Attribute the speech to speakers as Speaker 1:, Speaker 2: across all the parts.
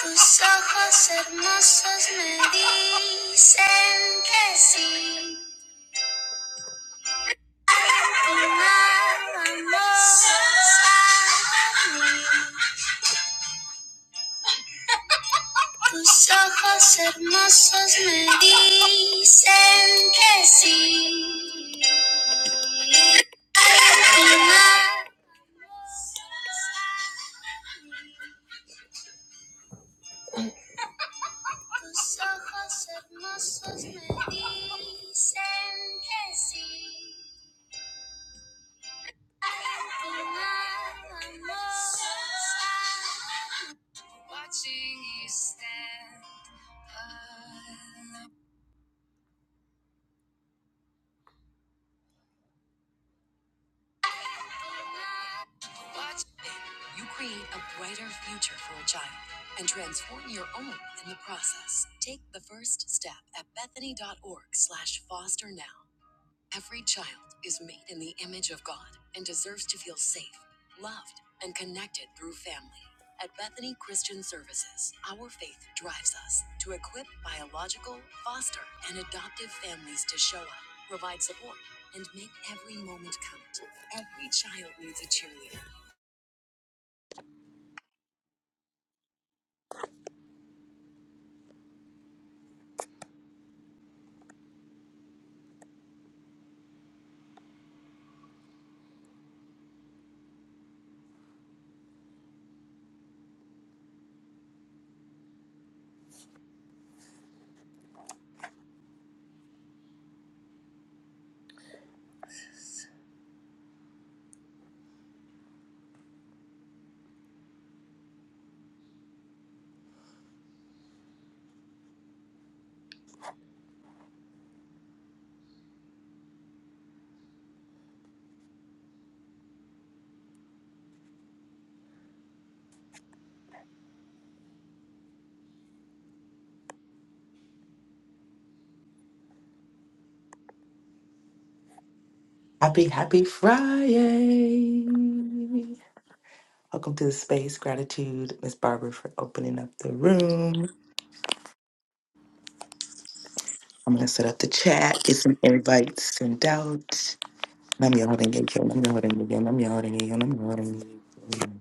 Speaker 1: Tus ojos hermosos me dicen que sí. Tu nada amor para mí. Tus ojos hermosos me dicen que sí. Tu nada amor para mí. Tus ojos hermosos me dicen sí. Watching you stand
Speaker 2: Happy, happy Friday. Welcome to the space. Gratitude, Miss Barbara, for opening up the room. I'm going to set up the chat, get some invites sent out. I'm yawning again, I'm yawning again, I'm yawning again, I'm yawning again.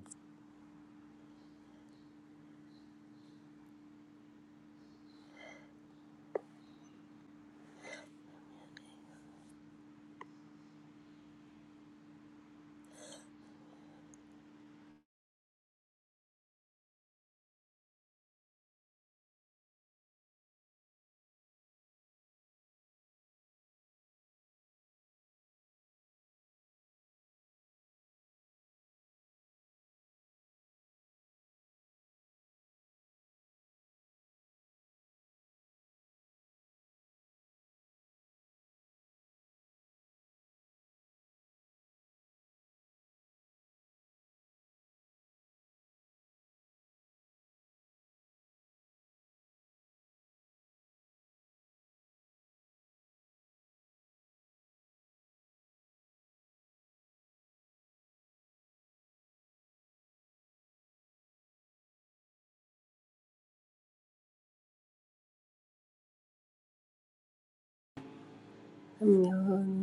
Speaker 1: alone.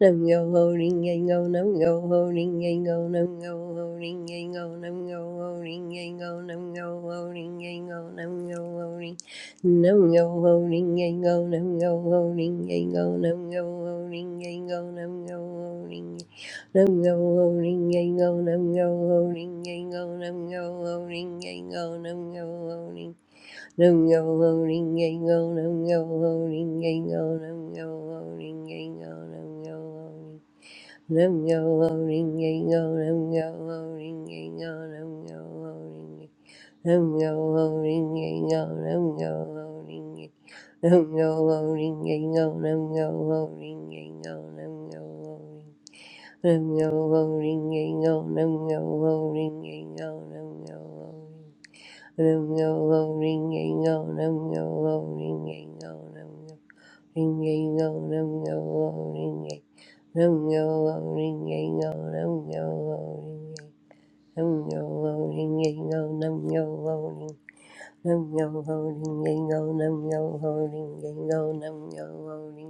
Speaker 1: Nam go holding, ring go nam yo ho ring yang go nam yo ho ring yang go nam yo ho ring yang go nam yo ho ring yang go nam yo ho ring nam yo ho ring go nam yo ho ring go nam yo ho ring go nam yo ho nam yo ho ring go nam yo ho ring go nam yo ho ring go nam yo ho Nam yo ho ring yang go, nam yo ho ring yang go, nam yo ho ring yang go, nam yo ho ring. Nam yo ho ring yang go, nam yo ho ring yang go, nam yo ho ring. Nam yo ho ring yang go, nam yo ho ring. Nam yo ho ring yang go, nam yo ho ring yang go, nam yo ho ring. Nam yo ho ring yang go, nam yo ho ring yang go, nam yo ho ring. Nam yo ho ring yang yo nam yo ho ring yang yo nam yo ring yang yo nam yo ho ring yang nam yo ho ring yang yo nam yo ho ring yang nam yo ho ring yang yo nam yo ho ring nam yo ho ring yang yo nam yo ho ring yang yo nam yo ho ring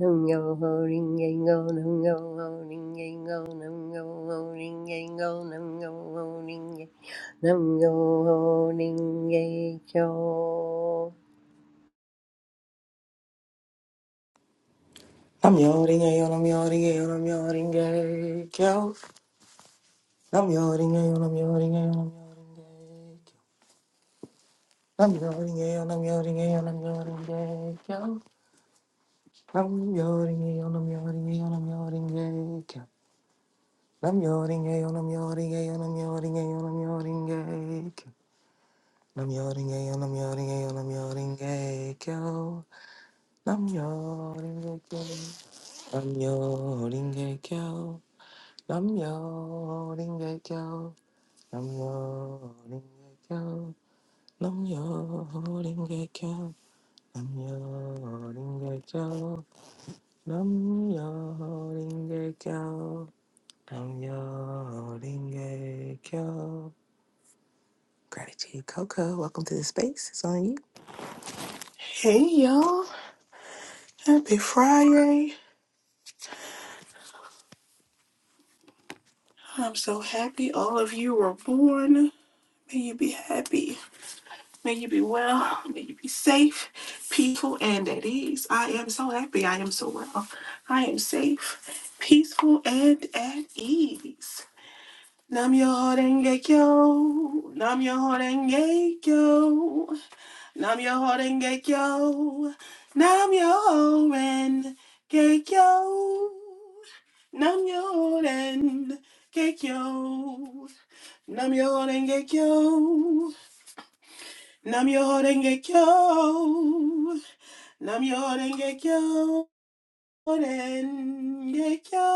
Speaker 1: Nam yo ho ring yang go, nam yo ho ring yang go, nam yo ho ring yang go, nam yo ho ring yang, nam yo ho ring yang go.
Speaker 2: I'm yawning again, I'm yawning again, I'm yawning again. I'm yawning again, I'm yawning again, I'm yawning again. I'm yawning again, I'm yawning again, I'm yawning again. I'm yawning again, I'm yawning again, I'm yawning again. Nam yoring gay on a yoring gay on a yoring gay on a yoring gay. Nam yoring gay on a yoring gay on a yoring gay kyo. Nam yoring gay kyo. Nam yoring gay kyo. Nam yoring gay kyo. Nam yoring gay kyo. Nam yoring gay kyo. Nam yoring gay kyo. Nam yoring gay kyo. Nam yoring gay kyo. Gratitude, Coco. Welcome to the space. It's on you.
Speaker 3: Hey y'all, happy Friday. I'm so happy all of you were born. May you be happy. May you be well. May you be safe, peaceful, and at ease. I am so happy. I am so well. I am safe, peaceful, and at ease. Nam yo horenge kyo. Nam yo horenge kyo. Nam yo horenge kyo. Nam yo horenge kyo. Nam yo horenge kyo. Nam yo horenge kyo. Nam yo horenge kyo. Nam yo horenge kyo. Horenge kyo.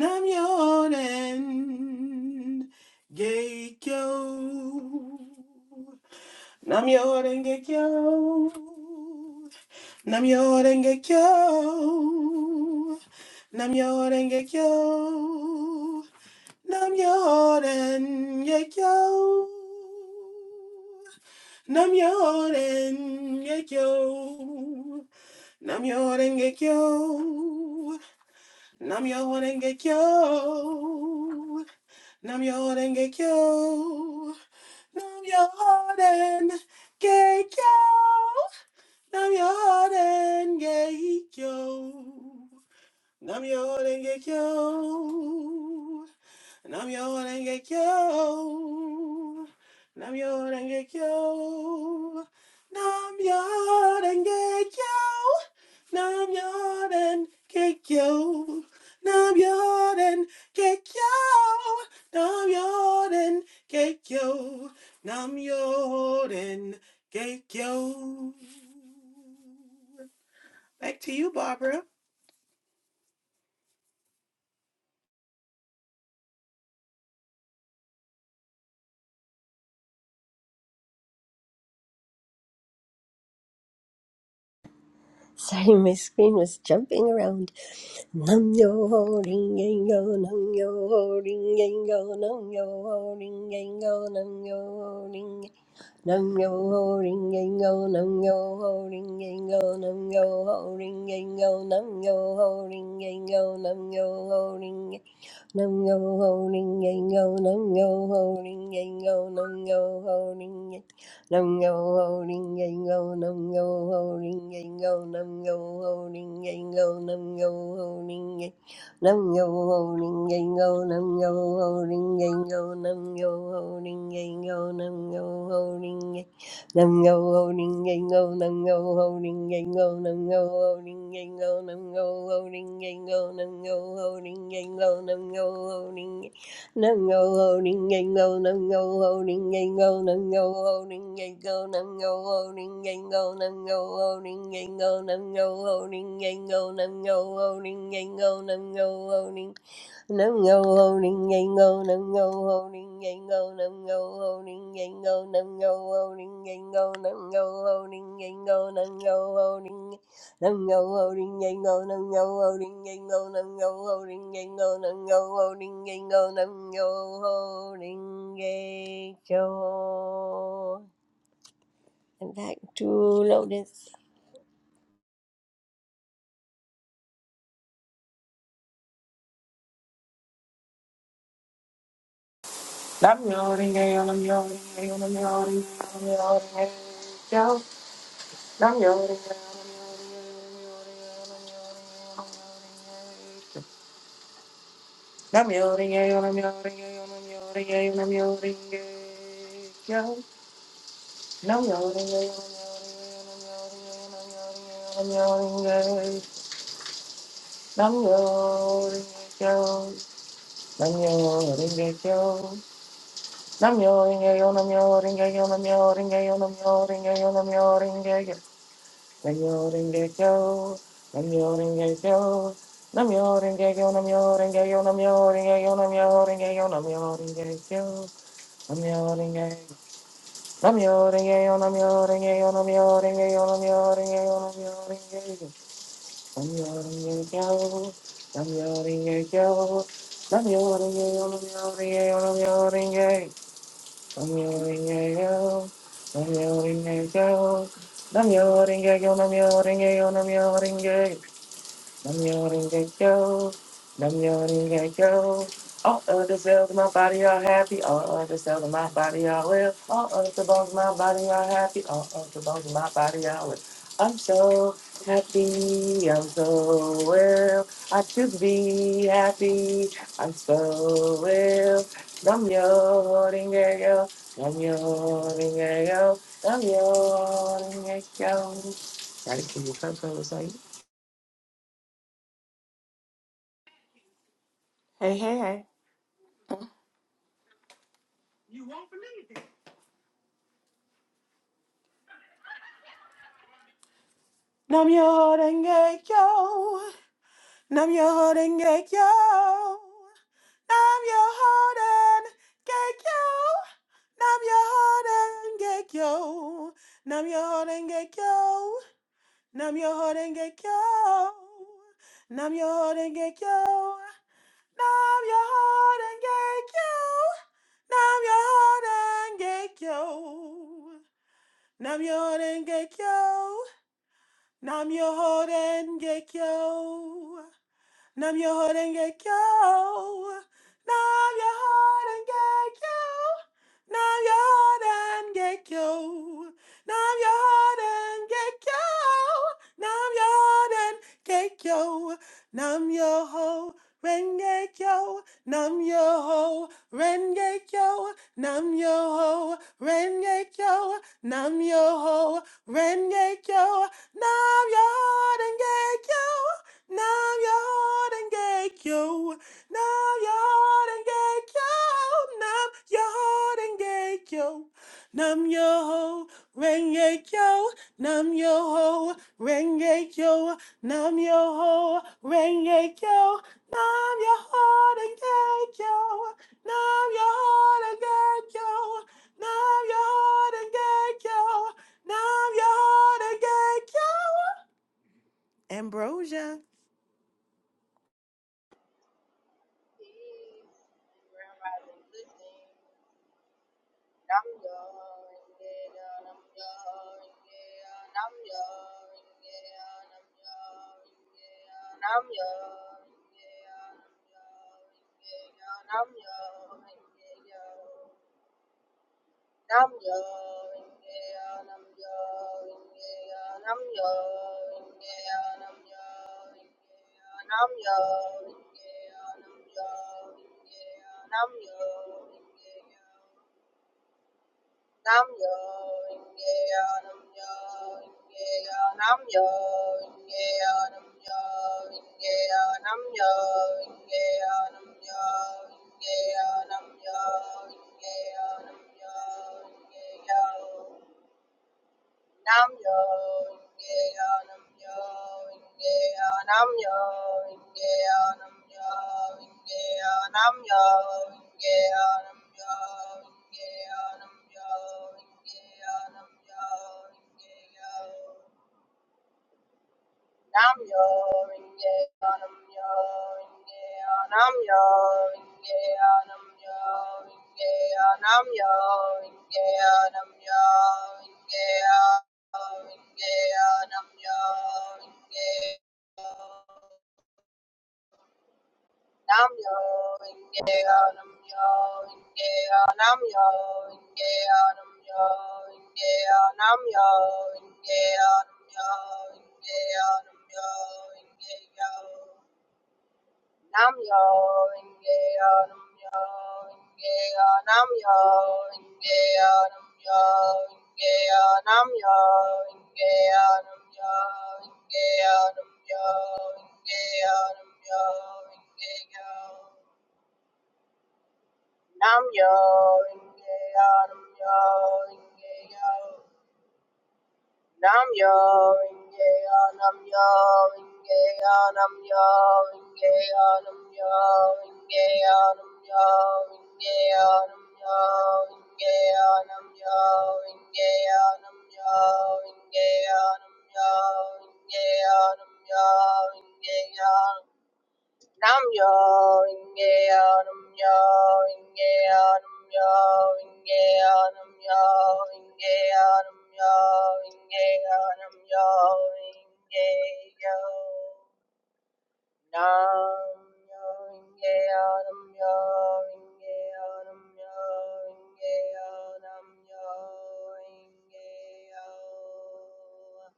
Speaker 3: Nam yo horenge kyo. Nam yo denge kyo. Nam yo denge kyo. Nam yo kyo. Nam yo kyo. Nam yo kyo. Nam yo kyo. Nam yo kyo. Nam yo Yoden kyo. Nam yo Yoden kyo. Nam yo Yoden kyo. Nam yo Yoden kyo. Namyo Renge Kyo. Namyo Renge Kyo. Namyo Renge Kyo. Namyo Renge Kyo. Namyo Renge Kyo. Namyo Renge Kyo. Namyo Renge Kyo. Back to you, Barbara.
Speaker 1: Sorry, my screen was jumping around. Nam yo ho ring yang go, nam yo ho ring yang go, nam yo ho ring yang go, nam yo ho ring Nam yo ho ring yang yo, nam yo ho ring yang yo, nam yo ho ring yang yo, nam yo ho ring yang yo, nam yo ho ring yang nam yo ho ring yang yo, nam yo ho ring yang yo, nam yo ho ring yang nam yo ho ring yang yo, nam yo ho ring yang yo, nam yo ho ring yang yo, nam yo ho ring Nam yo ho ring yang go. nam yo ho ring yang go. nam yo ho ring yang go. nam yo ho ring yang nam yo ho ring yang go. nam yo ho ring yang go. nam yo ho ring yang go. nam yo ho ring yang go. nam yo ho ring yang go. nam yo ho ring Nungo holding gango, nungo holding gango, go, nam go holding gango, go, nam go holding gango, nungo holding gango, nungo holding gango, nungo holding gango, go, nam go holding Nam ngô ho ninh ngây ngô, nam ngô ho ninh ngây ngô, nam ngô ho ninh ngây ngô, nam ngô ho ninh ngây ngô, nam ngô ho ninh ngây ngô, nam ngô ho ninh nam ngô ho ninh ngây ngô, nam ngô ho ninh ngây ngô, nam ngô ho ninh ngây ngô, nam ngô ho ninh ngây ngô, nam ngô ho ninh ngây ngô. And back to Lotus.
Speaker 2: Nam yo ring a yo, nam yo ring a yo, nam yo ring a yo, nam yo ring a yo. Nam yo ring a yo, nam yo ring a yo, nam yo ring a yo, nam yo ring a yo. Nam yo ring a yo, nam yo ring a yo, nam yo ring a yo, nam yo ring a yo. Nam yo ring a yo, nam yo ring a yo. Namyo-renge-kyo, namyo-renge-kyo, namyo-renge-kyo, namyo-renge-kyo, namyo-renge-kyo, namyo-renge-kyo, namyo-renge-kyo, namyo-renge-kyo, namyo-renge-kyo, namyo-renge-kyo, namyo-renge-kyo, namyo-renge-kyo, namyo-renge- namyo-renge-kyo, namyo-renge-kyo, namyo-renge-kyo, namyo-renge-kyo, namyo-renge-kyo, namyo-renge-kyo, namyo-renge-kyo, namyo-renge-kyo, namyo-renge-kyo, namyo-renge-kyo. Namyo-renge-kyo. Namyo-renge-kyo. Namyo-renge-kyo. Namyo-renge-kyo. Nam yawning and go. Nam yawning and go. All other cells in my body are happy. All of the cells in my body are well. All of the bones in my body are happy. All of the bones in my body are well. I'm so happy. I'm so well. I should be happy. I'm so well. Nam yawning and go. Nam yawning and go. Nam yawning and go. Right, can you come to us
Speaker 3: Hey, hey, hey. Namyo Renge Kyo. Nam yo holding gate yo. Nam yo holding gate yo. Nam yo holding gate yo. Nam yo holding gate yo. Nam yo holding gate yo. Nam yo holding gate yo. Nam yo holding gate yo. Nam yo holding gate yo. Nam yo holding gate yo. Nam yo holding gate yo. Nam your ho and get yo. Nam your ho and get yo. Nam your ho and get yo. Nam your ho and get yo. Nam your ho and get yo. Nam your ho renge yo. Nam your ho renge yo. Nam your ho renge yo. Nam your ho renge yo. Nam your ho and get yo. Nam Yodengekyo, Nam Yodengekyo, Nam Yodengekyo, Nam Yo Rengekyo, Nam Yo Rengekyo, Nam Yo Rengekyo, Nam Yodengekyo, Nam Yodengekyo, Nam Yodengekyo, Nam Yodengekyo. Ambrosia.
Speaker 4: Peace and grand rising blessing. Nam yo renge yo, nam yo renge yo, nam yo renge yo, nam yo renge yo, nam yo renge yo, nam yo renge yo, nam yo renge yo. Nam yo inge yo nam yo inge yo nam yo inge yo nam yo inge yo nam yo inge yo nam yo inge yo nam yo inge yo Nam yo inge yo nam yo inge yo nam yo inge yo nam yo inge yo nam yo inge yo nam yo inge yo nam yo inge yo nam yo inge yo Nam yo inge yo nam yo inge yo nam yo inge yo nam yo inge yo nam yo inge yo nam yo inge yo nam yo inge yo nam yo inge yo Nam yo inge anam yo inge anam yo inge anam yo inge anam yo inge anam yo inge inge anam yo inge nam yo inge anam yo inge anam yo inge anam yo inge anam yo inge anam yo inge anam yo inge yo Nam yo inge yo nam yo inge yo nam yo inge yo nam yo inge yo nam yo inge yo nam yo inge yo nam yo inge yo nam yo inge yo nam yo inge yo nam yo inge yo Nam yo inge yo nam yo inge yo nam yo inge yo nam yo inge yo nam yo inge yo nam yo inge yo nam yo inge yo nam yo inge yo nam yo inge yo nam yo inge yo Nam yo inge yo nam yo inge yo nam yo inge yo nam yo inge yo nam yo inge yo nam yo inge yo nam yo inge yo nam yo inge yo nam yo inge yo nam yo inge yo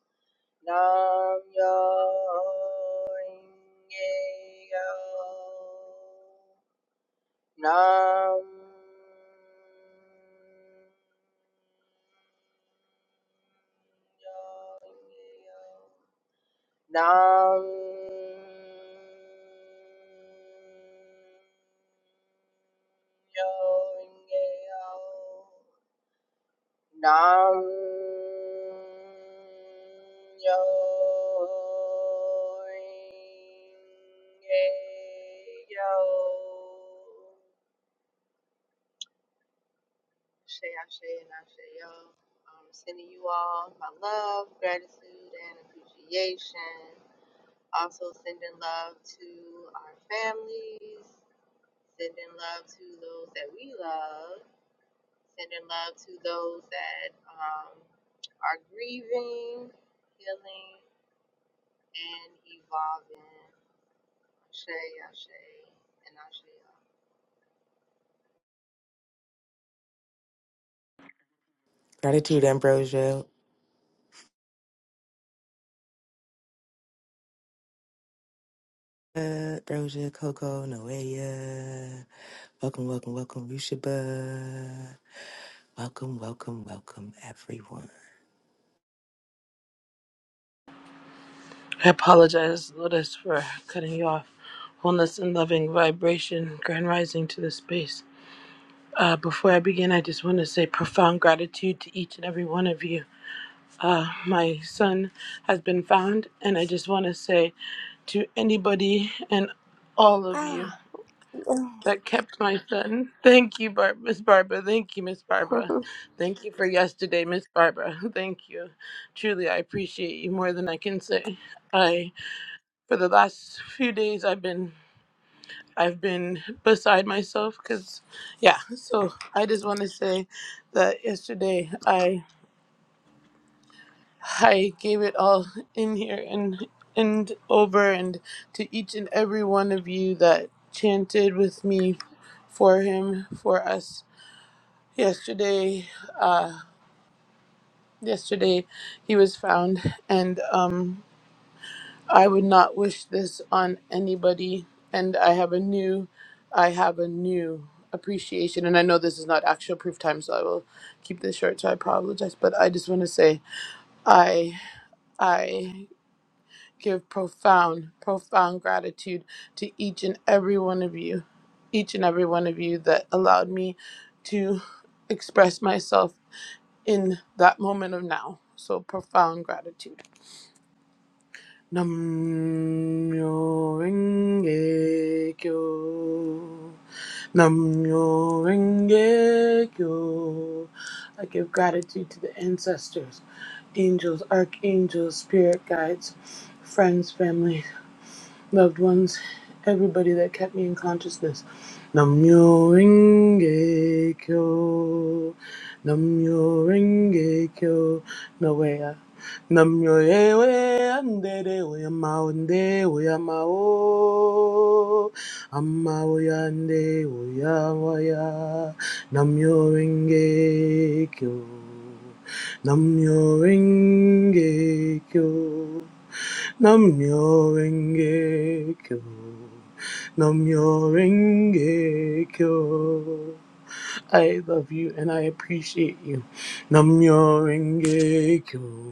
Speaker 4: Nam yo inge yo. Nam yo Inge yo, Nam yo inge yo. Nam yo yo. Shay Ashay and Ashay yo. I'm sending you all my love, gratitude, and appreciation. Also sending love to our families, sending love to those that we love, sending love to those that um, are grieving, healing, and evolving. Ashe, Ashe, and Ashe.
Speaker 2: Gratitude, Ambrosia. Uh, Ambrosia, Coco, Noelia. Welcome, welcome, welcome, Rushaba. Welcome, welcome, welcome, everyone.
Speaker 5: I apologize, Lotus, for cutting you off. Wholeness and loving vibration, grand rising to the space. Uh, before I begin, I just want to say profound gratitude to each and every one of you. Uh, my son has been found, and I just want to say to anybody and all of
Speaker 1: Ah.
Speaker 5: you that kept my son, thank you, Bar- Miss Barbara. Thank you, Miss Barbara. Thank you for yesterday, Miss Barbara. Thank you. Truly, I appreciate you more than I can say for the last few days I've been I've been beside myself cuz yeah so I just want to say that yesterday I I gave it all in here and and over and to each and every one of you that chanted with me for him for us yesterday uh yesterday he was found and um I would not wish this on anybody. And I have a new, I have a new appreciation. And I know this is not actual proof time, so I will keep this short. So I apologize, but I just want to say, I, I give profound, profound gratitude to each and every one of you, each and every one of you that allowed me to express myself in that moment of now. So profound gratitude. Namyo Renge Kyo. Namyo Renge Kyo. I give gratitude to the ancestors, angels, archangels, spirit guides, friends, family, loved ones, everybody that kept me in consciousness. Namyo Renge Kyo. Namyo Renge Kyo. No way. uh, Ewe Andere Uyama Unde Uyama O. Amma Uyande Uyawaya. Namyo Renge Kyo. Namyo Renge Kyo. Namyo Renge Kyo. Namyo I love you and I appreciate you. Namyo Renge Kyo.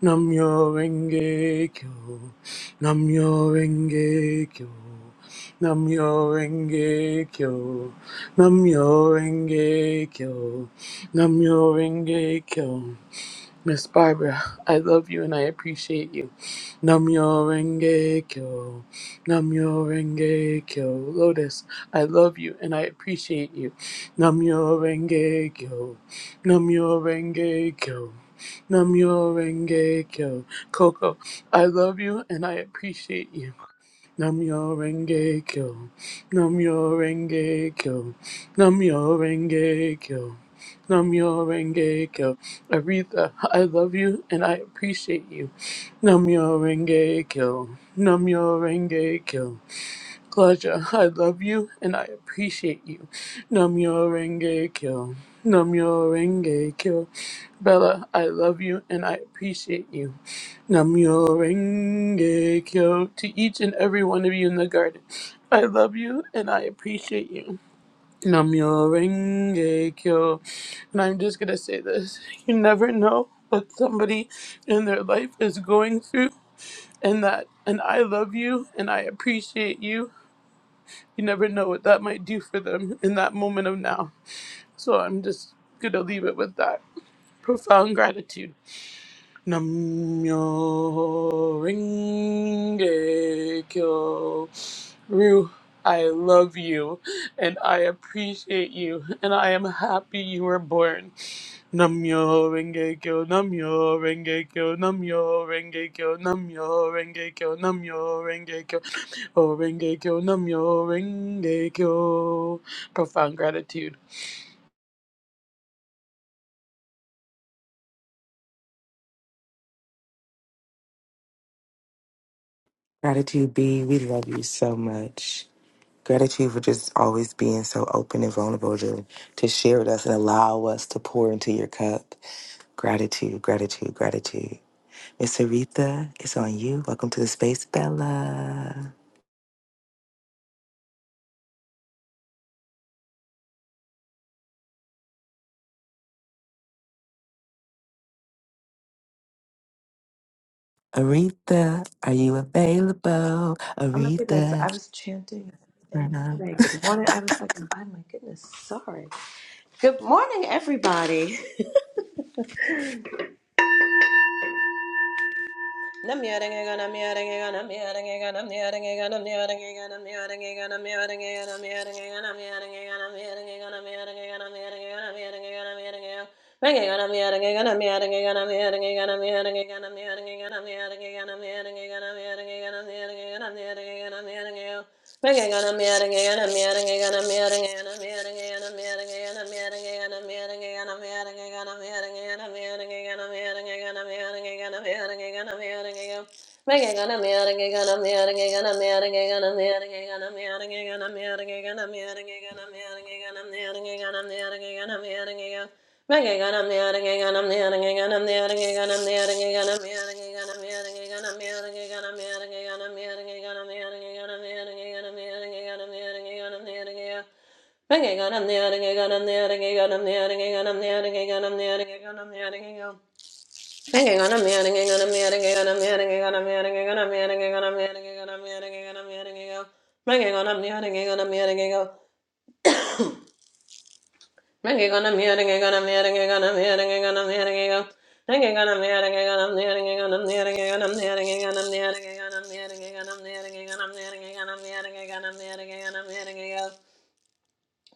Speaker 5: Namyo Renge Kyo. Namyo Renge Kyo. Namyo Renge Kyo. Miss Barbara, I love you and I appreciate you. Namyo Renge Kyo. Namyo Renge Kyo. Lotus, I love you and I appreciate you. Namyo Renge Kyo. Namyo Renge Kyo. Namyo Renge Kyo. Coco, I love you and I appreciate you. Namyo Renge Kyo. Namyo Renge Kyo. Namyo Renge Kyo. Namyo Renge Kyo. Aretha, I love you and I appreciate you. Namyo Renge Kyo. Namyo Renge Kyo. Claudia, I love you and I appreciate you. Namyo Renge Kyo. Namyo Renge Kyo. Bella, I love you and I appreciate you. Namyo Renge Kyo to each and every one of you in the garden. I love you and I appreciate you. Namyo Renge Kyo. And I'm just going to say this you never know what somebody in their life is going through, and that, and I love you and I appreciate you. You never know what that might do for them in that moment of now. So I'm just going to leave it with that. Profound gratitude. Namyo Renge Kyo. Rue, I love you and I appreciate you and I am happy you were born. Namyo Renge Kyo, Namyo Renge Kyo, Namyo Renge Kyo, Namyo Renge Kyo, Namyo Renge Kyo, Oh Renge Kyo, Namyo Renge Kyo. Profound gratitude.
Speaker 2: Gratitude, B, we love you so much. Gratitude for just always being so open and vulnerable to, to share with us and allow us to pour into your cup. Gratitude, gratitude, gratitude. Miss Aretha, it's on you. Welcome to the space, Bella. Aretha, are you available?
Speaker 6: Oh my goodness,
Speaker 2: Aretha.
Speaker 6: I was chanting. and everything. Saying Good morning. I was like, oh my goodness, sorry. Good morning, everybody. Making Hanging on, I'm yawning, on, I'm yawning, on. Go.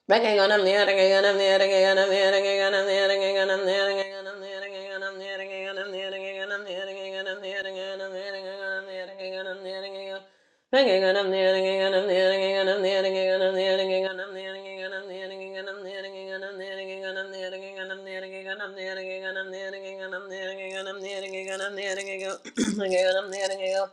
Speaker 6: I'm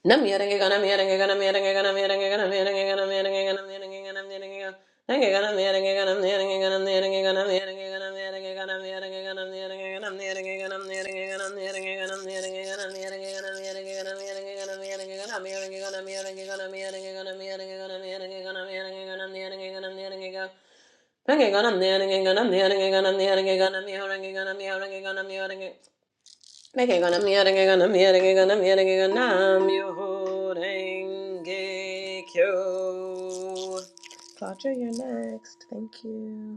Speaker 6: Nam Neke gonna miarenge gonna miarenge gonna miarenge gonna myorenge kyo. Claudia, you're next. Thank you.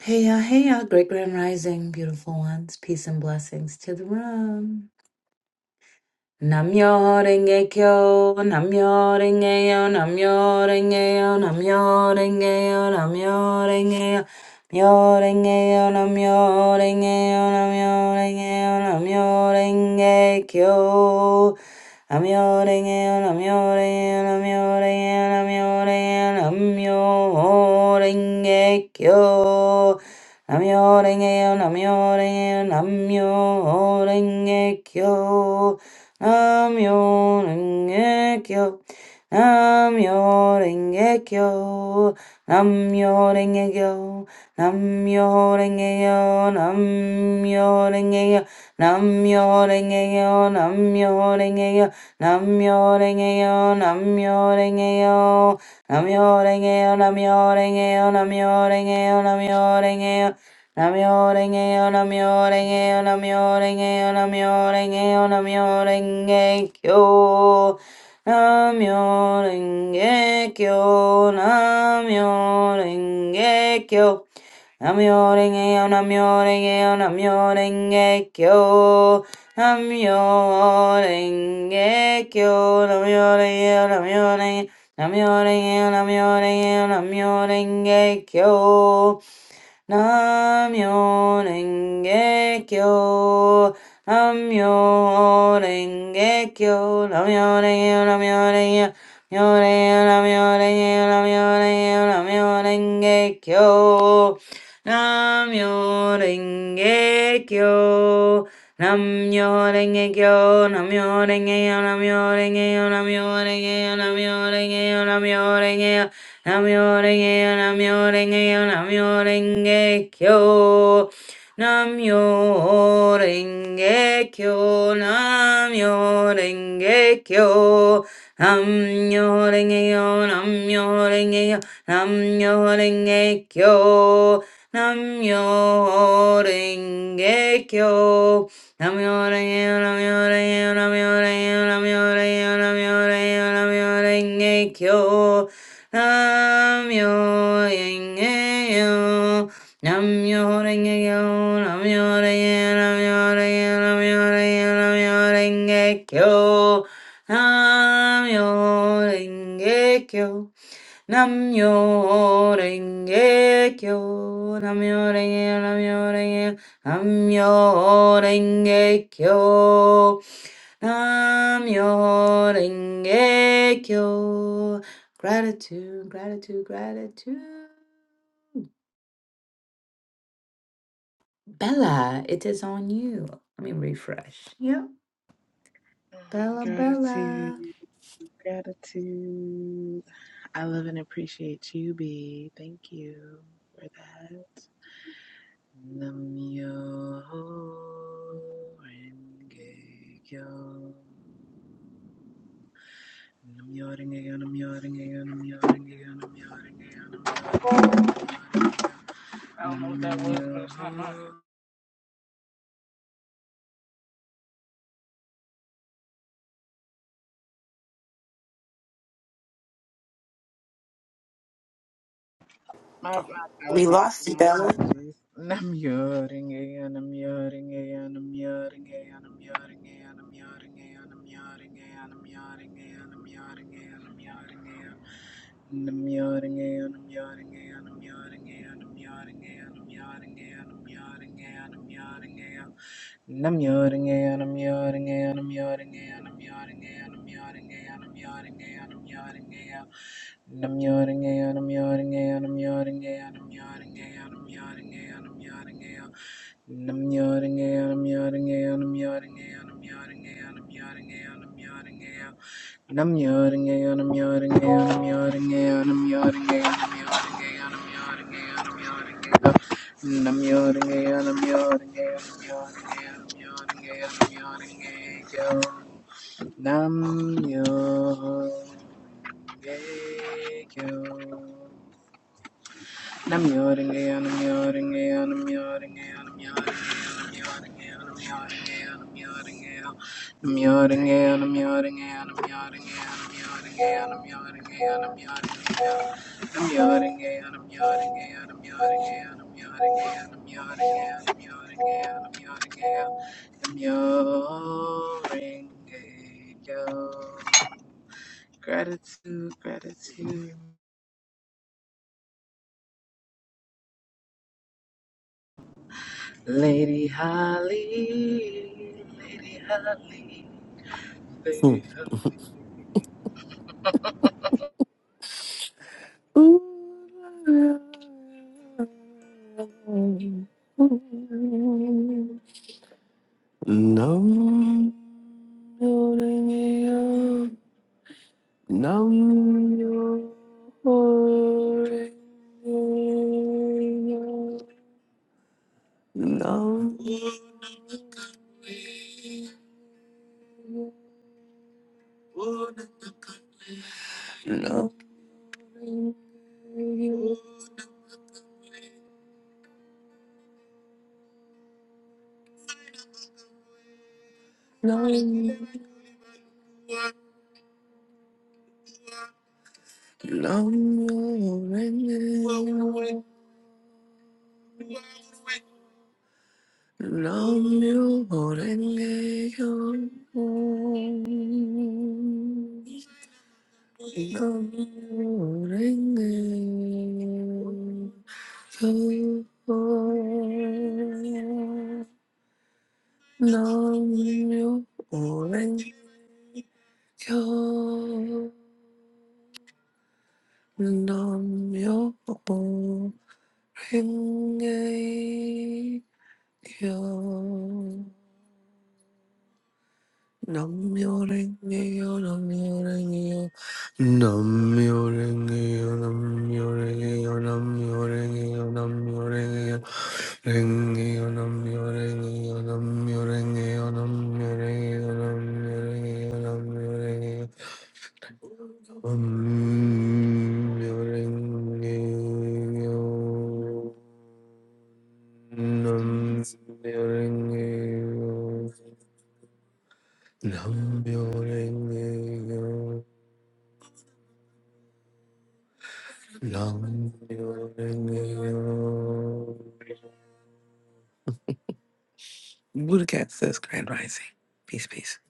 Speaker 7: Hey ya, hey ya, great grand rising, beautiful ones. Peace and blessings to the room. Namyo renge kyo, namyo renge yo, namyo renge yo, namyo renge yo, namyo renge yo. Myo renge yo, namyo renge yo, namyo renge yo, namyo renge kyo. Namyo renge yo, namyo renge yo, namyo renge yo, namyo renge yo, Namyo Renge Kyo. Namyo Renge Yo, Namyo Renge Yo, Namyo Renge Kyo. Namyo Renge Kyo. Namyo Renge Kyo. Namyo yo, nam yo renge yo, nam yo renge yo, nam yo renge yo, nam yo renge yo, nam yo renge yo, nam yo renge yo, nam yo renge yo, nam yo renge yo, nam yo renge yo, nam yo renge yo. Namyo-renge-yo, namyo-renge-yo, namyo-renge-yo, namyo-renge-yo, namyo-renge-kyo. 남yo renge kyo, 남yo renge kyo, 남yo renge yo, 남yo renge yo, 남yo renge kyo, 남yo renge kyo, 남yo renge yo, 남yo renge, 남yo renge yo, 남yo renge yo, 남yo renge Na mio ringhechio, na mio ringhechio, na mio ringheo, na mio ringheo, na mio ringheo, na mio ringheo, na mio ringhechio, na mio ringhechio, na mio ringhechio, na mio ringheo, na mio ringheo, na mio ringheo, na mio ringheo, na mio ringheo, na mio ringheo. Namyo-renge-yo, namyo-renge-yo, namyo-renge-kyo. Namyo-renge-kyo, namyo-renge-kyo. namyo yo namyo yo namyo kyo namyo kyo namyo yo namyo yo namyo yo namyo yo namyo yo namyo kyo nam yo inge yo nam yo inge yo, nam yo, Namyo yo, Namyo Rengeyo Namyo inge, Namyo Rengeyo Namyo Rengeyo Namyo Rengekyo inge Rengekyo Namyo renge kyo, namyo renge, namyo renge, namyo renge kyo, namyo renge kyo. Gratitude, gratitude, gratitude. Bella, it is on you. Let me refresh. Yep, Bella, Bella.
Speaker 8: Gratitude, gratitude. I love and appreciate you, B. Thank you for that. Namyo Renge Kyo. Namyo Renge Kyo, Namyo Renge Kyo, Namyo Renge Kyo, Namyo Renge Kyo, Namyo Renge Kyo. My apologies. My apologies. Namjöring igen, namjöring igen, namjöring igen, namjöring igen, namjöring igen, namjöring igen, namjöring igen, namjöring igen, namjöring igen. Namjöring igen, namjöring igen, namjöring igen, namjöring igen, namjöring igen, namjöring igen, namjöring igen. Nam yoring ayon, I'm yoring ayon, I'm yoring ayon, I'm yoring ayon, I'm yoring ayon, I'm yoring ayon, I'm yoring ayon. Nam yoring ayon, I'm yoring ayon, I'm yoring ayon, I'm yoring ayon, I'm yoring ayon, I'm yoring ayon. Nam yoring ayon, I'm yoring ayon, I'm yoring ayon, I'm yoring ayon, I'm yoring ayon, I'm yoring ayon. Nam yoring ayon, I'm yoring ayon, I'm yoring ayon, I'm yoring ayon, I'm yoring ayon, I'm yoring ayon, I'm yoring ayon. Nam-myoho-renge-kyo. Nam yoring and I'm yoring and I'm yoring and I'm yoring and I'm yoring and I'm yoring and I'm yoring and I'm yoring and I'm yoring and I'm yoring and I'm yoring and I'm yoring and I'm yoring I'm yoring and I'm yoring and I'm yoring and I'm yoring and I'm yoring and I'm yoring and I'm yoring and I'm yoring and yo. Gratitude, gratitude. Lady Holly, Lady Holly,
Speaker 9: Hmm.
Speaker 8: Lady Holly.
Speaker 9: Nam myo renge kyo. Nam myo renge kyo. Nam nam renge kyo. Nam nam yo renge kyo. Longing for the night, long for the night, long for the night, long for the night. Nam-myoho-renge-kyo, Nam-myoho-renge-kyo, Nam-myoho-renge-kyo, Nam-myoho-renge-kyo, Nam-myoho-renge-kyo, Nam-myoho-renge-kyo, Renge-kyo, Nam-myoho-renge-kyo, Nam-myoho-renge-kyo, Nam-myoho-renge-kyo, Nam-myoho-renge-kyo, Nam-myoho-renge-kyo, Nam-myoho-renge-kyo, Nam-myoho-renge-kyo. Nam-myoho-renge-kyo. Buddha Cat says Grand Rising. Peace, peace.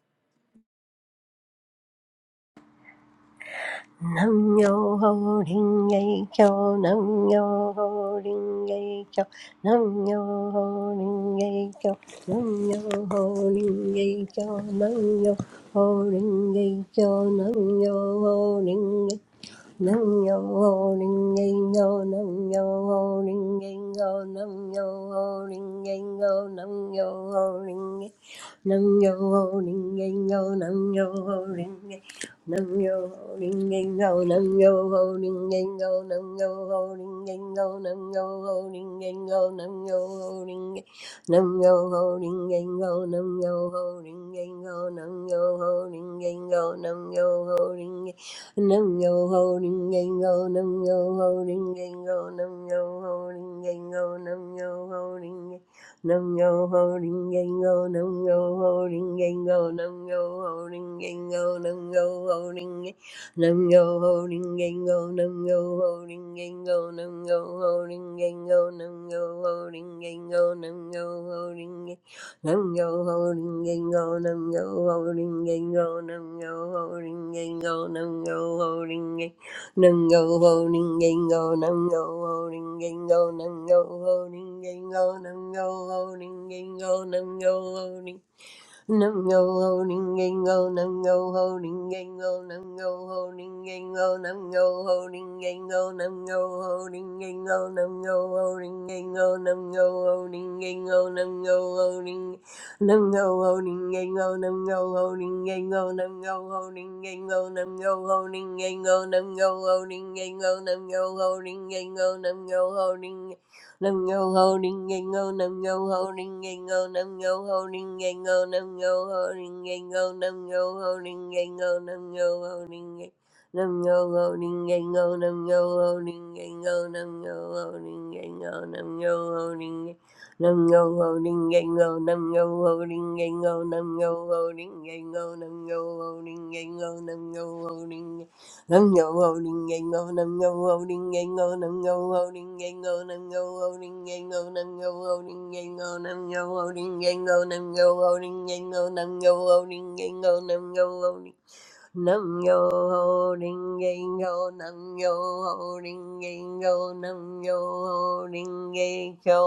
Speaker 1: nam yo ho ring ye kyo nam yo ho ring ye kyo nam yo ho ring ye kyo nam yo ho ring ye kyo nam yo ho ring ye kyo nam yo ho ring ye nam yo ho ring ye kyo nam yo ho ring ye kyo nam yo ho ring ye kyo nam yo ho ring Nam yo ho ring ring yo, nam yo ho ring ring, nam yo ho ring ring yo, nam yo ho ring ring yo, nam yo ho ring ring yo, nam yo ho ring ring yo, nam yo ho ring ring, nam yo ho ring ring yo, nam yo ho ring ring yo, nam yo ho ring ring yo, nam yo ho ring ring, nam yo ho ring ring yo, nam yo ho ring ring yo, nam yo ho ring ring yo, nam yo ho ring ring. Nam yo ho ring yang go, nam yo ho ring yang go, nam yo ho ring yang go, nam yo ho ring yang nam yo ho ring yang go, nam yo ho ring yang go, nam yo ho ring yang go, nam yo ho ring yang go, nam yo ho ring yang nam yo ho ring yang go, nam yo ho ring yang go, nam yo ho ring yang go, nam yo ho ring yang Nungo holding gango, go holding gango, nungo holding gango, go holding gango, nungo holding. Nam go holding gango, nam go holding gango, nam go holding gango, nam go holding gango, nam go holding gango, nam go holding gango, nam go holding gango, nam go holding nam go holding gango, nam go holding gango, nam go holding gango, nam go holding gango, nam go holding gango, nam go holding gango, nam go holding Nam yo ho ding ding go, nam yo ho ding ding go, nam yo ho ding ding go, nam yo ho ding ding go, nam yo ho ding ding go, nam yo ho ding ding. Nam yo ho ding ding go, nam yo ho ding ding go, nam yo ho ding ding go, nam yo ho ding ding. Nam yo ho ding ding go, nam yo ho ding ding go, nam yo ho ding ding go, nam yo ho ding ding go, nam yo ho ding ding go, Nam yo ho ding yang go nam yo ho ding yang go nam yo ho ding yang go nam yo ho ding yang go nam yo ho ding yang go nam yo ho ding yang go nam yo ho ding yang go nam yo ho ding yang go nam yo ho ding Nam yo ho ding yang go nam yo ho ding yang go nam yo ho ding yang go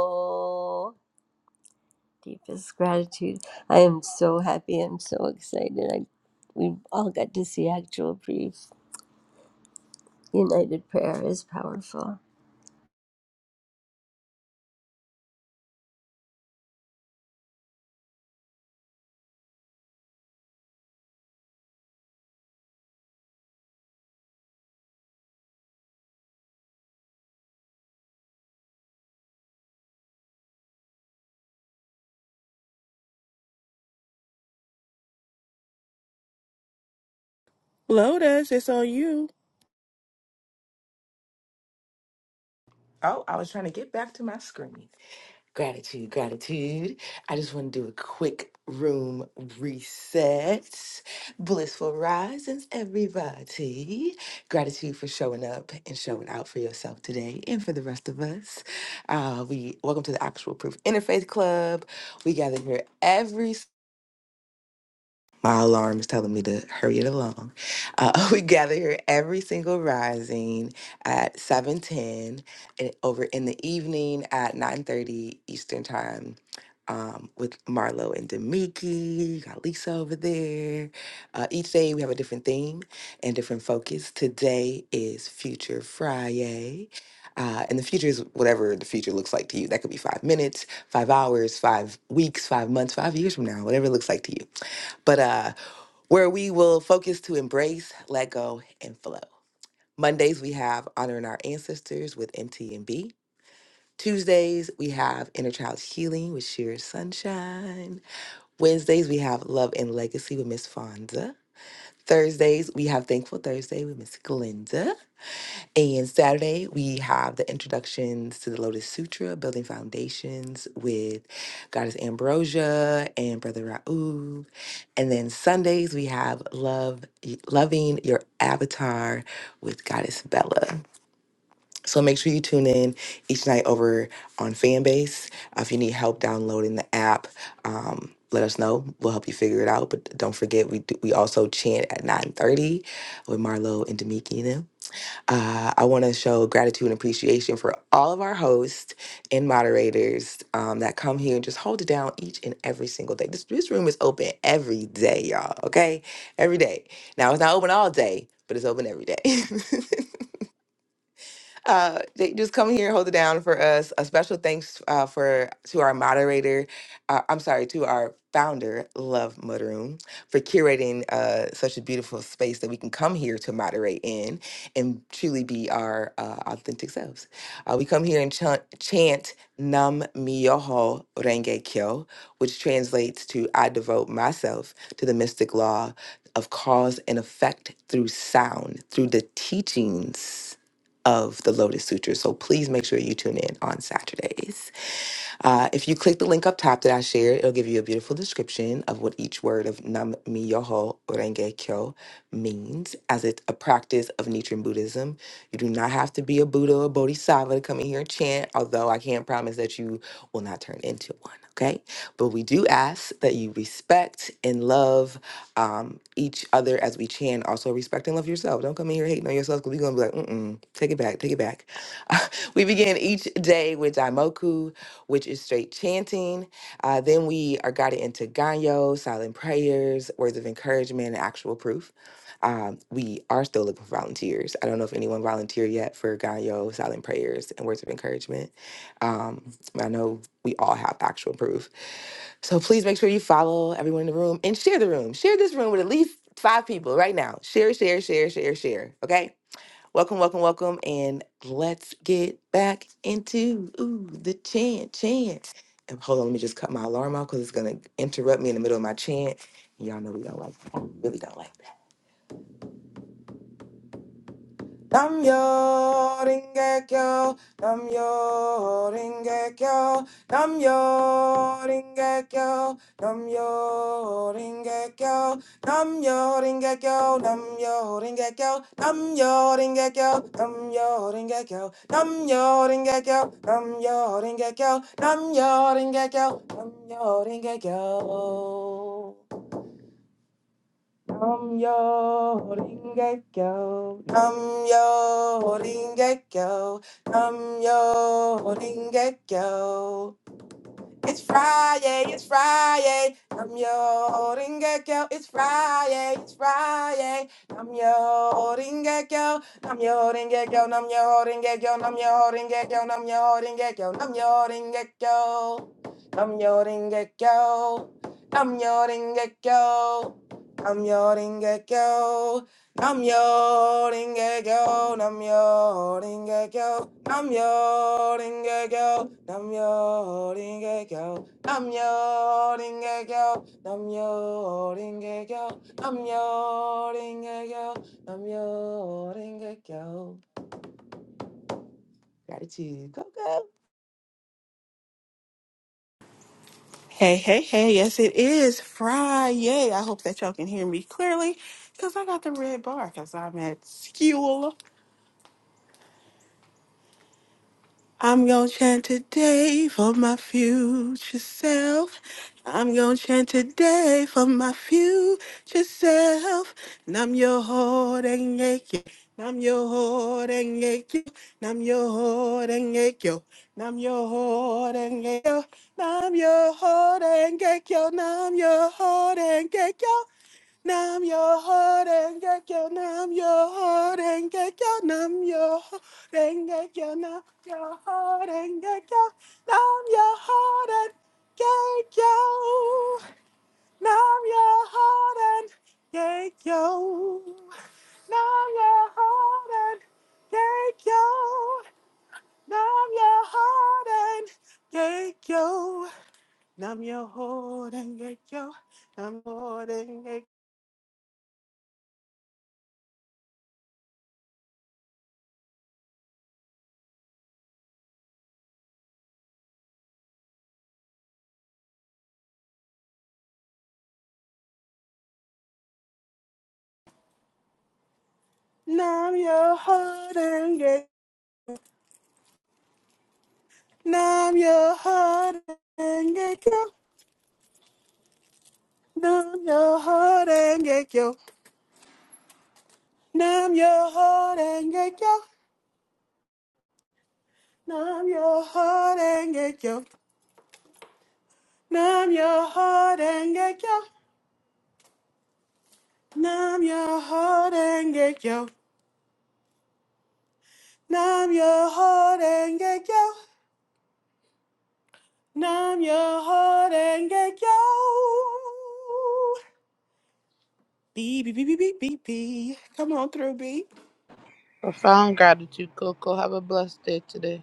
Speaker 1: deepest gratitude I am so happy I'm so excited I we all got to see actual proof United prayer is powerful.
Speaker 3: Lotus, it's on you.
Speaker 2: Oh, I was trying to get back to my screen. Gratitude, gratitude. I just want to do a quick room reset. Blissful risings, everybody. Gratitude for showing up and showing out for yourself today and for the rest of us. Uh, we welcome to the Actual Proof Interfaith Club. We gather here every my alarm is telling me to hurry it along. Uh, we gather here every single rising at 7.10 and over in the evening at 9.30 Eastern Time um, with Marlo and Demiki. Got Lisa over there. Uh, each day we have a different theme and different focus. Today is Future Friday. Uh, and the future is whatever the future looks like to you. That could be five minutes, five hours, five weeks, five months, five years from now, whatever it looks like to you. But uh, where we will focus to embrace, let go, and flow. Mondays, we have Honoring Our Ancestors with MTNB. Tuesdays, we have Inner Child Healing with Sheer Sunshine. Wednesdays, we have Love and Legacy with Miss Fonda. Thursdays, we have Thankful Thursday with Miss Glinda. And Saturday, we have the introductions to the Lotus Sutra, Building Foundations with Goddess Ambrosia and Brother Raoub. And then Sundays, we have Love Loving Your Avatar with Goddess Bella. So make sure you tune in each night over on Fanbase. Uh, If you need help downloading the app, um, let us know. We'll help you figure it out. But don't forget, we do, we also chant at 9.30 with Marlo and Damikina. Uh, I want to show gratitude and appreciation for all of our hosts and moderators um, that come here and just hold it down each and every single day. This, this room is open every day, y'all, okay? Every day. Now, it's not open all day, but it's open every day. uh, they just come here and hold it down for us. A special thanks uh, for to our moderator, uh, I'm sorry, to our founder, Love Mudroom, for curating uh, such a beautiful space that we can come here to moderate in and truly be our uh, authentic selves. Uh, we come here and chant, chant Nam Myoho Renge Kyo, which translates to I devote myself to the mystic law of cause and effect through sound, through the teachings of the Lotus Sutra. So please make sure you tune in on Saturdays. Uh, if you click the link up top that I shared, it'll give you a beautiful description of what each word of Nam Myoho Renge Kyo means as it's a practice of Nichiren Buddhism. You do not have to be a Buddha or Bodhisattva to come in here and chant, although I can't promise that you will not turn into one, okay? But we do ask that you respect and love um, each other as we chant. Also, respect and love yourself. Don't come in here hating on yourself because we're going to be like, mm-mm, take it back, take it back. we begin each day with Daimoku which is straight chanting. Uh, then we are guided into Ganyo, silent prayers, words of encouragement, and actual proof. Um, we are still looking for volunteers. I don't know if anyone volunteered yet for Ganyo, silent prayers, and words of encouragement. Um, I know we all have actual proof. So please make sure you follow everyone in the room and share the room. Share this room with at least five people right now. Share, share, share, share, share. Okay? Welcome, welcome, welcome, and let's get back into ooh, the chant, chant. And hold on, let me just cut my alarm off because it's gonna interrupt me in the middle of my chant. Y'all know we don't like, that. we really don't like. that. Namyo Ringekyo, Namyo Ringekyo, Namyo Ringekyo, Namyo Ringekyo, Namyo Ringekyo, Namyo Ringekyo, Namyo Ringekyo, Namyo Ringekyo, Namyo Ringekyo, Namyo Ringekyo, Namyo Ringekyo, Namyo Ringekyo. Nam yo ringe kyo, nam yo ringe kyo, nam yo ringe kyo. It's Friday, it's Friday. I'm your Ringekyo. It's Friday, it's Friday. I'm your Ringekyo. I'm your Ringekyo. I'm your Ringekyo. I'm your Ringekyo. I'm your Ringekyo. I'm your Ringekyo. I'm your Ringekyo. I'm your Ringekyo. I'm your Ringekyo. Namyo Ringekyo, Namyo Ringekyo, Namyo Ringekyo, Namyo Ringekyo, Namyo Ringekyo, Namyo Ringekyo, Namyo Ringekyo, Namyo Ringekyo. Gratitude, go go.
Speaker 3: Hey, hey, hey, yes, it is Friday. I hope that y'all can hear me clearly because I got the red bar because I'm at school. I'm gonna chant today for my future self. I'm gonna chant today for my future self. Nam your heart and ache. Nam your heart and ache. Nam your heart and ache. Nam your heart and ache. Nam your heart and ache. Nam your heart and ache. Numb your heart and Nam yo ho renge kyo, nam yo ho renge kyo, nam yo ho renge kyo, nam yo ho renge kyo, nam yo ho renge kyo, nam yo ho renge kyo, nam yo ho renge kyo, nam yo ho renge kyo, nam yo ho renge kyo, nam yo ho renge kyo, Numb your heart and get, numb your heart and get yo. Numb your heart and get yo. Numb your heart and get yo. Numb your heart and get yo. Numb your heart and get yo. Numb your heart and get yo. Numb your heart and get yo. Numb your heart and get yo. B, B, B, B, B, B, B. Come on through, B.
Speaker 5: Profound gratitude, Coco. Have a blessed day today.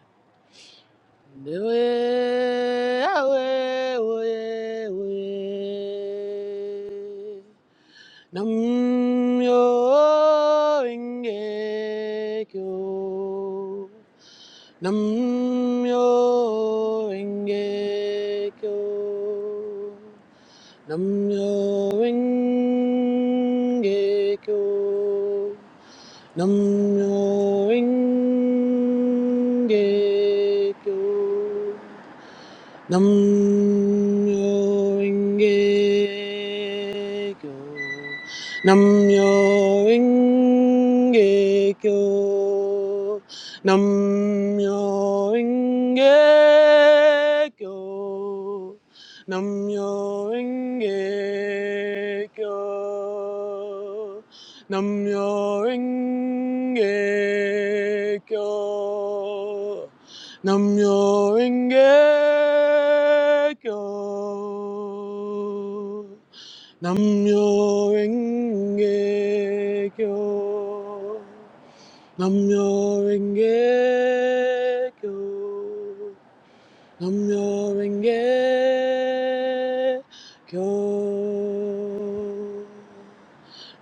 Speaker 5: Dewe, awe, oye, oye. Nam yo inge kyo. Nam yo inge kyo. Nam yo inge kyo. Nam yo inge kyo. Nam-myoho-renge-kyo. Nam-myoho-renge-kyo. Nam-myoho-renge-kyo. Nam-myoho-renge-kyo. Nam-myoho-renge-kyo. Namyo Renge Kyo. Namyo Renge Kyo. Namyo Renge Kyo. Namyo Renge Kyo.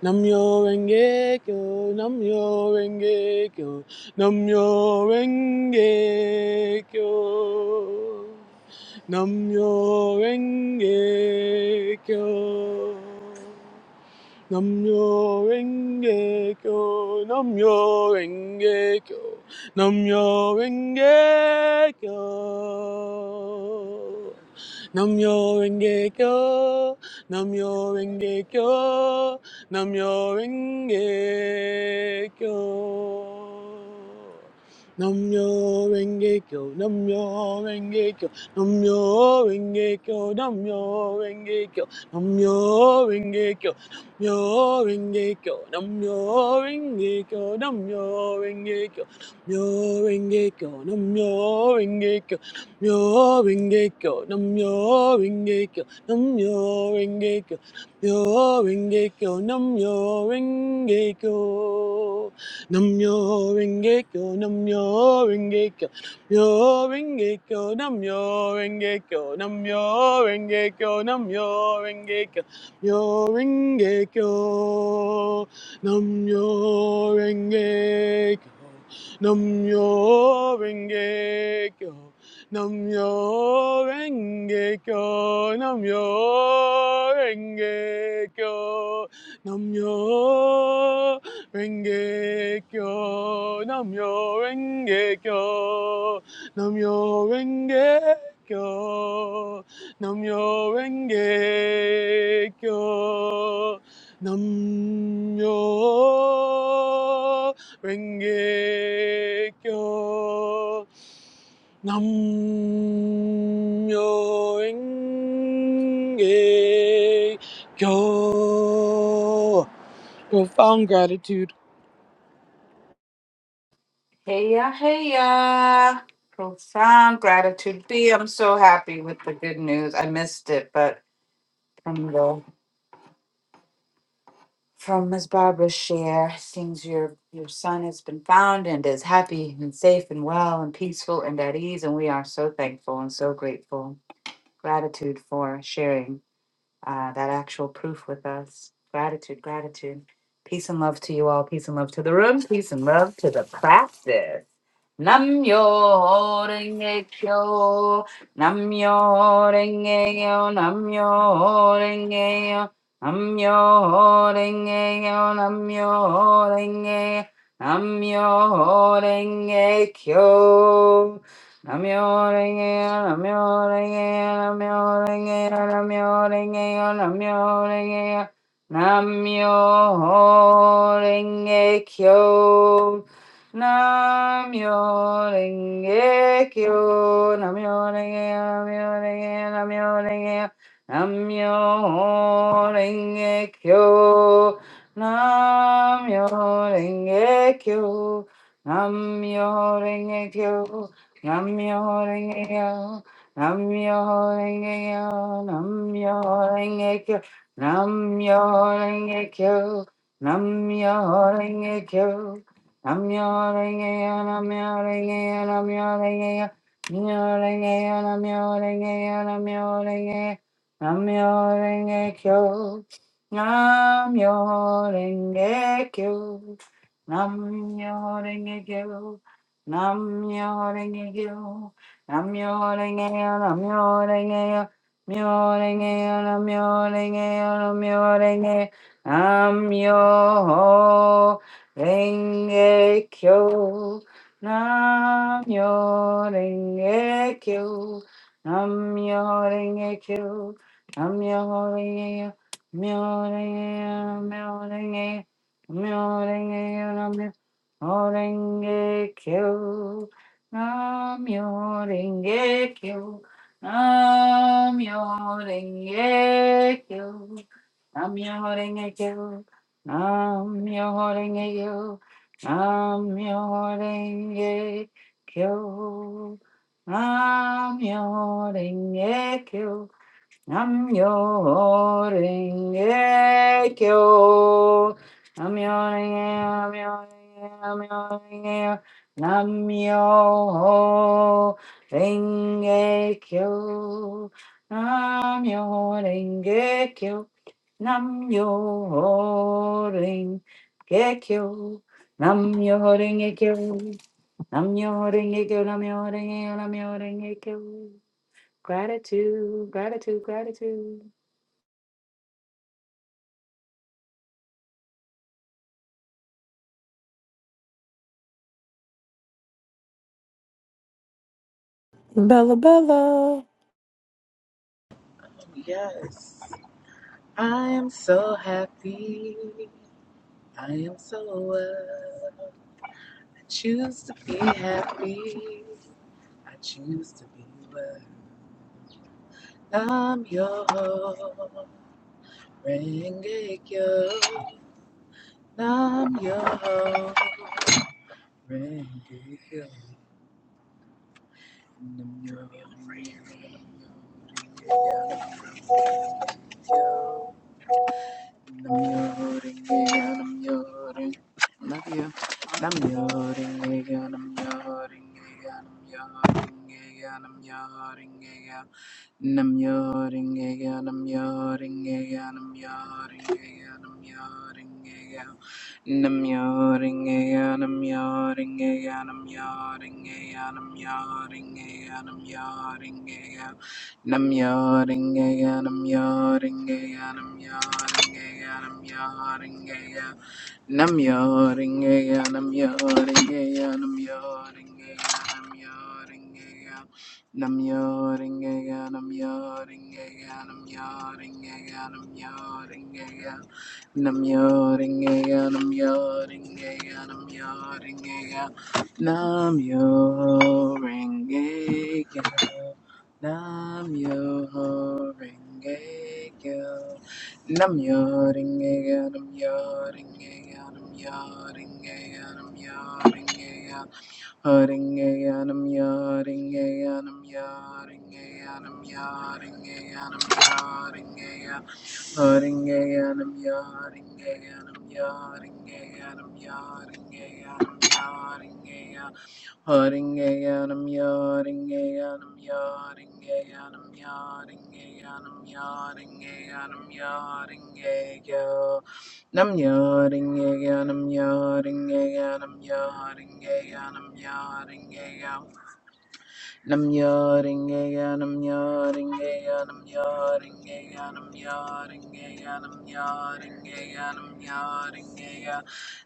Speaker 5: Namyo Renge Kyo. Namyo Renge Kyo. Namyo Renge Kyo. Namyo Renge Kyo. Namyo Renge Kyo, Namyo Renge Kyo, Namyo Renge Kyo. Namyo Renge Kyo, Namyo Renge Kyo, Namyo Renge Kyo. Namyo Renge Kyo, Namyo Renge Kyo, Namyo Renge Kyo, Namyo Renge Kyo, Namyo Renge Kyo. Mjöringekyo, nam mjöringekyo, nam mjöringekyo, mjöringekyo, nam mjöringekyo, mjöringekyo, nam mjöringekyo, nam mjöringekyo, mjöringekyo, nam mjöringekyo, nam mjöringekyo, nam mjöringekyo, mjöringekyo, nam mjöringekyo, nam mjöringekyo, nam mjöringekyo, yo renge Kyo, Nam Yo Renge Kyo, Nam Yo Renge Kyo, Nam Yo Renge Kyo, Nam Yo Renge Kyo, Nam Yo Renge Kyo, Nam Yo Renge Kyo, Nam Yo Renge Kyo. 남여행개교 남여행개교 남여행개교 Profound gratitude.
Speaker 7: Hey ya, hey ya. Profound gratitude. B, I'm so happy with the good news. I missed it, but from the from Miss Barbara's share, seems your your son has been found and is happy and safe and well and peaceful and at ease, and we are so thankful and so grateful. Gratitude for sharing uh, that actual proof with us. Gratitude, gratitude. Peace and love to you all. Peace and love to the room. Peace and love to the practice. Nam yo renge kyo, nam yo renge yo, nam yo renge yo, nam yo renge yo, nam yo renge, nam yo renge kyo. Namyo-renge-kyo. Namyo-renge-kyo. Namyo-renge-kyo. Namyo-renge-kyo. Namyo-renge-kyo. Namyo-renge-kyo. Namyo-renge-kyo. Nam-myoho-renge-kyo, Nam-myoho-renge-kyo, Nam-myoho-renge-kyo, Nam-myoho-renge-kyo, Nam-myoho-renge-kyo, Nam-myoho-renge-kyo, Nam-myoho-renge-kyo, Nam-myoho-renge-kyo, Nam-myoho-renge-kyo, Nam-myoho-renge-kyo, Nam-myoho-renge-kyo, Nam-myoho-renge-kyo, Nam-myoho-renge-kyo, Nam-myoho-renge-kyo. Nam-myoho-renge-kyo. Nam-myoho-renge-kyo, Nam-myoho-renge-kyo, Myoho-renge-kyo, Nam-myoho-renge-kyo, Nam-myoho-renge- Nam-myoho-renge-kyo. Nam-myoho-renge-kyo. Nam-myoho-renge-kyo. Nam-myoho-renge-kyo. Myoho-renge-kyo, Myoho-renge-kyo, Myoho-renge-kyo, Myoho-renge-kyo, Morenge kyo, namyo renge kyo, namyo renge kyo, namyo renge kyo, namyo renge kyo, namyo renge kyo, namyo renge kyo, Namyo Renge Kyo. Namyo Renge, Namyo Renge, Namyo Renge, Namyo Renge Kyo. Namyo Renge Kyo. Namyo Renge Kyo. Namyo Renge Kyo. Namyo Renge Kyo. Namyo Renge Kyo. Namyo Renge Kyo. Gratitude, gratitude, gratitude.
Speaker 9: Bella Bella.
Speaker 8: Yes, I am so happy. I am so well. I choose to be happy. I choose to be well. I'm your ho, Rengekyo. I'm your ho, Rengekyo. I'm your ho, Rengekyo. yawning again, I'm yawning. I Love you. Nam yoring again, I'm yoring again, I'm yoring again, I'm yoring again. Nam yoring again, I'm yoring again, I'm yoring again, I'm yoring again. Nam yoring again, I'm yoring again, I'm yoring again, I'm yoring again, I'm yoring again. Namjöringeja, namjöringeja, namjöringeja, namjöringeja. Namjöringeja, namjöringeja, namjöringeja, namjöringeja. Namjöringeja, namjöringeja, namjöringeja, namjöringeja. Namjöringeja, namjöringeja, namjöringeja. Namjöringeja. Nam yo ho ringe yo. Nam yo ringe yo. Nam yo ringe yo. Nam yo ringe yo. Nam yo ringe yo. Ho ringe yo. nam yo ringe yo. nam yo ringe yo yaringeyanam yaringeyanam yaringeyanam yo Haringeyanam yaringeyanam yaringeyanam yaringeyanam Haringeyanam yaringeyanam yaringeyanam yaringeyanam yaringeyanam yaringeya nam yaringeyanam yaringeyanam yaringeyanam yaringeya Nam yaringeya Nam yaringeya Nam yaringeya Nam yaringeya Nam yaringeya Nam yaringeya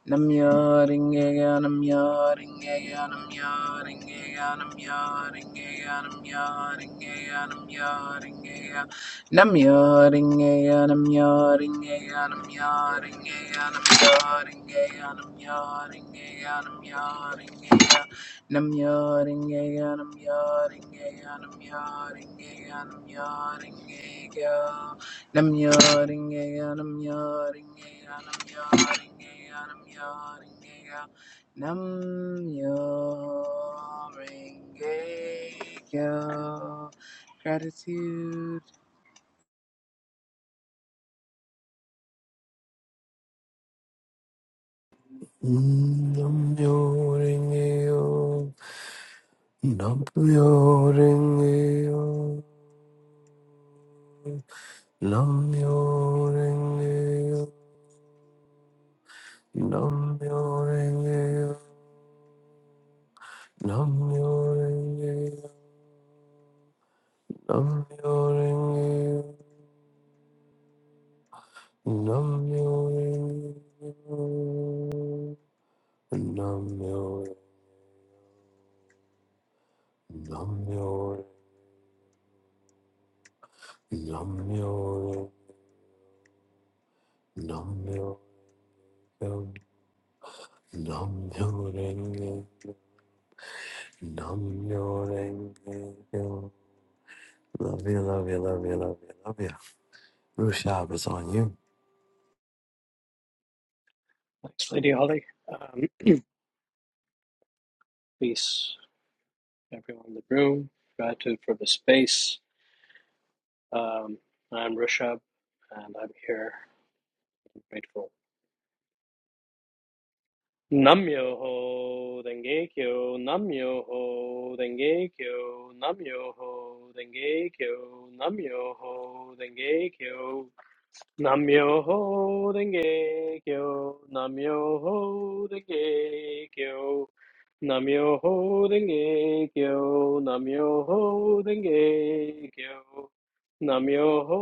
Speaker 8: Nam yaringeya Nam yaringeya Nam yaringeya Nam yaringeya Nam yaringeya Nam yaringeya Nam yaringeya Nam yaringeya Nam yaringeya Nam yaringeya Nam yaringeya Nam Namjöringeyja, Nam yaring ya nam yaring ya nam yaring ya nam yaring ya nam yaring ya nam yaring nam yaring nam yaring nam yaring gratitude
Speaker 9: Nam-myoho-renge-kyo. Nam-myoho-renge-kyo. Nam-myoho-renge-kyo. Nam-myoho-renge-kyo. Nam-myoho-renge-kyo. Nam-myoho-renge-kyo. Nam-myoho-renge-kyo. Namyo, Namyo, Namyo, Namyo, Renge, Namyo, Renge. Kyo. Love you, love you, love you, love you, love you. Rushab is on you.
Speaker 10: Thanks, Lady Holly. Um, peace, everyone in the room. Gratitude for the space. Um, I'm Rishabh, and I'm here. I'm grateful. Namyoho Dengekyo, Namyoho Kyo. Namyoho Dengekyo, Namyoho Kyo. Namyoho Renge Kyo, Namyoho Renge Kyo, Namyoho Renge Kyo, Namyoho Renge Kyo, Namyoho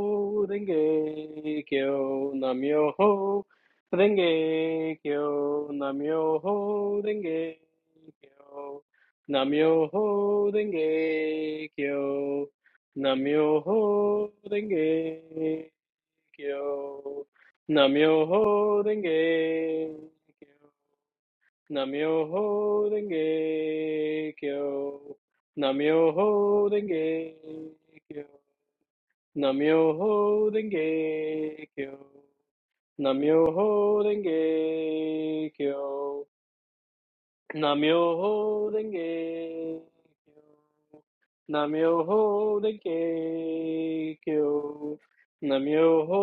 Speaker 10: Renge Kyo, Namyoho Renge Kyo, Namyoho Renge Kyo, Namyoho Renge Kyo, Namyoho Renge Kyo. Namyoho Renge Kyo. Namyoho Renge Kyo. Namyoho Renge Kyo. Namyoho Renge Kyo. Namyoho Renge Kyo. Namyoho Denge Kyo. Namyoho Denge Kyo. Namyoho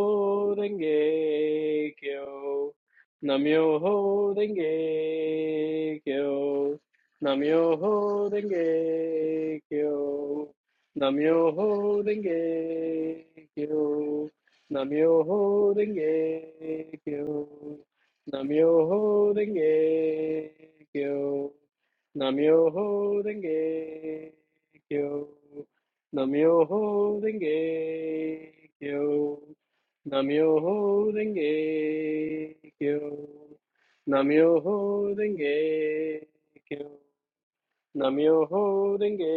Speaker 10: Denge Kyo. Namyoho Denge Kyo. Namyoho Denge Kyo. Namyoho Denge Kyo. Namyoho Denge Kyo. Namyoho Renge Kyo. Namyoho Renge Kyo. Namyoho Renge Kyo. Namyoho Renge Kyo. Namyoho Renge Kyo. Namyoho Renge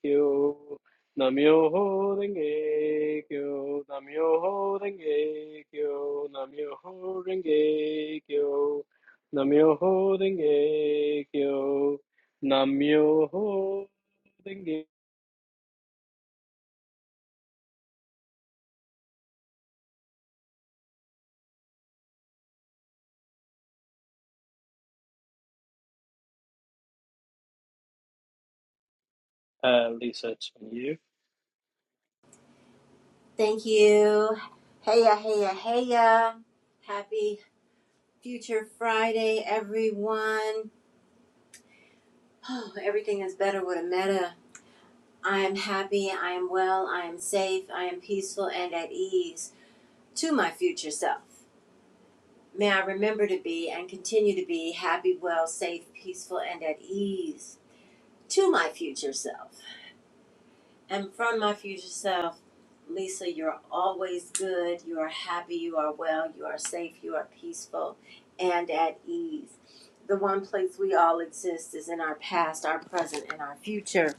Speaker 10: Kyo. Namyoho Renge Kyo. Namyoho Renge Kyo. Namyoho Renge Kyo. Namyoho Renge Kyo. Namyoho Renge Uh, Lisa, it's on you.
Speaker 11: Thank you. Heya, heya, heya. Happy Future Friday, everyone. Oh, everything is better with a meta. I am happy, I am well, I am safe, I am peaceful and at ease to my future self. May I remember to be and continue to be happy, well, safe, peaceful, and at ease to my future self. And from my future self, Lisa, you're always good. You are happy. You are well. You are safe. You are peaceful and at ease. The one place we all exist is in our past, our present, and our future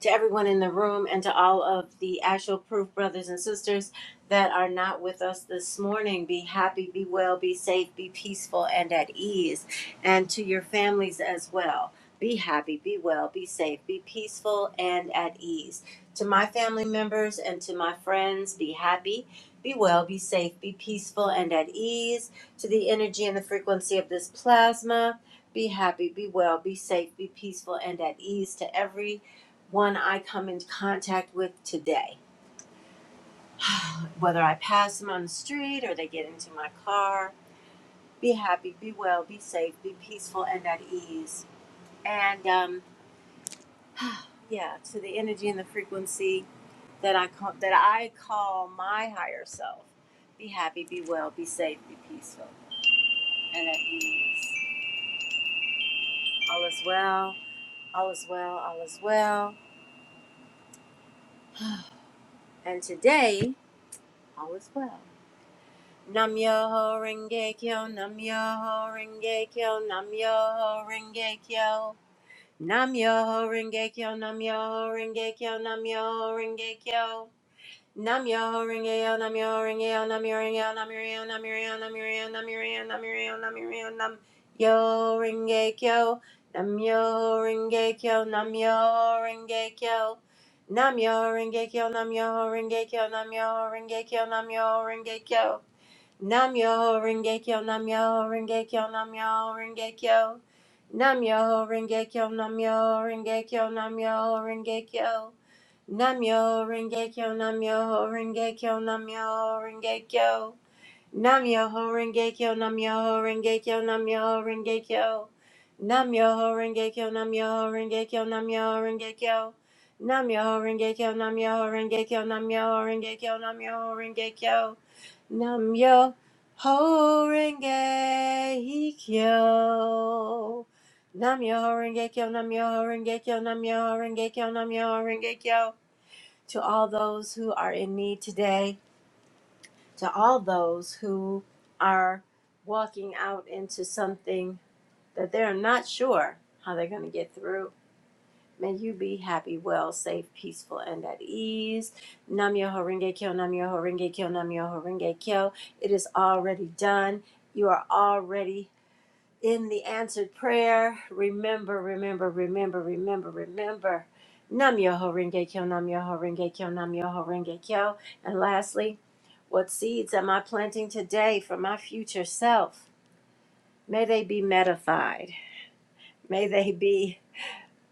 Speaker 11: to everyone in the room and to all of the actual proof brothers and sisters that are not with us this morning. Be happy, be well, be safe, be peaceful, and at ease. And to your families as well. Be happy, be well, be safe, be peaceful, and at ease. To my family members and to my friends, be happy, be well, be safe, be peaceful, and at ease. To the energy and the frequency of this plasma, be happy, be well, be safe, be peaceful, and at ease to every one I come into contact with today. Whether I pass them on the street or they get into my car, be happy, be well, be safe, be peaceful, and at ease. And um, yeah, to the energy and the frequency that I call that I call my higher self. Be happy, be well, be safe, be peaceful, and at ease. All is well. All is well. All is well. And today, all is well. Nam Yoho Renge Kyo, Nam Yoho Renge Kyo, Nam Yoho Renge Kyo. Nam Yoho Renge Kyo, Nam Yoho Renge Kyo, Nam Yoho Renge Kyo. Nam Yoho Renge Yo, Nam Yoho Renge Yo, Nam Yoho Renge Yo, Nam Yoho Renge Yo, Nam Yoho Renge Yo, Nam Yoho Renge Yo, Nam Yoho Renge Yo, Nam Yoho Renge Yo, Nam Yoho Renge Kyo, Nam Yoho Renge Kyo. Nam Yoho Renge Kyo, Nam Yoho Renge Kyo, Nam Yoho Renge Kyo, Nam Yoho Renge Kyo. Nam Yoho Renge Kyo. Namyo Rengekyo Namyo Rengekyo Namyo Rengekyo Namyo Rengekyo Namyo Rengekyo Namyo Rengekyo Namyo Rengekyo Namyo Rengekyo Namyo Rengekyo Namyo Rengekyo Namyo Rengekyo Namyo Rengekyo Namyo Rengekyo Namyo Rengekyo Namyo Rengekyo Namyo Rengekyo Namyo Rengekyo Namyo Rengekyo Namyo Rengekyo Nam yo ho renge kyo. Nam yo ho renge kyo, nam yo ho renge kyo, nam yo ho renge kyo, nam yo ho renge kyo. To all those who are in need today, to all those who are walking out into something that they're not sure how they're going to get through May you be happy, well, safe, peaceful, and at ease. Nam Yoho Renge Kyo, Nam Yoho Renge Kyo, Nam Yoho Renge Kyo. It is already done. You are already in the answered prayer. Remember, remember, remember, remember, remember. Nam Yoho Renge Kyo, Nam Yoho Renge Kyo, Nam Yoho Renge Kyo. And lastly, what seeds am I planting today for my future self? May they be metafied. May they be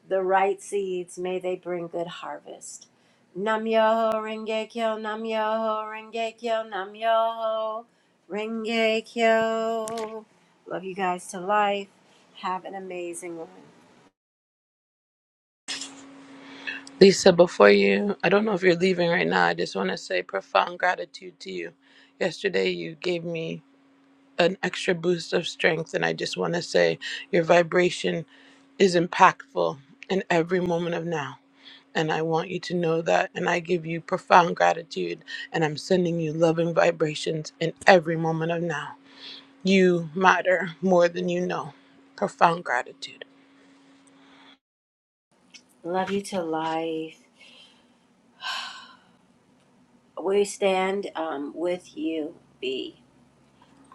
Speaker 11: the right seeds, may they bring good harvest. Nam yo renge kyo, nam yo renge kyo, nam yo renge kyo. Love you guys to life. Have an amazing one.
Speaker 5: Lisa, before you, I don't know if you're leaving right now. I just want to say profound gratitude to you. Yesterday, you gave me. an extra boost of strength. And I just want to say your vibration is impactful in every moment of now. And I want you to know that. And I give you profound gratitude. And I'm sending you loving vibrations in every moment of now. You matter more than you know. Profound gratitude.
Speaker 11: Love you to life. We stand um, with you, B.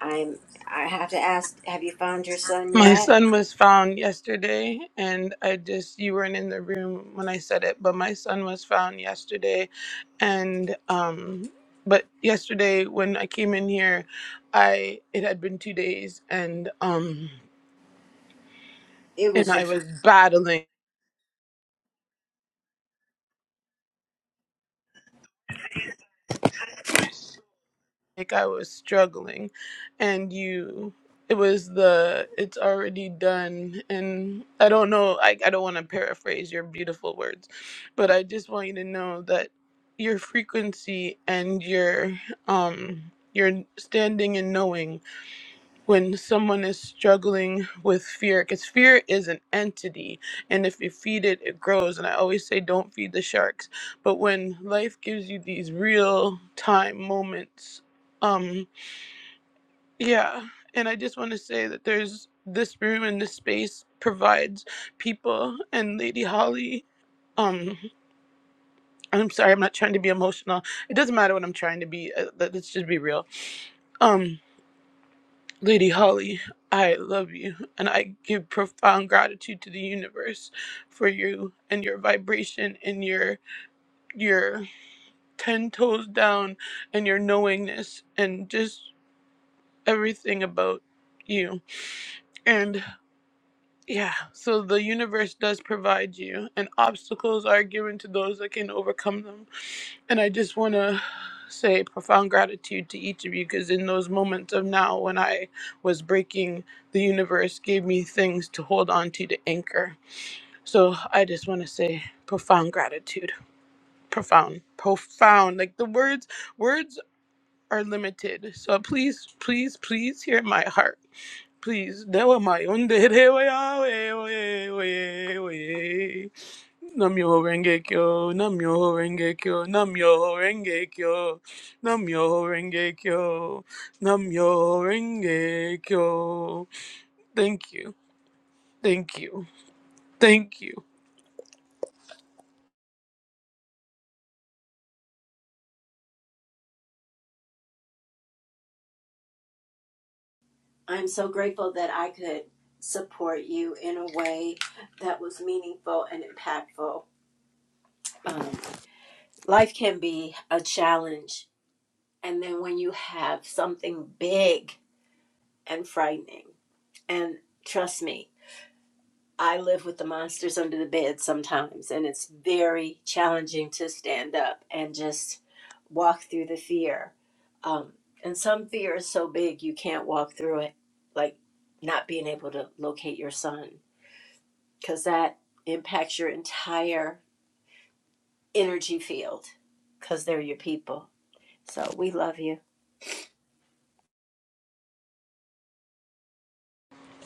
Speaker 11: I'm. I have to ask. Have you found your son
Speaker 5: My
Speaker 11: yet?
Speaker 5: son was found yesterday, and I just, you weren't in the room when I said it, but my son was found yesterday. And, um, but yesterday when I came in here, I, it had been two days, and, um,
Speaker 11: It
Speaker 5: and
Speaker 11: was
Speaker 5: I
Speaker 11: just.
Speaker 5: was battling. like I was struggling and you it was the it's already done and I don't know I, I don't want to paraphrase your beautiful words but I just want you to know that your frequency and your um your standing and knowing when someone is struggling with fear because fear is an entity and if you feed it it grows and i always say don't feed the sharks but when life gives you these real time moments um yeah and i just want to say that there's this room and this space provides people and lady holly um i'm sorry i'm not trying to be emotional it doesn't matter what i'm trying to be uh, let- let's just be real um Lady Holly, I love you, and I give profound gratitude to the universe for you and your vibration and your your ten toes down and your knowingness and just everything about you. And yeah, so the universe does provide you, and obstacles are given to those that can overcome them. And I just want to say profound gratitude to each of you because in those moments of now when I was breaking, the universe gave me things to hold on to to anchor. So I just want to say profound gratitude. Profound. Profound. Like the words, words are limited. So please, please, please hear my heart. Please. Dewa mayonde rewa ya we we we we. Namyo Renge Kyo, Namyo Renge Kyo, Namyo Renge Kyo, Namyo Renge Kyo, Namyo Renge Kyo. Thank you, thank you, thank you.
Speaker 11: I'm so grateful that I could support you in a way that was meaningful and impactful. Um, life can be a challenge and then when you have something big and frightening and trust me i live with the monsters under the bed sometimes and it's very challenging to stand up and just walk through the fear um, and some fear is so big you can't walk through it like not being able to locate your son because that impacts your entire energy field because they're your people so we love you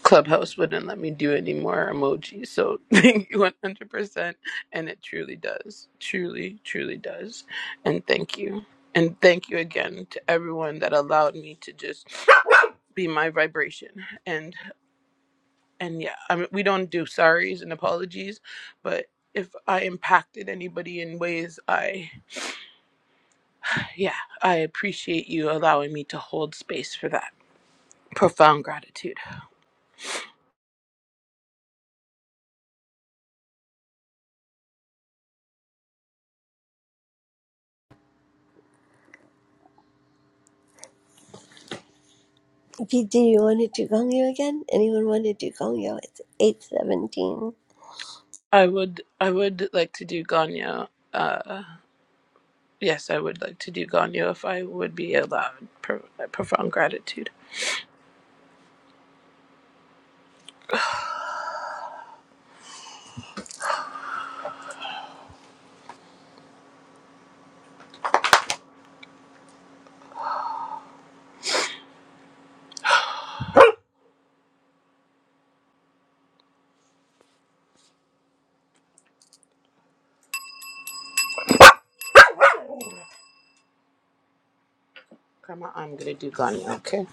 Speaker 5: Clubhouse wouldn't let me do any more emojis, so thank you 100%. And it truly does, truly, truly does. And thank you. And thank you again to everyone that allowed me to just be my vibration. And and yeah, I mean, we don't do sorries and apologies, but if I impacted anybody in ways, I, yeah, I appreciate you allowing me to hold space for that. Profound gratitude.
Speaker 1: Pete, do you want to do Gongyo again? Anyone want to do Gongyo? It's 817.
Speaker 5: Uh, I'd like to do Ganyo if I would be allowed. Pro- uh, profound gratitude. Grandma, I'm gonna do Ganyo, okay?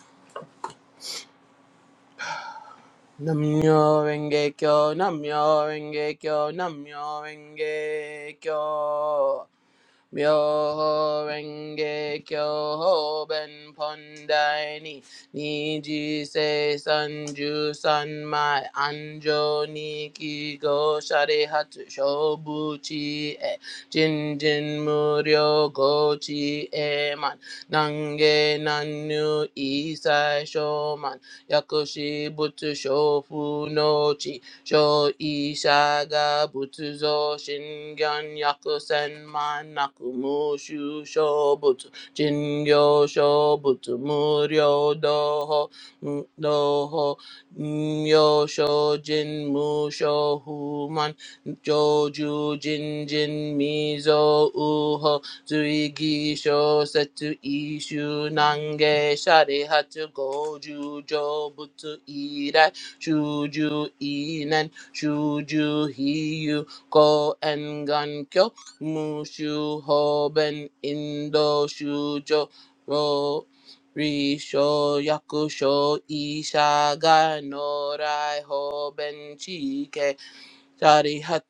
Speaker 5: Namyo Renge Kyo, Namyo Renge Kyo, Namyo Renge Kyo. Myoho Renge Kyo Hoben Pondai Ni Niji Se Sanju Sanmai Anjo Niki Go Shari Hatsu Shobuchi E Jin Jin Muryo Gochi E Man Nange Nanyu Isai Shoman Yakushi Butsu Shofu No Chi Sho Ishaga Butsu zo shingen yaku senman naku mushu shobutsu jingyo shobutsu muryo doho mm, doho myo shojin musho human joju jin jin mizo uho Zuigi sho setsu ishu nange shari hatsu goju jo butsu irai shuju inen shuju Hiyu Ko engan gan kyo mushu hoben indo shujo ro risho yakusho ishaga norai hoben chike shari hat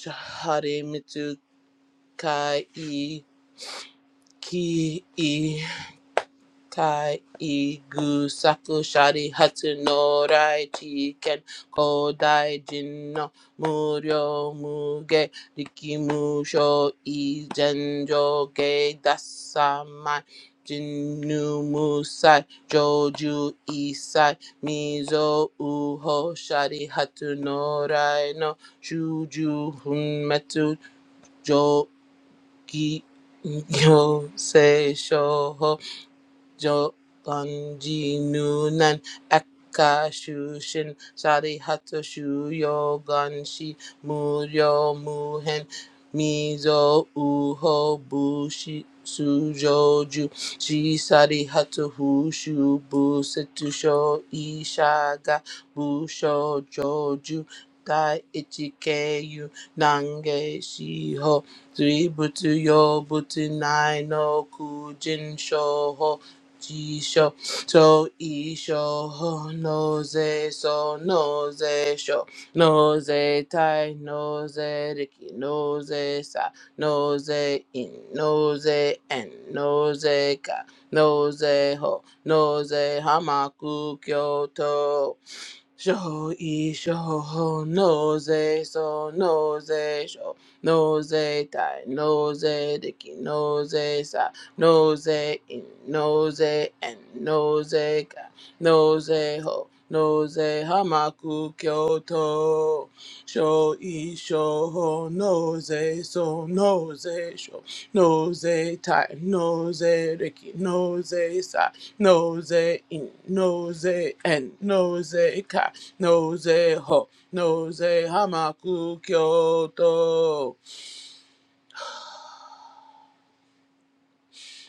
Speaker 5: shari mitsukai i ki i. Tai Igu Saku Shari Hatsu no Rai Chiken Kodai Jinno Muryo Muge Riki Musho Izen Joge Dasamai Jinnu Musai Joju Isai Mizo Uho Shari Hatsu no Rai no Shuju Hunmetsu Jogi Yo se Jobanji Nunan Akashushin Sari Hato Shuyo Ganshi Muryo Muhen Mizo Uho Bushi Sujoju Shisari Hato Hushu Busetusho Ishaga Busho Joju Dai Ichikeyu Nange Shiho Three Butsu Yo Butsu Nai no Kujin Shoho Jisho to isho ho noze so noze sho noze tai noze riki noze sa noze in noze en noze ka noze ho noze hamaku kyoto Show e show nose so nose show nose die nose dicky nose sa nose in nose and nose ka nose ho nose hamaku kyoto show e show nose so nose show nose tie nose dicky nose sa Nose in, nose and nose it ka, knows it ho, knows hamaku kyoto.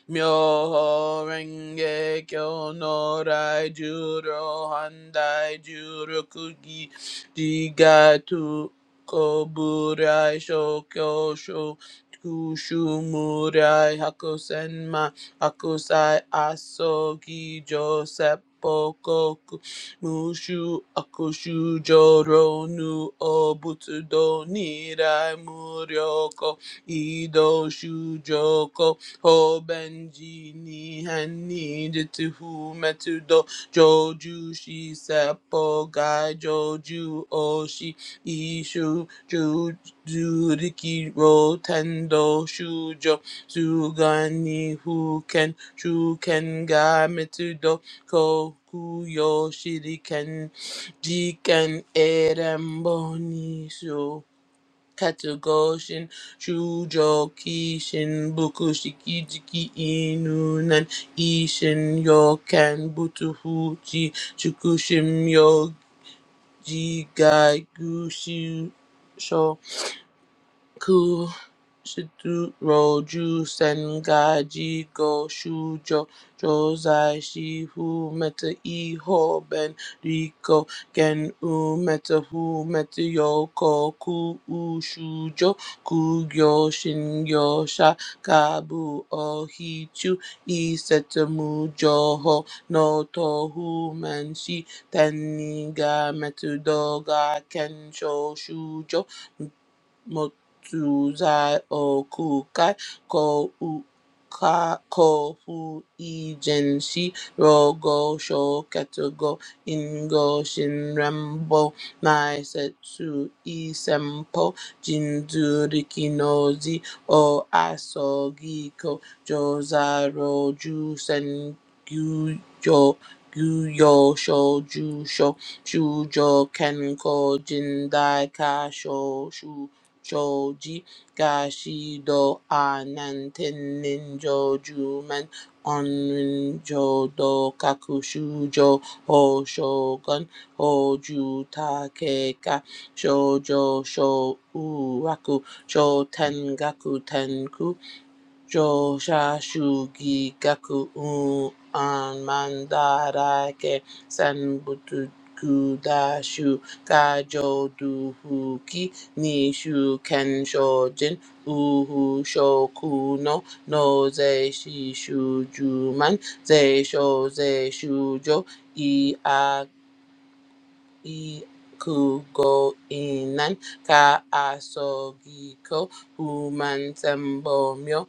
Speaker 5: Myoho Renge Kyo no Rai Juro Handai Juro Kugi Jigatu Koburai Shokyo Sho Kushu Murai Hakusenma Hakusai Asogi Joseph Bokoku Mushu Akushu Joro Nu Obutsudo Nirai Muryoko Ido Shujoko Hobenji ni Hani Jituhu Metudo Joju Shi Seppo Gai Joju Oshi Ishu Juriki Rotendo Shujo Sugani Huken Shuken Ga Metudo Kokuyo Shiriken Jiken Eremboni So Katogoshin, Shujokishin, Bukushikijiki Inunan, Ishin Yokan, Butuhuchi, Chukushim Yoji Gai Gushu Ku Shituro Ju Sengaji Go Shujo Josai Shihu Meta Iho Ben Riko Gen U Meta Hu Meta Yoko Ku U Shujo Kugyo Shingyo sha Shakabu Ohichu Isetamu Joho No Tohu Manshi Teniga Metu doga Kensho Shujo Motuzai Okukai Ko Uka Ko Fu Ijenshi Rogo Sho Ketugo Ingo Shinrambo Nai Setsu Isempo Jinzu Rikinozi O asogiko jozaro Jozai Sen Gyujo Gyuyo Sho Jusho Shujo Kenko Jindai Kasho shoji gashido ananten ninjo jumen onrin jodo kakushujo hoshogun hoju takeka shojo sho uraku shoten gaku Josha Shugi Gaku U An Mandarake Sanbutu Kudashu Gajo Duhuki Nishu Kenshojin Uhu Shokuno Noze Shishu Juman Ze Shoze Shujo I A I Kugo Inan Ka Asogiko Human Sembomyo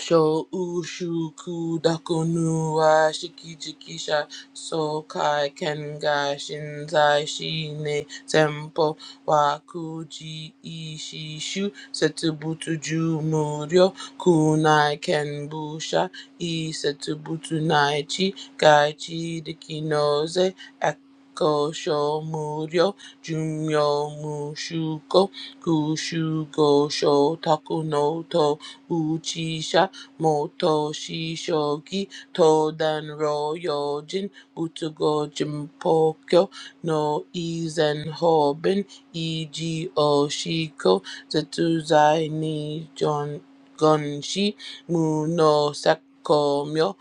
Speaker 5: Sho ushuku dakonu wa shiki jikisha so kai kenga shinzai shine tempo wa kuji ishishu setubutu ju muryo kunai kenbusha i setubutu nai chi gai chi dikinoze eko sho muryo jumyo mushuko kushugo sho takunoto uchisha Motoshi shogi Todan Royojin Utugo Jimpokyo no Izen Hoben Iji Oshiko Zetsuzai ni Jon Gonshi Muno Sakomyo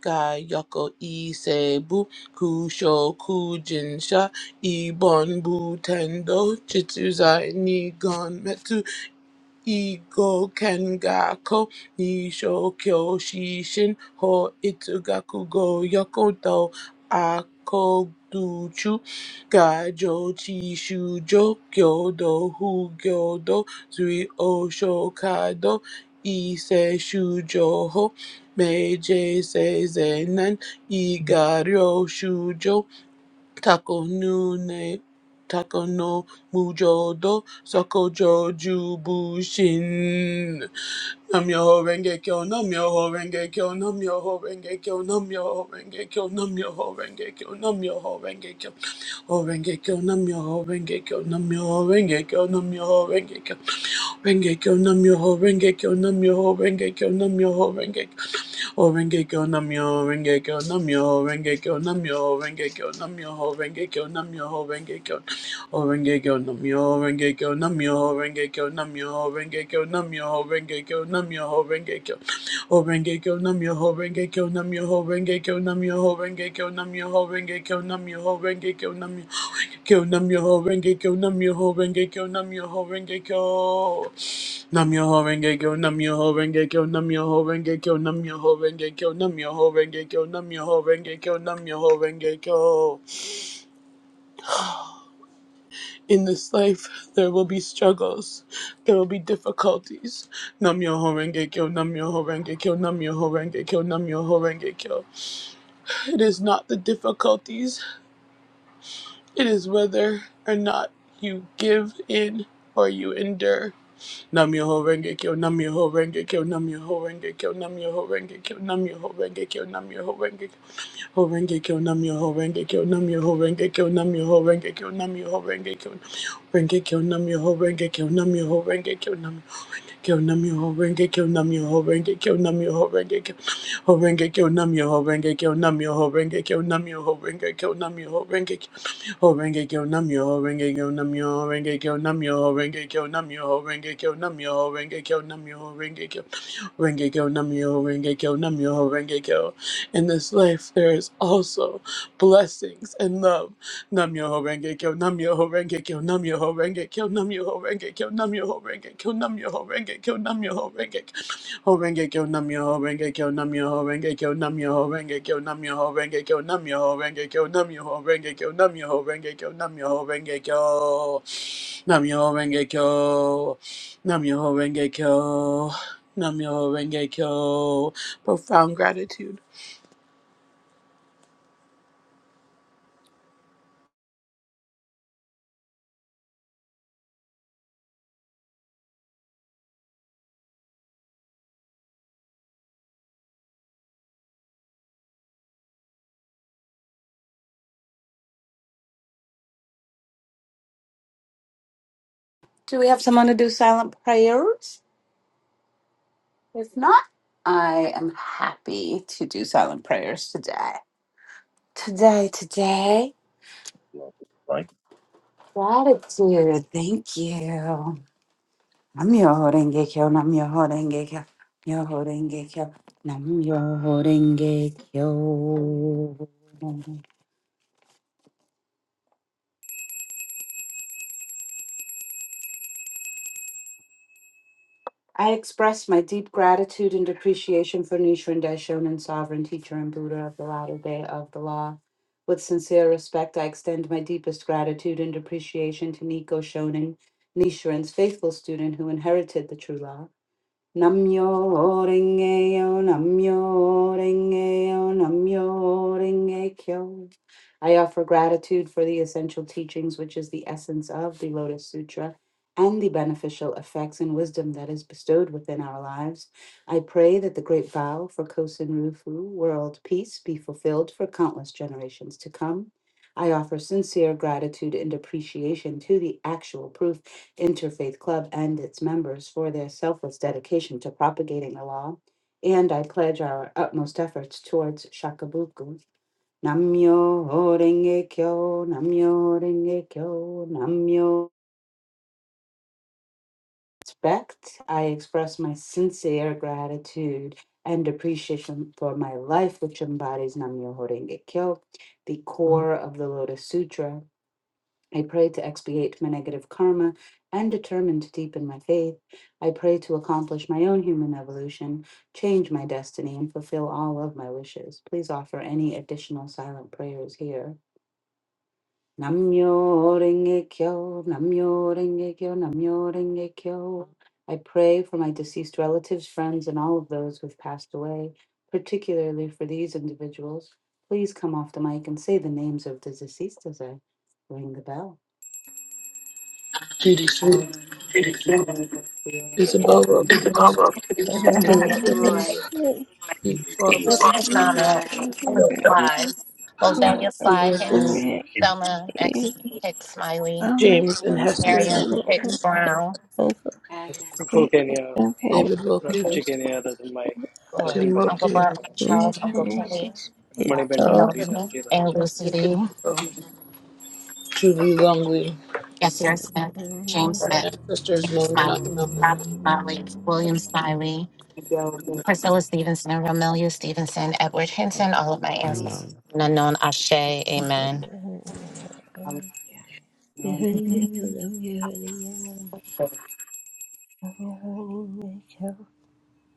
Speaker 5: Kayoko Isebu Kusho Kujinsha Ibon Butendo Chitsuzai ni Gon Igo Kengako Nisho Kyoshishin Ho itsugaku go Yokoto Akoduchu Gajo Chishujo kyodo hu Gyodo Hugyodo Zui Oshokado Ise Shujoho Meije Seizenan Igario Shujo Takonune takono Mujodo Sokojoju Bushin. Nam Yoho Renge Kyo, Nam Yoho Renge Kyo, Nam Yoho Renge Kyo, Nam Yoho Renge Kyo, Nam Yoho Renge Kyo, Nam Yoho Renge Kyo, O Renge Kyo, Nam Yoho Renge Kyo, Nam Yoho Renge Kyo, Nam Yoho Renge Kyo, Renge Kyo, Nam Yoho Renge Kyo, Nam Yoho Renge Kyo, Nam Yoho Renge Kyo, O renge kyo namyo, renge kyo namyo, renge kyo namyo, renge kyo namyo, renge kyo namyo, renge kyo O renge kyo namyo, renge kyo namyo, renge kyo namyo, renge kyo namyo, renge kyo namyo, renge kyo O renge kyo namyo, renge kyo namyo, renge kyo namyo, renge kyo namyo, renge kyo namyo, renge kyo namyo, Kyo nam yo ho renge kyo nam yo ho renge kyo nam yo ho renge kyo Nam yo ho renge kyo nam yo ho renge kyo nam yo ho renge kyo nam yo ho renge kyo nam yo ho renge kyo nam yo ho renge kyo nam yo ho renge kyo In this life there will be struggles there will be difficulties Nam yo ho renge kyo nam yo ho renge kyo nam yo ho renge kyo nam yo ho renge kyo It is not the difficulties it is whether or not you give in or you endure Nam Yoho Renge Kyo, Nam Yoho Renge Kyo, Nam Yoho Renge Kyo, Nam Yoho Renge Kyo, Nam Yoho Renge Kyo, Nam Yoho Renge Ho Renge Kyo, Nam Yoho Renge Kyo, Nam Yoho Renge Kyo, Nam Yoho Renge Kyo, Nam Yoho Renge Kyo, Renge Kyo, Nam Yoho Renge Kyo, Nam Yoho Renge Kyo, kyo nam yo ho renge kyo nam yo ho renge kyo nam yo ho renge kyo ho renge kyo nam yo ho renge kyo nam yo ho renge kyo nam yo ho renge kyo nam yo ho renge kyo ho renge kyo nam yo ho renge kyo nam yo ho renge kyo nam yo ho renge kyo nam yo ho renge kyo nam yo ho renge kyo nam yo ho renge kyo renge kyo nam yo ho renge kyo nam yo ho renge kyo in this life there is also blessings and love Nam Yoho Renge Kyo, Nam Yoho Renge Kyo, Nam Yoho Renge Kyo, Nam Yoho Renge Kyo, Nam Yoho Renge Kyo, Nam Yoho Renge Kyo, Nam Yoho Renge Ho Renge Kyo, Nam Yoho Renge Kyo, Nam Yoho Renge Kyo, Nam Yoho Renge Kyo, Nam Yoho Renge Kyo, Nam Yoho Renge Kyo, Nam Yoho Renge Kyo, Nam Yoho Renge Kyo, Nam Yoho Renge Kyo, Nam Yoho Renge Kyo, Nam Yoho Renge Kyo, Nam Yoho Renge Kyo. Profound gratitude.
Speaker 7: Do we have someone to do silent prayers? If not, I am happy to do silent prayers today. Today, today.
Speaker 12: Love is like
Speaker 7: Gratitude. Thank you. Nam yo horenge kyo, nam yo horenge kyo, yo horenge kyo, nam yo horenge kyo. I express my deep gratitude and appreciation for Nichiren Daishonin, sovereign teacher and Buddha of the latter day of the law. With sincere respect, I extend my deepest gratitude and appreciation to Nico Shonin, Nichiren's faithful student who inherited the true law. Namyo renge yo, Namyo renge yo, Namyo Rengekyo. I offer gratitude for the essential teachings, which is the essence of the Lotus Sutra, and the beneficial effects and wisdom that is bestowed within our lives. I pray that the great vow for Kosen Rufu, world peace, be fulfilled for countless generations to come. I offer sincere gratitude and appreciation to the actual proof Interfaith Club and its members for their selfless dedication to propagating the law, and I pledge our utmost efforts towards Shakabuku. Namyo Renge Kyo, Namyo Renge Kyo, Namyo. Respect, I express my sincere gratitude and appreciation for my life, which embodies Namyo Renge Kyo, the core of the Lotus Sutra. I pray to expiate my negative karma and determine to deepen my faith. I pray to accomplish my own human evolution, change my destiny, and fulfill all of my wishes. Please offer any additional silent prayers here. Namyo Renge Kyo, Namyo Renge Kyo, Namyo Renge Kyo. I pray for my deceased relatives, friends, and all of those who've passed away, particularly for these individuals. Please come off the mic and say the names of the deceased as I ring the bell.
Speaker 5: Beauty,
Speaker 7: Um, it's been an experience
Speaker 5: beauty,
Speaker 12: all
Speaker 7: for me
Speaker 11: Heaven.
Speaker 5: beauty,
Speaker 7: about
Speaker 11: Patty,
Speaker 5: beauty,
Speaker 11: Roy,
Speaker 12: elements being
Speaker 13: Miss
Speaker 5: Barbara,
Speaker 13: McDonald,
Speaker 11: Cynthia,
Speaker 12: held
Speaker 13: Fly,
Speaker 12: in one
Speaker 13: Roselia slide.
Speaker 5: Wilkins,
Speaker 11: Amara,
Speaker 13: Hicks,
Speaker 12: in an
Speaker 13: Selma Maxine Hicks Smiley,
Speaker 1: Oh my
Speaker 5: James and
Speaker 1: gosh, I'm
Speaker 5: Hester
Speaker 13: Marion
Speaker 1: so
Speaker 5: Stevens,
Speaker 13: Hicks Brown,
Speaker 1: my uncle,
Speaker 11: Agnes,
Speaker 10: Full
Speaker 1: great great
Speaker 10: Kenya.
Speaker 1: grandparents,
Speaker 5: David
Speaker 12: album.
Speaker 10: Rakuchi
Speaker 5: Wilkins,
Speaker 10: Kenya. That's in my.
Speaker 11: uh,
Speaker 10: That's in
Speaker 13: Lloyd,
Speaker 5: Tim
Speaker 10: my
Speaker 11: Agnes,
Speaker 13: Uncle
Speaker 5: Wilkins,
Speaker 10: Kenya.
Speaker 13: Buck,
Speaker 1: and
Speaker 13: Charles Uncle Kenny,
Speaker 1: generations
Speaker 10: Money
Speaker 7: this
Speaker 13: Annie
Speaker 1: below.
Speaker 10: Damji,
Speaker 5: Chet
Speaker 13: Norman, and
Speaker 10: Damji,
Speaker 13: Lucy
Speaker 5: Wilkins,
Speaker 13: D.
Speaker 5: Julie Longley,
Speaker 13: Yasir Smith, James
Speaker 5: our
Speaker 13: Smith,
Speaker 5: ancestors
Speaker 13: James
Speaker 5: known and
Speaker 13: Smiley,
Speaker 5: unknown.
Speaker 13: Robert Smiley, William Smiley,
Speaker 7: video with
Speaker 13: Priscilla Stevenson, Romelia Stevenson, Edward Hinton, all of my
Speaker 11: all
Speaker 9: I
Speaker 13: ancestors.
Speaker 9: love
Speaker 11: those.
Speaker 13: Unknown Ashe, Amen.
Speaker 7: um,
Speaker 11: Yeah.
Speaker 7: Naomi. So,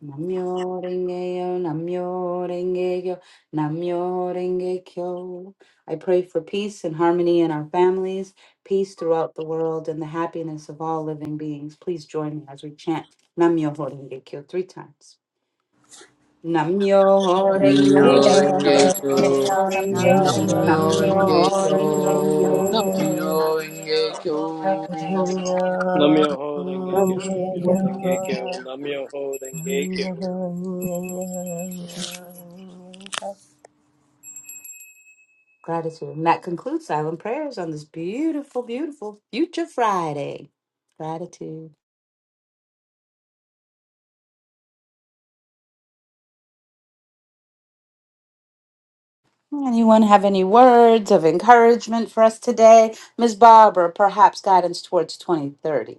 Speaker 7: Namyo Rengeyo, Namyo Rengeyo, Namyo Rengekyo. I pray for peace and harmony in our families, peace throughout the world, and the happiness of all living beings. Please join me as we chant Namyo Rengekyo three times. Namyo
Speaker 13: I'm
Speaker 7: Renge,
Speaker 11: Renge
Speaker 13: Joe
Speaker 11: Kyo,
Speaker 13: holding
Speaker 5: Namyo-renge-kyo,
Speaker 7: Namyo
Speaker 13: down, I'm
Speaker 1: See, I have
Speaker 7: Renge,
Speaker 13: Joe
Speaker 9: Namyo,
Speaker 11: Namyo
Speaker 9: Renge,
Speaker 11: Ho Renge
Speaker 9: Namyo.
Speaker 13: holding
Speaker 11: Kyo,
Speaker 7: Namyo
Speaker 5: Namyo-renge-kyo,
Speaker 7: Renge
Speaker 13: down,
Speaker 9: Renge.
Speaker 11: Namyo Ho
Speaker 13: I'm
Speaker 11: Renge
Speaker 13: Nam
Speaker 5: Namyo-renge-kyo.
Speaker 11: Kyo,
Speaker 10: Namyoho Denge
Speaker 14: Lord,
Speaker 10: Kyo,
Speaker 14: we pray, Lord,
Speaker 10: Namyoho
Speaker 14: we pray,
Speaker 10: Denge Kyo,
Speaker 11: nam
Speaker 10: Namyoho
Speaker 11: yo.
Speaker 10: Denge Kyo.
Speaker 7: Gratitude. And that concludes silent prayers on this beautiful, beautiful future Friday. Gratitude. Anyone have any words of encouragement for us today? Ms. Barbara, perhaps guidance towards 2030.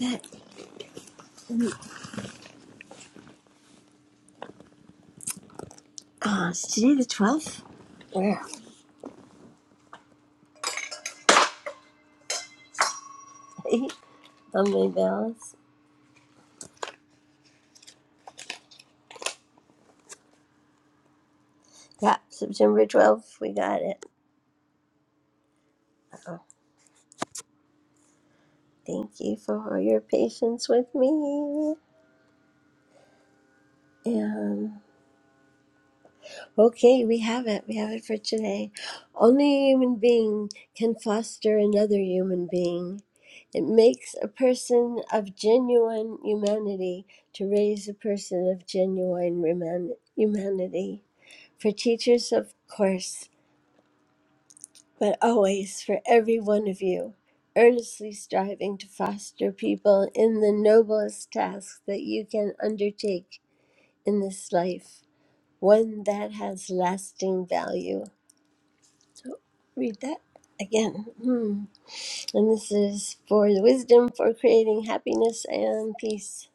Speaker 1: it. Uh, it's today the 12th. Where? are they? On my balance. Yeah, September 12th. We got it. Uh, Thank you for your patience with me. And. Okay, we have it. We have it for today. Only a human being can foster another human being. It makes a person of genuine humanity to raise a person of genuine reman- humanity. For teachers, of course, but always for every one of you, earnestly striving to foster people in the noblest task that you can undertake in this life, one that has lasting value So read that again. Hmm. And this is for the wisdom for creating happiness and peace.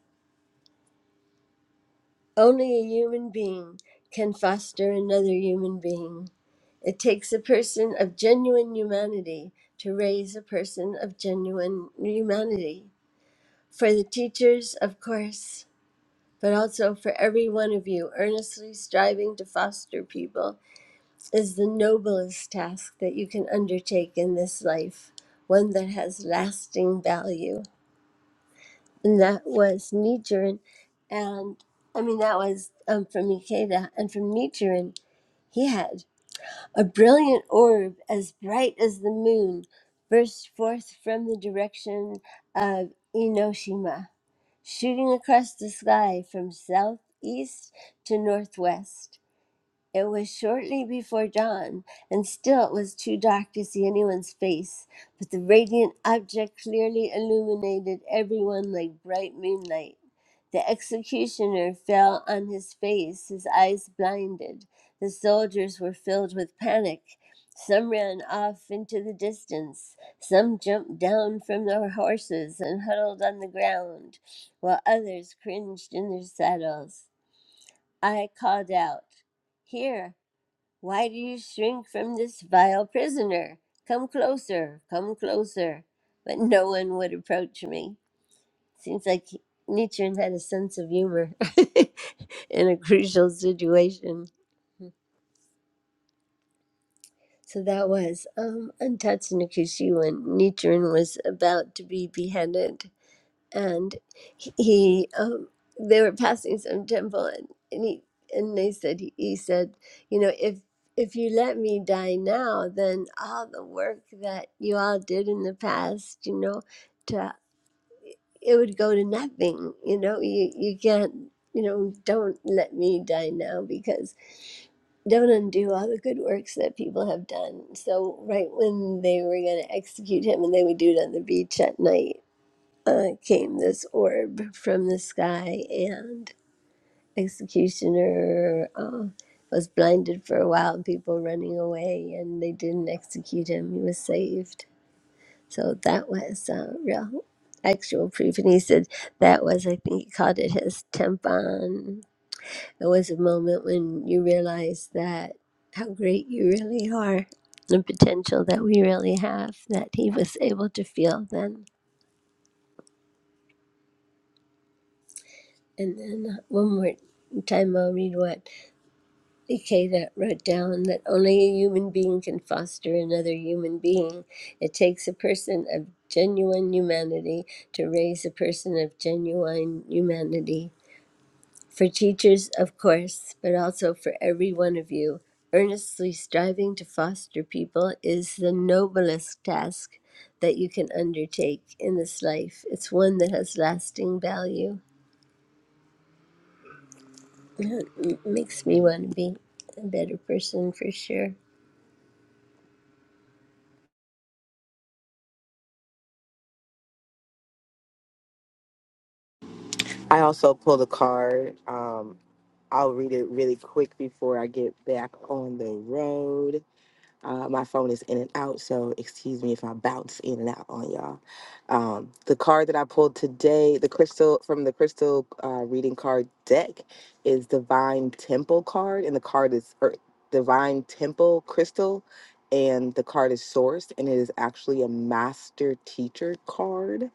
Speaker 1: Only a human being can foster another human being. It takes a person of genuine humanity to raise a person of genuine humanity. For the teachers, of course, but also for every one of you earnestly striving to foster people is the noblest task that you can undertake in this life, one that has lasting value. And that was Nichiren. And I mean, that was um, from Ikeda. And from Nichiren, he had a brilliant orb as bright as the moon burst forth from the direction of Inoshima, shooting across the sky from southeast to northwest. It was shortly before dawn, and still it was too dark to see anyone's face, but the radiant object clearly illuminated everyone like bright moonlight. The executioner fell on his face, his eyes blinded. The soldiers were filled with panic. Some ran off into the distance. Some jumped down from their horses and huddled on the ground, while others cringed in their saddles. I called out, Here! Why do you shrink from this vile prisoner? Come closer, come closer. But no one would approach me. Seems like Nietzsche had a sense of humor in a crucial situation. So that was um, Untouched Nikushi when Nichiren was about to be beheaded. and he he, um, they were passing some temple and, and he and they said he said you know if if you let me die now then all the work that you all did in the past you know to it would go to nothing you know you you can't you know don't let me die now because don't undo all the good works that people have done so right when they were going to execute him and they would do it on the beach at night uh, came this orb from the sky, and executioner uh, was blinded for a while, and people running away, and they didn't execute him. He was saved. So that was uh, real, actual proof. And he said that was, I think he called it his tempon. It was a moment when you realize that how great you really are, the potential that we really have, that he was able to feel then. And then one more time, I'll read what Ikeda wrote down that only a human being can foster another human being. It takes a person of genuine humanity to raise a person of genuine humanity. For teachers, of course, but also for every one of you, earnestly striving to foster people is the noblest task that you can undertake in this life. It's one that has lasting value. It makes me want to be a better person for sure.
Speaker 2: I also pulled a card. Um, I'll read it really quick before I get back on the road. Uh, my phone is in and out, so excuse me if I bounce in and out on y'all. Um, the card that I pulled today, the crystal from the crystal uh, reading card deck, is Divine Temple card, and the card is er, Divine Temple crystal, and the card is sourced, and it is actually a Master Teacher card.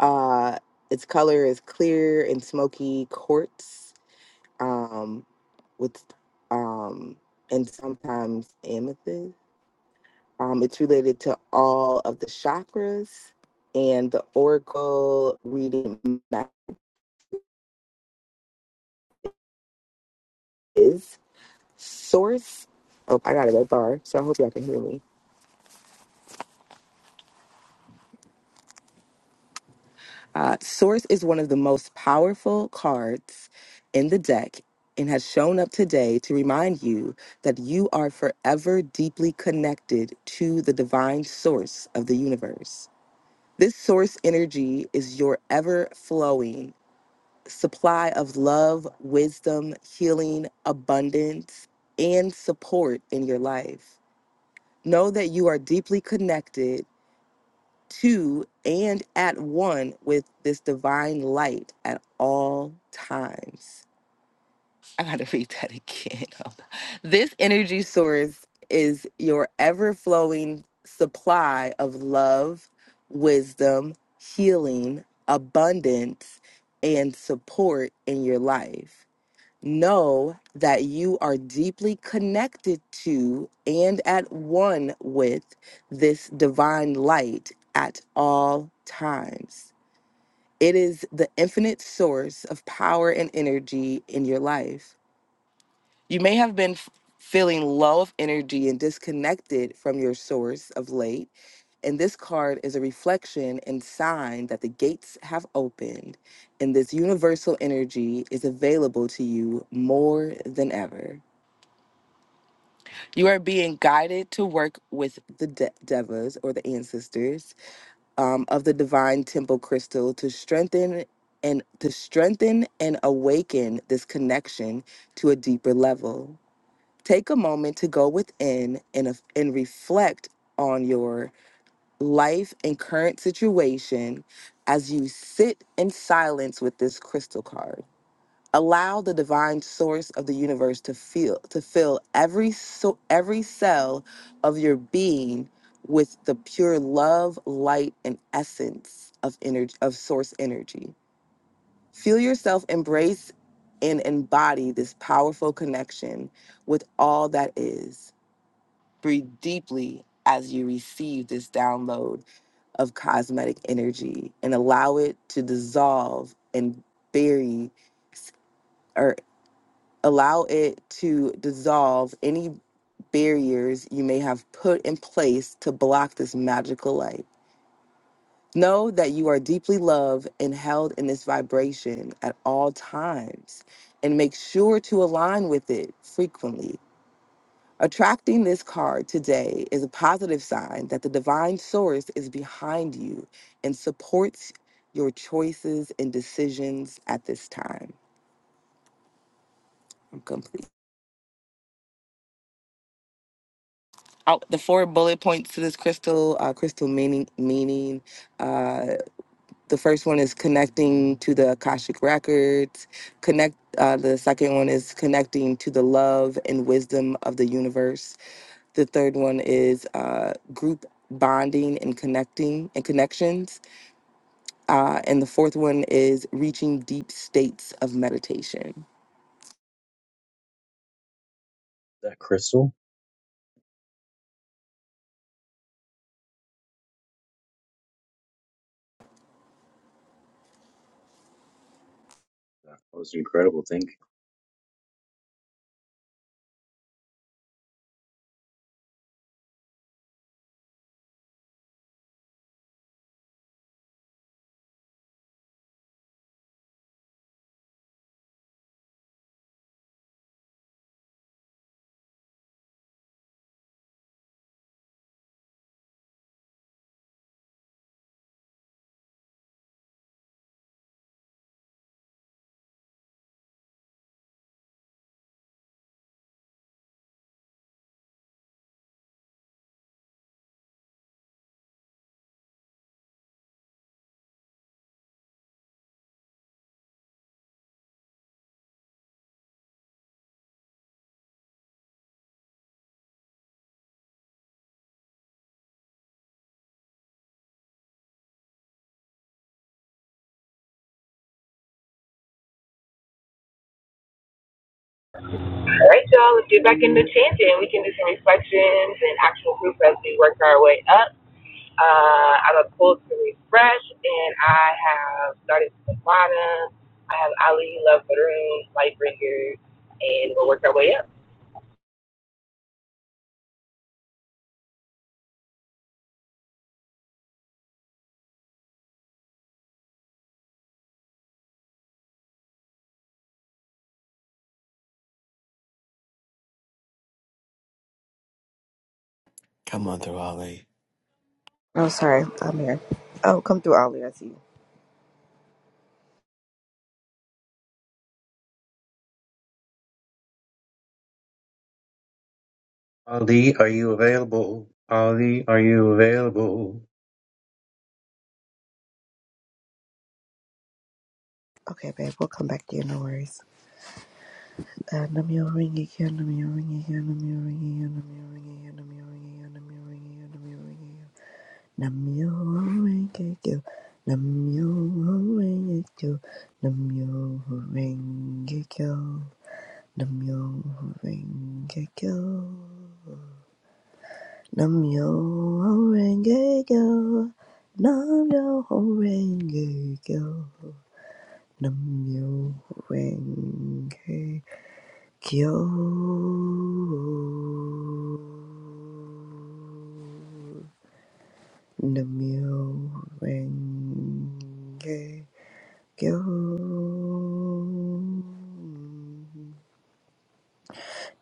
Speaker 2: Uh, its color is clear and smoky quartz, um, with um, and sometimes amethyst. Um, it's related to all of the chakras and the oracle reading is source. Oh, I got a red bar, so I hope y'all can hear me. Uh, source is one of the most powerful cards in the deck and has shown up today to remind you that you are forever deeply connected to the divine source of the universe. This source energy is your ever flowing supply of love, wisdom, healing, abundance, and support in your life. Know that you are deeply connected to and at one with this divine light at all times. I gotta read that again. Hold on. This energy source is your ever flowing supply of love, wisdom, healing, abundance, and support in your life know that you are deeply connected to and at one with this divine light at all times. It is the infinite source of power and energy in your life. You may have been f- feeling low of energy and disconnected from your source of late. And this card is a reflection and sign that the gates have opened and this universal energy is available to you more than ever. You are being guided to work with the de- devas or the ancestors um, of the divine temple crystal to strengthen and to strengthen and awaken this connection to a deeper level take a moment to go within and, af- and reflect on your life and current situation as you sit in silence with this crystal card. Allow the divine source of the universe to feel to fill every so, every cell of your being with the pure love, light, and essence of energy of source energy. Feel yourself embrace and embody this powerful connection with all that is Breathe deeply as you receive this download of cosmetic energy and allow it to dissolve and bury or allow it to dissolve any barriers you may have put in place to block this magical light. Know that you are deeply loved and held in this vibration at all times and make sure to align with it frequently Attracting this card today is a positive sign that the divine source is behind you and supports your choices and decisions at this time. I'm complete. Out the four bullet points to this crystal, uh, crystal meaning, meaning. Uh, the first one is connecting to the Akashic records. Connect. Uh, the second one is connecting to the love and wisdom of the universe. The third one is uh, group bonding and connecting and connections. Uh, and the fourth one is reaching deep states of meditation.
Speaker 12: That crystal? That was incredible. Thank you.
Speaker 2: All right, y'all, let's get back into chanting. We can do some reflections and actual proof as we work our way up. Uh, I am a pull to refresh, and I have started from the bottom. I have Ali, Love for the Room, Lightbringer, and we'll work our way up.
Speaker 9: Come on through, Ali.
Speaker 15: Oh, sorry. I'm here. Oh, come through, Ollie. I see you.
Speaker 12: Ali, are you available? Ali, are you?
Speaker 15: Okay, babe. We'll come back to you. No worries. Uh, Namyo ringy kyo, namyo ringy kyo, namyo ringy kyo, namyo ringy kyo, namyo ringy kyo, namyo ringy kyo, namyo ringy kyo. Namyo ringy kyo, namyo ringy kyo, namyo ringy kyo, namyo ringy kyo, namyo ringy kyo, namyo ringy kyo. Nam-myoho-renge Kyo. Nam-myoho-renge Kyo.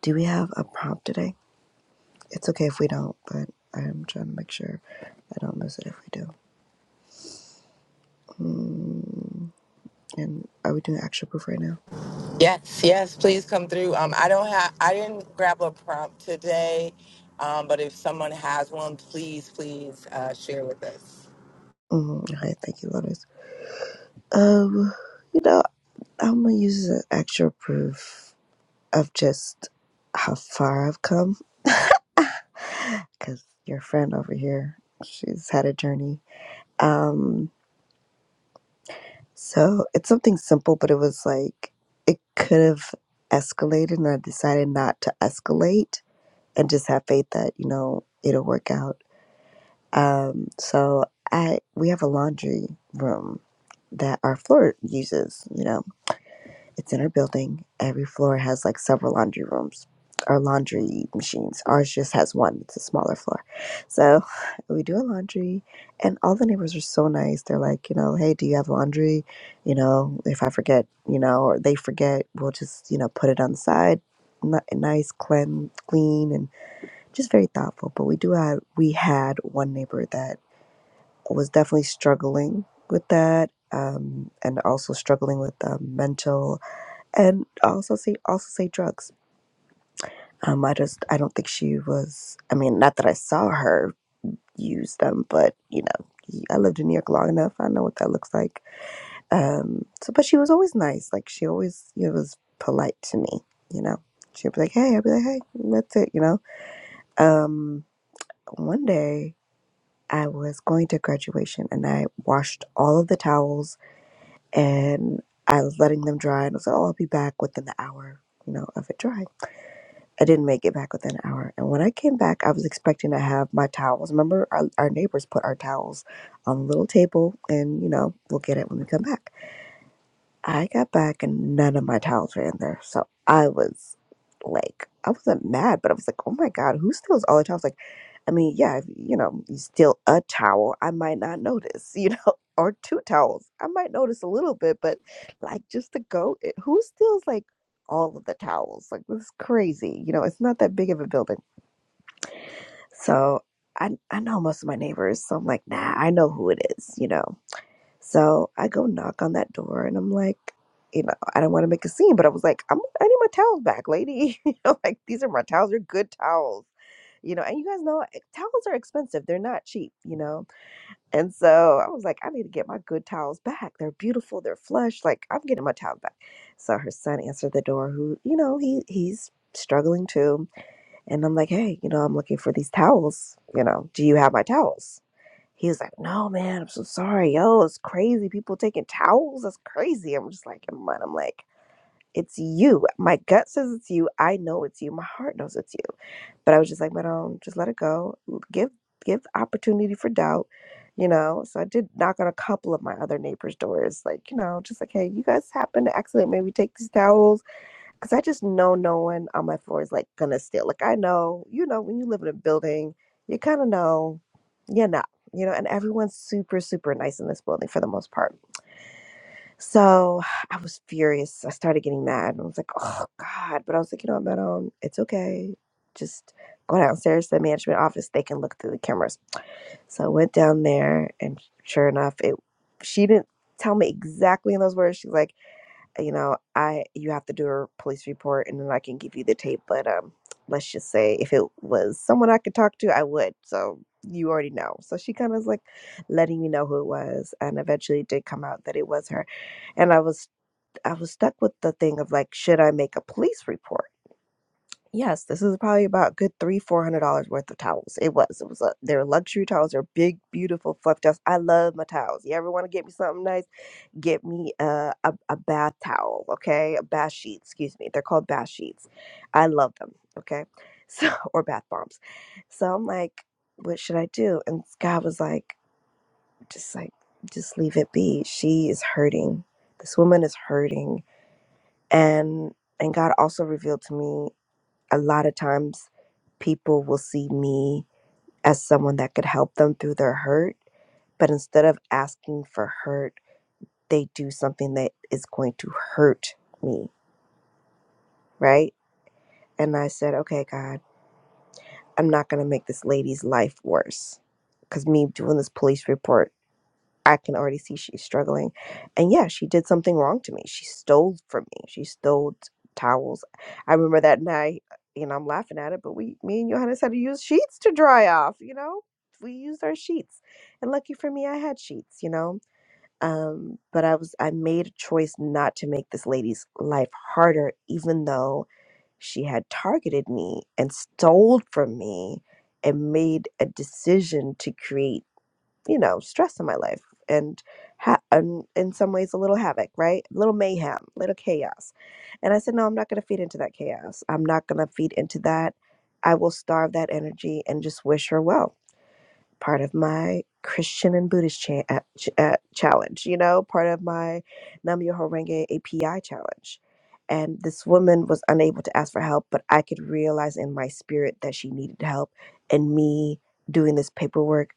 Speaker 15: Do we have a prompt today? It's okay if we don't, but I'm trying to make sure I don't miss it if we do. Mm, and are we doing action proof right now?
Speaker 2: Yes, yes, please come through. Um, I don't have, I didn't grab a prompt today, um, but if someone has one, please, please uh, share with us.
Speaker 15: Mm, okay, thank you, Lotus. Um, you know, I'm gonna use the actual proof of just how far I've come because your friend over here, she's had a journey. Um, so it's something simple, but it was like it could have escalated, and I decided not to escalate and just have faith that you know it'll work out. Um, so I we have a laundry room that our floor uses, you know. It's in our building. Every floor has like several laundry rooms or laundry machines. Ours just has one. It's a smaller floor. So we do a laundry and all the neighbors are so nice. They're like, you know, hey, do you have laundry? You know, if I forget, you know, or they forget, we'll just, you know, put it on the side. Ni- Nice, clean, clean, and just very thoughtful. But we do have, we had one neighbor that was definitely struggling with that um, and also struggling with um, mental and also say also say drugs. Um, I just I don't think she was. I mean, not that I saw her use them, but you know, I lived in New York long enough. I know what that looks like. Um, so but she was always nice. Like she always you know, was polite to me. You know, she'd be like, "Hey," I'd be like, "Hey," and that's it. You know. Um, one day I was going to graduation and I washed all of the towels and I was letting them dry and I was like, "Oh, I'll be back within the hour." You know, of it drying I didn't make it back within an hour. And when I came back, I was expecting to have my towels. Remember, our, our neighbors put our towels on the little table, and you know, we'll get it when we come back. I got back and none of my towels were in there. So I was like, I wasn't mad, but I was like, oh my God, who steals all the towels? Like, I mean, yeah, if, you know, you steal a towel, I might not notice, you know, or two towels. I might notice a little bit, but like just to go, it, who steals like all of the towels? Like, this is crazy. You know, it's not that big of a building. So I, I know most of my neighbors. So I'm like, nah, I know who it is, you know. So I go knock on that door and I'm like, you know, I don't want to make a scene, but I was like, I'm, I need my towels back, lady. you know, like these are my towels. They're good towels, you know. And you guys know eh, towels are expensive. They're not cheap, you know. And so I was like, I need to get my good towels back. They're beautiful. They're flush. Like I'm getting my towels back. So her son answered the door. Who, you know, he he's struggling too. And I'm like, hey, you know, I'm looking for these towels. You know, do you have my towels? He was like, "No, man, I'm so sorry, yo, it's crazy. People taking towels, that's crazy." I'm just like, in my mind, I'm like, "It's you. My gut says it's you. I know it's you. My heart knows it's you." But I was just like, "But um, just let it go. Give give opportunity for doubt." You know, so I did knock on a couple of my other neighbors' doors, like, you know, just like, hey, you guys happen to accidentally maybe take these towels? Cause I just know no one on my floor is like gonna steal. Like I know, you know, when you live in a building, you kind of know, you know, you know, and everyone's super, super nice in this building for the most part. So I was furious. I started getting mad. I was like, oh God. But I was like, you know what, Madam, it's okay. Just go downstairs to the management office. They can look through the cameras. So I went down there and sure enough, it she didn't tell me exactly in those words. She's like, you know, I you have to do a police report and then I can give you the tape. But um, let's just say if it was someone I could talk to, I would. So you already know. So she kind of was like letting me know who it was, and eventually it did come out that it was her. And I was I was stuck with the thing of like, should I make a police report? Yes, this is probably about good three four hundred dollars worth of towels. It was. It was. A, they're luxury towels. They're big, beautiful, fluff towels. I love my towels. You ever want to get me something nice? get me a, a, a bath towel, okay? A bath sheet, excuse me. They're called bath sheets. I love them, okay? So, or bath bombs. So I'm like, what should I do? And God was like, just like, just leave it be. She is hurting. This woman is hurting. And and God also revealed to me a lot of times people will see me as someone that could help them through their hurt, but instead of asking for hurt, they do something that is going to hurt me, right? And I said, okay, God, I'm not going to make this lady's life worse. Because me doing this police report, I can already see she's struggling. And yeah, she did something wrong to me. She stole from me. She stole t- towels. I remember that night, you know, I'm laughing at it, but we, me and Johannes had to use sheets to dry off, you know? We used our sheets. And lucky for me, I had sheets, you know? um, but I was I made a choice not to make this lady's life harder, even though she had targeted me and stole from me and made a decision to create, you know, stress in my life and ha- and in some ways a little havoc, right? A little mayhem, a little chaos. And I said, no, I'm not going to feed into that chaos. I'm not going to feed into that. I will starve that energy and just wish her well part of my Christian and Buddhist cha- uh, ch- uh, challenge, you know, part of my Namyo Horenge API challenge. And this woman was unable to ask for help, but I could realize in my spirit that she needed help. And me doing this paperwork,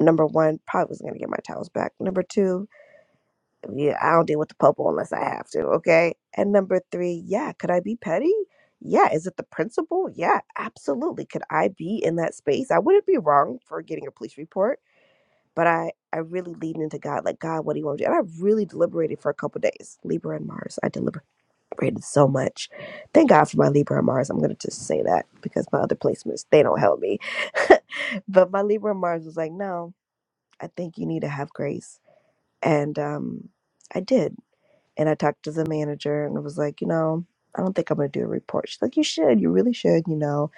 Speaker 15: number one, probably wasn't going to get my towels back. Number two, yeah, I don't deal with the popo unless I have to, okay? And number three, yeah, could I be petty? Yeah, is it the principal? Yeah, absolutely. Could I be in that space? I wouldn't be wrong for getting a police report but I I really leaned into God, like God, what do you want me to do? And I really deliberated for a couple days. Libra and Mars, I deliberated so much. Thank God for my Libra and Mars. I'm gonna just say that because my other placements they don't help me. but my Libra and Mars was like, no, I think you need to have grace, and um, I did. And I talked to the manager and was like, you know, I don't think I'm gonna do a report. She's like, you should, you really should, you know.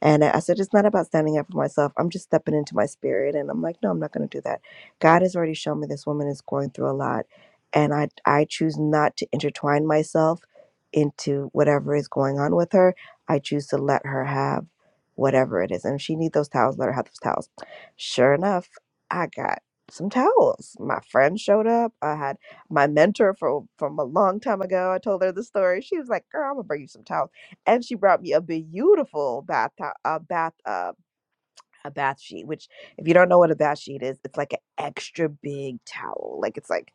Speaker 15: And I I said, it's not about standing up for myself. I'm just stepping into my spirit. And I'm like, no, I'm not going to do that. God has already shown me this woman is going through a lot. And I, I choose not to intertwine myself into whatever is going on with her. I choose to let her have whatever it is. And if she needs those towels, let her have those towels. Sure enough, I got some towels. My friend showed up. I had my mentor from from a long time ago. I told her the story. She was like, girl, I'm going to bring you some towels and she brought me a beautiful bath to- a bath uh, a bath sheet which if you don't know what a bath sheet is it's like an extra big towel like it's like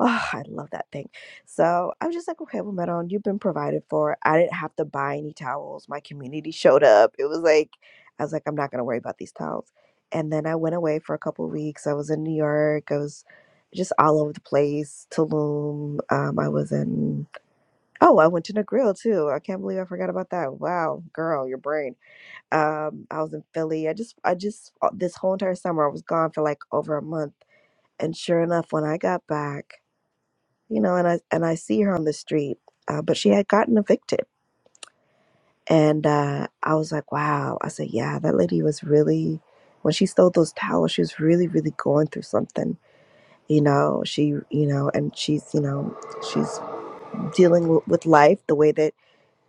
Speaker 15: oh i love that thing so i was just like okay well Meron, you've been provided for i didn't have to buy any towels my community showed up it was like i was like i'm not going to worry about these towels and then i went away for a couple weeks i was in new york i was just all over the place tulum um, i was in Oh, I went to the grill too. I can't believe I forgot about that. Wow, girl, your brain. Um, I was in Philly. I just, I just, uh, this whole entire summer, I was gone for like over a month. And sure enough, when I got back, you know, and I and I see her on the street, uh, but she had gotten evicted. And uh, I was like, wow. I said, yeah, that lady was really, when she stole those towels, she was really, really going through something. You know, she, you know, and she's, you know, she's dealing w- with life the way that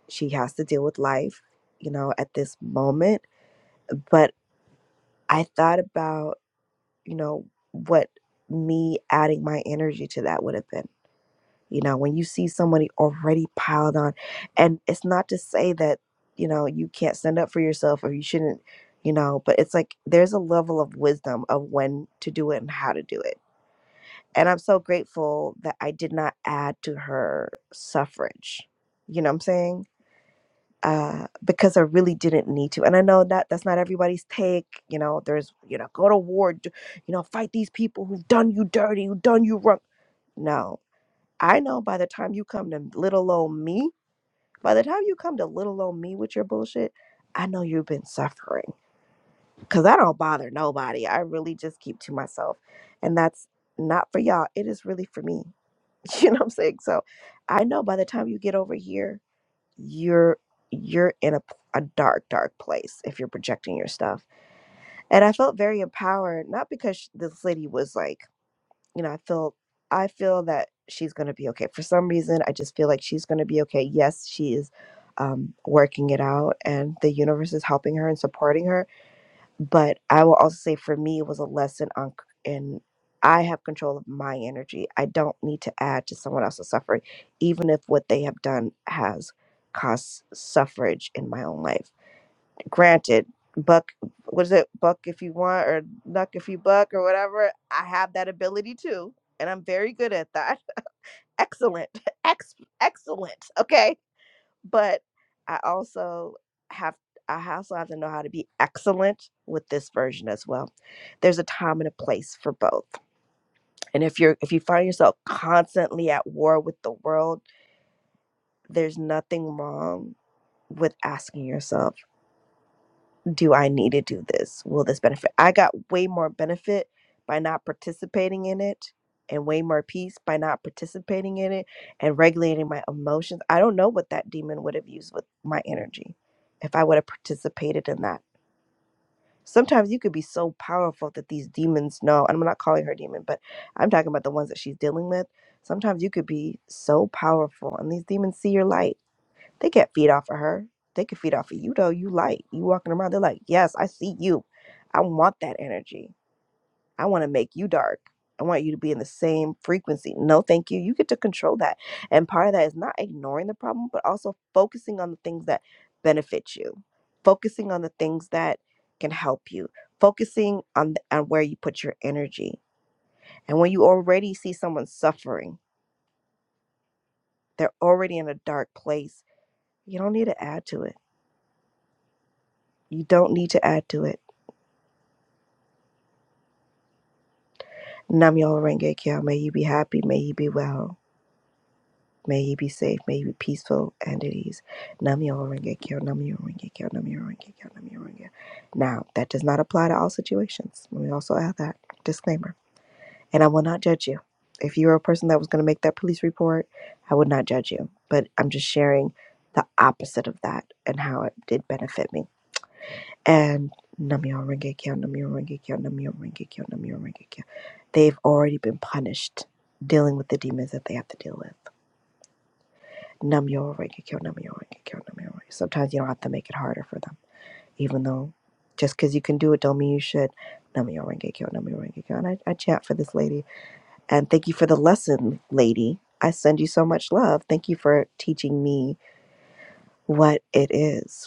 Speaker 15: She has to deal with life, you know, at this moment. But I thought about, you know, what me adding my energy to that would have been. You know, when you see somebody already piled on, and it's not to say that, you know, you can't stand up for yourself or you shouldn't, you know, but it's like there's a level of wisdom of when to do it and how to do it. And I'm so grateful that I did not add to her suffrage. You know what I'm saying? uh, because I really didn't need to. And I know that that's not everybody's take. You know, there's, you know, go to war, d- you know, fight these people who've done you dirty, who've done you wrong. No, I know by the time you come to little old me, by the time you come to little old me with your bullshit, I know you've been suffering because I don't bother nobody. I really just keep to myself. And that's not for y'all. It is really for me. You know what I'm saying? So I know by the time you get over here, you're you're in a a dark dark place if you're projecting your stuff and i felt very empowered not because sh- this lady was like you know i feel i feel that she's going to be okay for some reason i just feel like she's going to be okay yes she is um, working it out and the universe is helping her and supporting her but I will also say for me, it was a lesson on, c- and I have control of my energy. I don't need to add to someone else's suffering, even if what they have done has caused suffrage in my own life. Granted, buck, what is it, buck if you want, or nuck if you buck, or whatever. I have that ability too, and I'm very good at that. Excellent, ex, excellent. Okay but I also have I also have to know how to be excellent with this version as well. There's a time and a place for both. And if you're if you find yourself constantly at war with the world, there's nothing wrong with asking yourself do I need to do this? Will this benefit? I got way more benefit by not participating in it and way more peace by not participating in it and regulating my emotions. I don't know what that demon would have used with my energy if I would have participated in that. Sometimes you could be so powerful that these demons know, and I'm not calling her demon, but I'm talking about the ones that she's dealing with. Sometimes you could be so powerful and these demons see your light they can't feed off of her. They can feed off of you though. You light. You walking around. They're like, yes, I see you. I want that energy. I want to make you dark. I want you to be in the same frequency. No, thank you. You get to control that. And part of that is not ignoring the problem, but also focusing on the things that benefit you, focusing on the things that can help you, focusing on, the, on where you put your energy. And when you already see someone suffering, they're already in a dark place. You don't need to add to it. You don't need to add to it Namyo Renge Kyo. May you be happy. May you be well. May you be safe. May you be peaceful and at ease. Namyo Renge Kyo. Namyo Renge Kyo. Namyo Renge Kyo. Namyo Renge. Now, that does not apply to all situations. Let me also add that disclaimer. And I will not judge you. If you were a person that was going to make that police report, I would not judge you. But I'm just sharing the opposite of that and how it did benefit me and Namyo Rengekyo, Namyo Rengekyo, Namyo Rengekyo, Namyo Rengekyo. They've already been punished dealing with the demons that they have to deal with. Namyo Rengekyo, Namyo Rengekyo, Namyo Rengekyo. Sometimes you don't have to make it harder for them, even though just because you can do it don't mean you should. Namyo Rengekyo, Namyo Rengekyo. And I, I chat for this lady. And thank you for the lesson, lady. I send you so much love. Thank you for teaching me what it is.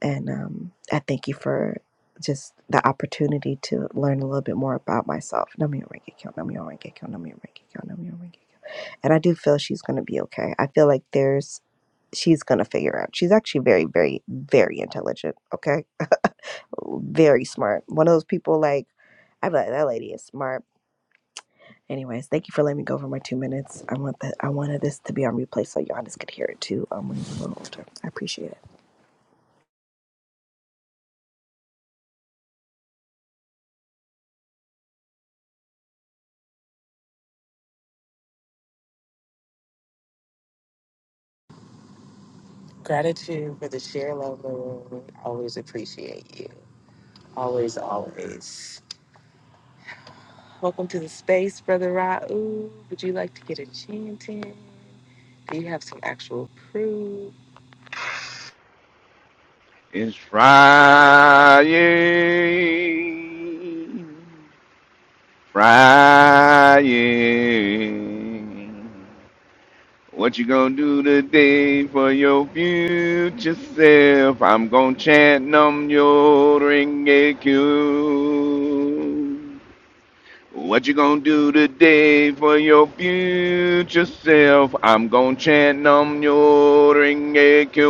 Speaker 15: And um, I thank you for just the opportunity to learn a little bit more about myself. Namio Rengekyo, Namio Rengekyo, Namio Rengekyo, Namio Rengekyo. And I do feel she's going to be okay. I feel like there's, she's going to figure out. She's actually very, very, very intelligent, okay? Very smart. One of those people like, I'm like, that lady is smart. Anyways, thank you for letting me go for my two minutes. I want that. I wanted this to be on replay so y'all just could hear it too um, when you're a little older. I appreciate it.
Speaker 2: Gratitude for the share, love, Maroon. Always appreciate you. Always, always. Welcome to the space, Brother Raoub. Would you like to get enchanted? Do you have some actual proof?
Speaker 16: It's Friday. Friday. What you gonna do today for your future self? I'm gonna chant num your ringecue. What you gonna do today for your future self? I'm gonna chant num your ringecue.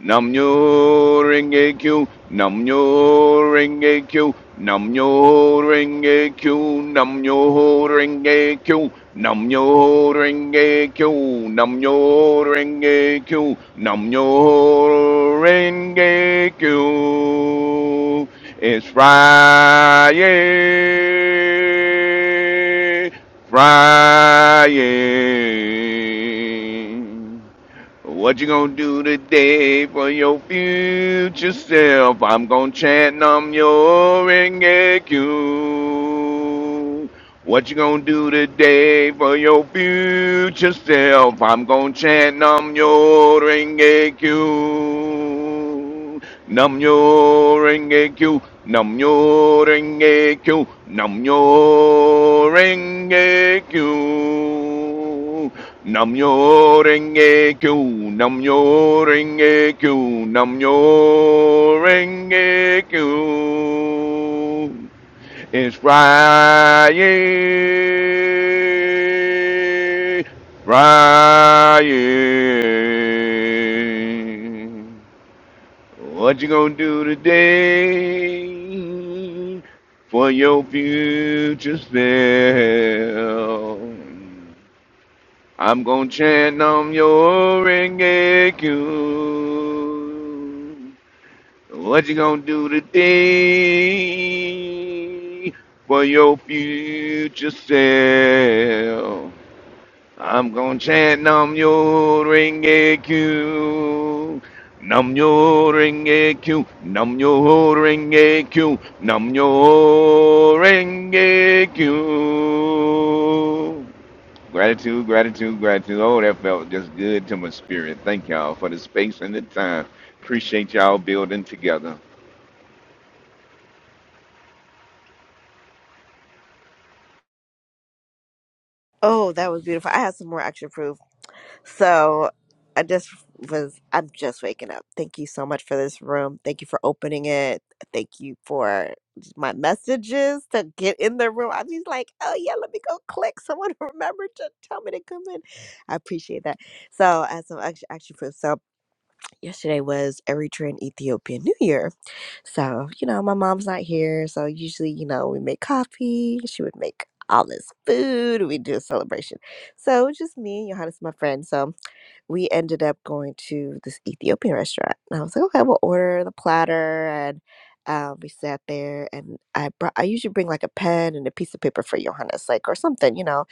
Speaker 16: Namnyo Renge Kyo, Namnyo Renge Kyo, Namnyo Renge Kyo, Namnyo Renge Kyo, Namnyo Renge Kyo, Namnyo Renge Kyo, Namnyo Renge Kyo. It's Friday, Friday. What you gonna do today for your future self? I'm gonna chant Nam your Rengekyo. What you gonna do today for your future self? I'm gonna chant Nam your Rengekyo. Nam nyo renge kyo, nam nyo renge kyo, nam nyo renge kyo. Nam nyo renge kyo, nam nyo renge kyo, nam nyo renge kyo. It's Friday, Friday. What you gonna do today for your future self? I'm gonna chant on your ringing What you gonna do today for your future self? I'm gonna chant Nam Yo Renge Q. Nam Yo Renge Q. Nam Yo Renge Q. Nam Yo Renge Q. Gratitude, gratitude, gratitude. Oh, that felt just good to my spirit. Thank y'all for the space and the time. Appreciate y'all building together.
Speaker 15: Oh, that was beautiful. I have some more action proof. So I just was, I'm just waking up. Thank you so much for this room. Thank you for opening it. Thank you for my messages to get in the room. I'm just like, oh yeah, let me go click. Someone remember to tell me to come in. I appreciate that. So as some extra action proof. So yesterday was Eritrean Ethiopian New Year. So, you know, my mom's not here. So usually, you know, we make coffee. She would make all this food. We do a celebration. So it was just me and Johannes, my friend. So we ended up going to this Ethiopian restaurant. And I was like, okay, we'll order the platter. And um, we sat there, and I brought, I usually bring like a pen and a piece of paper for Johannes, like, or something, you know,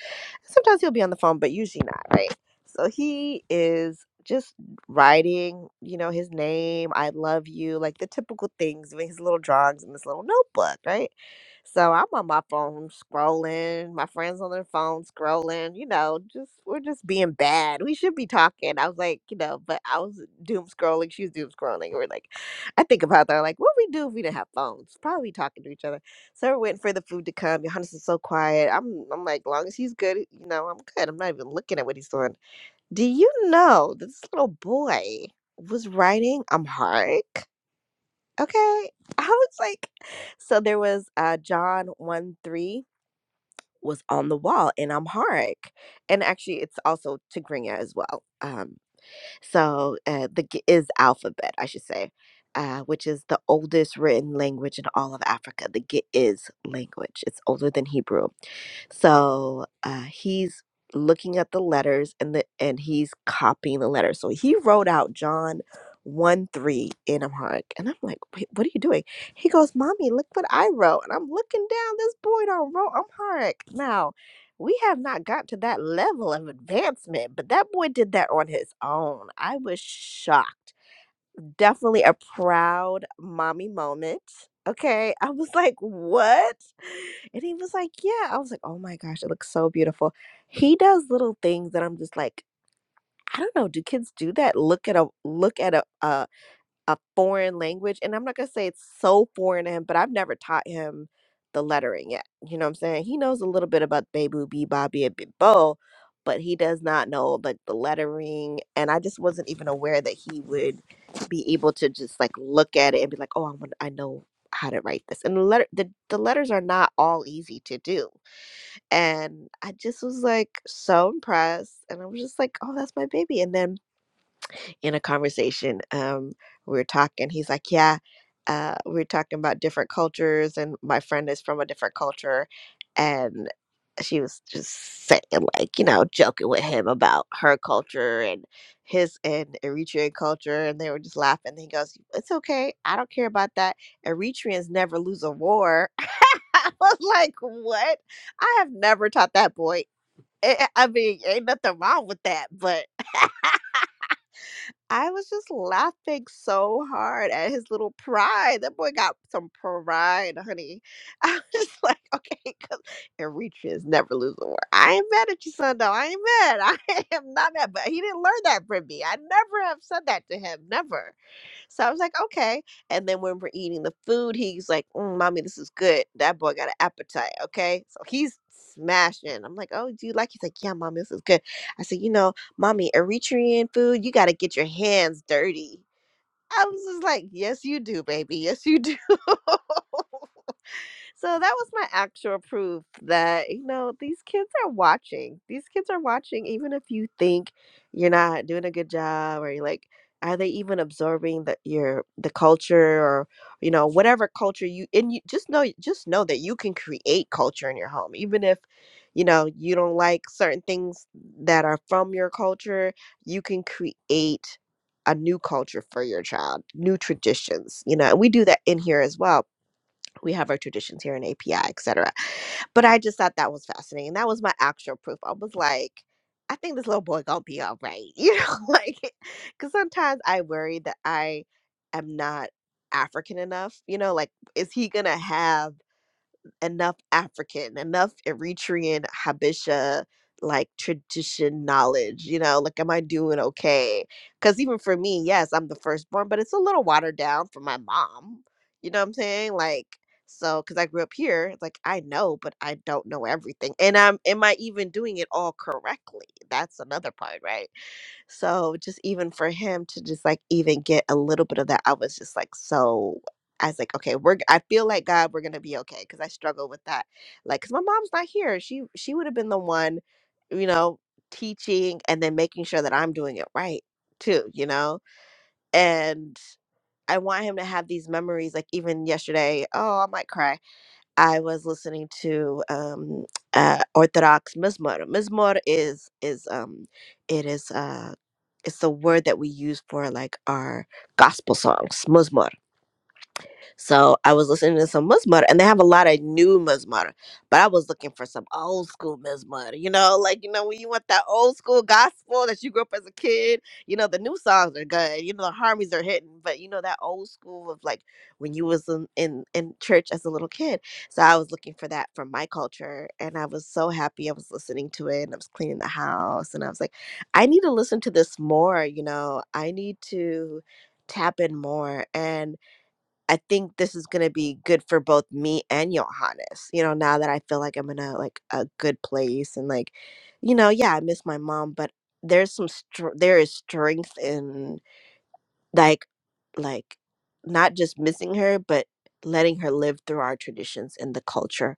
Speaker 15: Sometimes he'll be on the phone, but usually not, right? So he is just writing, you know, his name, I love you, like the typical things with his little drawings in this little notebook, right? So I'm on my phone scrolling, my friends on their phone scrolling, you know, just we're just being bad. We should be talking. I was like, you know, but I was doom scrolling, she was doom scrolling. We're like, I think about that, like, what we do if we didn't have phones? Probably talking to each other. So we're waiting for the food to come. Johannes is so quiet. I'm I'm like, long as he's good, you know, I'm good. I'm not even looking at what he's doing. Do you know that this little boy was writing Amharic? Okay. I was like, so there was uh John 1 3 was on the wall in Amharic. And actually it's also Tigrinya as well. Um, so uh, the G- is alphabet, I should say, uh, which is the oldest written language in all of Africa. The Giz language. It's older than Hebrew so uh, he's looking at the letters and the and he's copying the letters. So he wrote out John one three in a mark, and I'm like, Wait, what are you doing? He goes, "Mommy, look what I wrote." And I'm looking down. This boy don't wrote Amharic. Now we have not got to that level of advancement, but that boy did that on his own. I was shocked definitely a proud mommy moment. Okay. I was like, what? And he was like, yeah. I was like, oh my gosh, it looks so beautiful. He does little things that I'm just like, I don't know. Do kids do that? Look at a look at a, a, a foreign language and i'm not going to say it's so foreign to him but i've never taught him the lettering yet you know what i'm saying he knows a little bit about baby b bobby and Big bo but he does not know like the lettering and i just wasn't even aware that he would be able to just like look at it and be like oh i want i know how to write this and the letter the, the letters are not all easy to do and i just was like so impressed and i was just like oh that's my baby and then in a conversation. Um, we were talking. He's like, "Yeah, uh, we were talking about different cultures, and my friend is from a different culture, and she was just saying, like, you know, joking with him about her culture and his and Eritrean culture, and they were just laughing. he goes, "It's okay. I don't care about that. Eritreans never lose a war." I was like, "What? I have never taught that boy." I I mean, ain't nothing wrong with that, but I was just laughing so hard at his little pride. That boy got some pride, honey. I was just like, okay, 'cause- and reach is never lose a war. I ain't mad at you, son, though. I ain't mad. I am not mad, but he didn't learn that from me. I never have said that to him. Never. So I was like, okay. And then when we're eating the food, he's like, mm, mommy, this is good. That boy got an appetite. Okay. So he's smashing. I'm like, oh, do you like? He's like, yeah, mommy, this is good. I said, you know, mommy, Eritrean food, you got to get your hands dirty. I was just like, yes, you do, baby. Yes, you do. So that was my actual proof that, you know, these kids are watching. These kids are watching, even if you think you're not doing a good job or you're like, are they even absorbing the your the culture or you know whatever culture you and you just know just know that you can create culture in your home even if you know you don't like certain things that are from your culture you can create a new culture for your child new traditions you know and we do that in here as well we have our traditions here in API, etc. But I just thought that was fascinating. That was my actual proof. I was like, I think this little boy gonna be all right, you know, like because sometimes I worry that I am not African enough. You know, like is he gonna have enough African, enough Eritrean Habesha like tradition knowledge, you know, like am I doing okay? Cause even for me, yes, I'm the firstborn, but it's a little watered down for my mom. You know what I'm saying? Like so because I grew up here, it's like I know, but I don't know everything. And I'm am I even doing it all correctly? That's another part, right? So just even for him to just like even get a little bit of that, I was just like so. I was like, okay, we're. g- I feel like God, we're gonna be okay, because I struggle with that. Like, cause my mom's not here. She she would have been the one, you know, teaching and then making sure that I'm doing it right too, you know. And I want him to have these memories. Like even yesterday, oh, I might cry I was listening to um, uh, Orthodox Mizmor. Mizmor is is um, it is uh, it's the word that we use for like our gospel songs. Mizmor so I was listening to some Muzmud, and they have a lot of new Muzmud, but I was looking for some old school Muzmud. You know, like you know when you want that old school gospel that you grew up as a kid. You know the new songs are good. You know the harmonies are hitting, but you know that old school of like when you was in in, in church as a little kid. So I was looking for that from my culture, and I was so happy I was listening to it, and I was cleaning the house, and I was like, I need to listen to this more. You know, I need to tap in more and I think this is gonna be good for both me and Johannes. You know, now that I feel like I'm in a like a good place and like, you know, yeah, I miss my mom, but there's some str- there is strength in like like not just missing her, but letting her live through our traditions and the culture.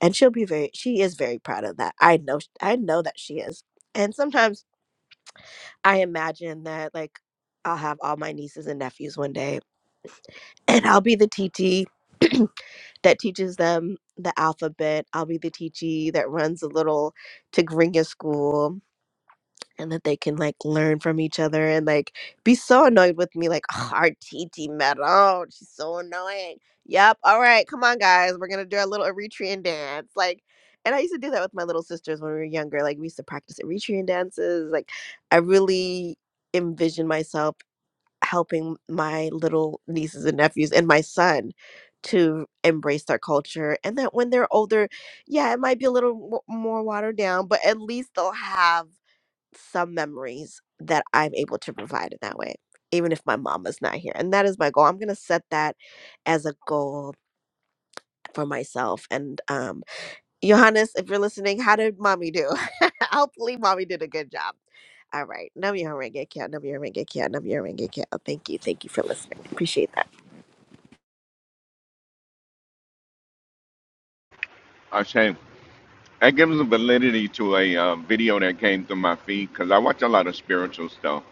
Speaker 15: And she'll be very she is very proud of that. I know sh- I know that she is. And sometimes I imagine that like I'll have all my nieces and nephews one day and I'll be the TT that teaches them the alphabet. I'll be the teachee that runs a little Tigrinya school and that they can like learn from each other and like be so annoyed with me, like, oh, our TT Meadow, she's so annoying. Yep, all right, come on, guys, we're gonna do our little Eritrean dance. Like, and I used to do that with my little sisters when we were younger. Like, we used to practice Eritrean dances. Like, I really envision myself helping my little nieces and nephews and my son to embrace their culture and that when they're older yeah it might be a little mo- more watered down but at least they'll have some memories that i'm able to provide in that way even if my mama's not here and that is my goal i'm going to set that as a goal for myself and um johannes if you're listening how did mommy do hopefully mommy did a good job all right. Nam Yoho Renge Kyo, Nam Yoho Renge Kyo, Nam Yoho Renge Kyo. Thank you. Thank you for listening. Appreciate that.
Speaker 16: Ashay, that gives a validity to a uh, video that came through my feed because I watch a lot of spiritual stuff.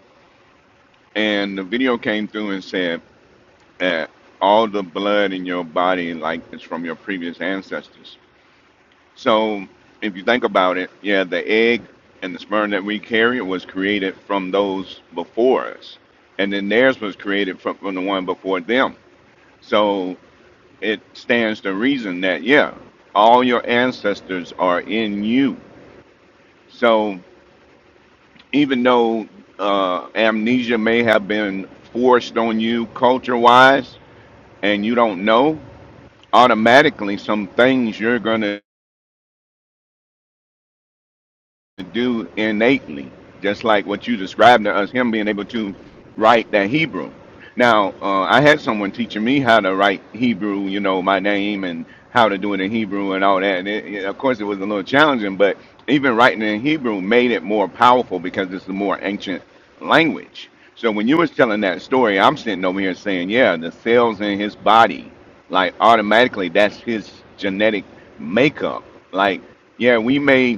Speaker 16: And the video came through and said, and all the blood in your body like it's from your previous ancestors. So if you think about it, yeah, the egg and the sperm that we carry was created from those before us. And then theirs was created from, from the one before them. So it stands to reason that yeah, all your ancestors are in you. So even though uh, amnesia may have been forced on you culture wise and you don't know, automatically some things you're gonna to do innately, just like what you described to us, him being able to write that Hebrew. Now, uh, I had someone teaching me how to write Hebrew, you know, my name and how to do it in Hebrew and all that. And it, it- of course, it was a little challenging, but even writing in Hebrew made it more powerful because it's a more ancient language. So when you was telling that story, I'm sitting over here saying, yeah, the cells in his body, like automatically, that's his genetic makeup. Like, yeah, we may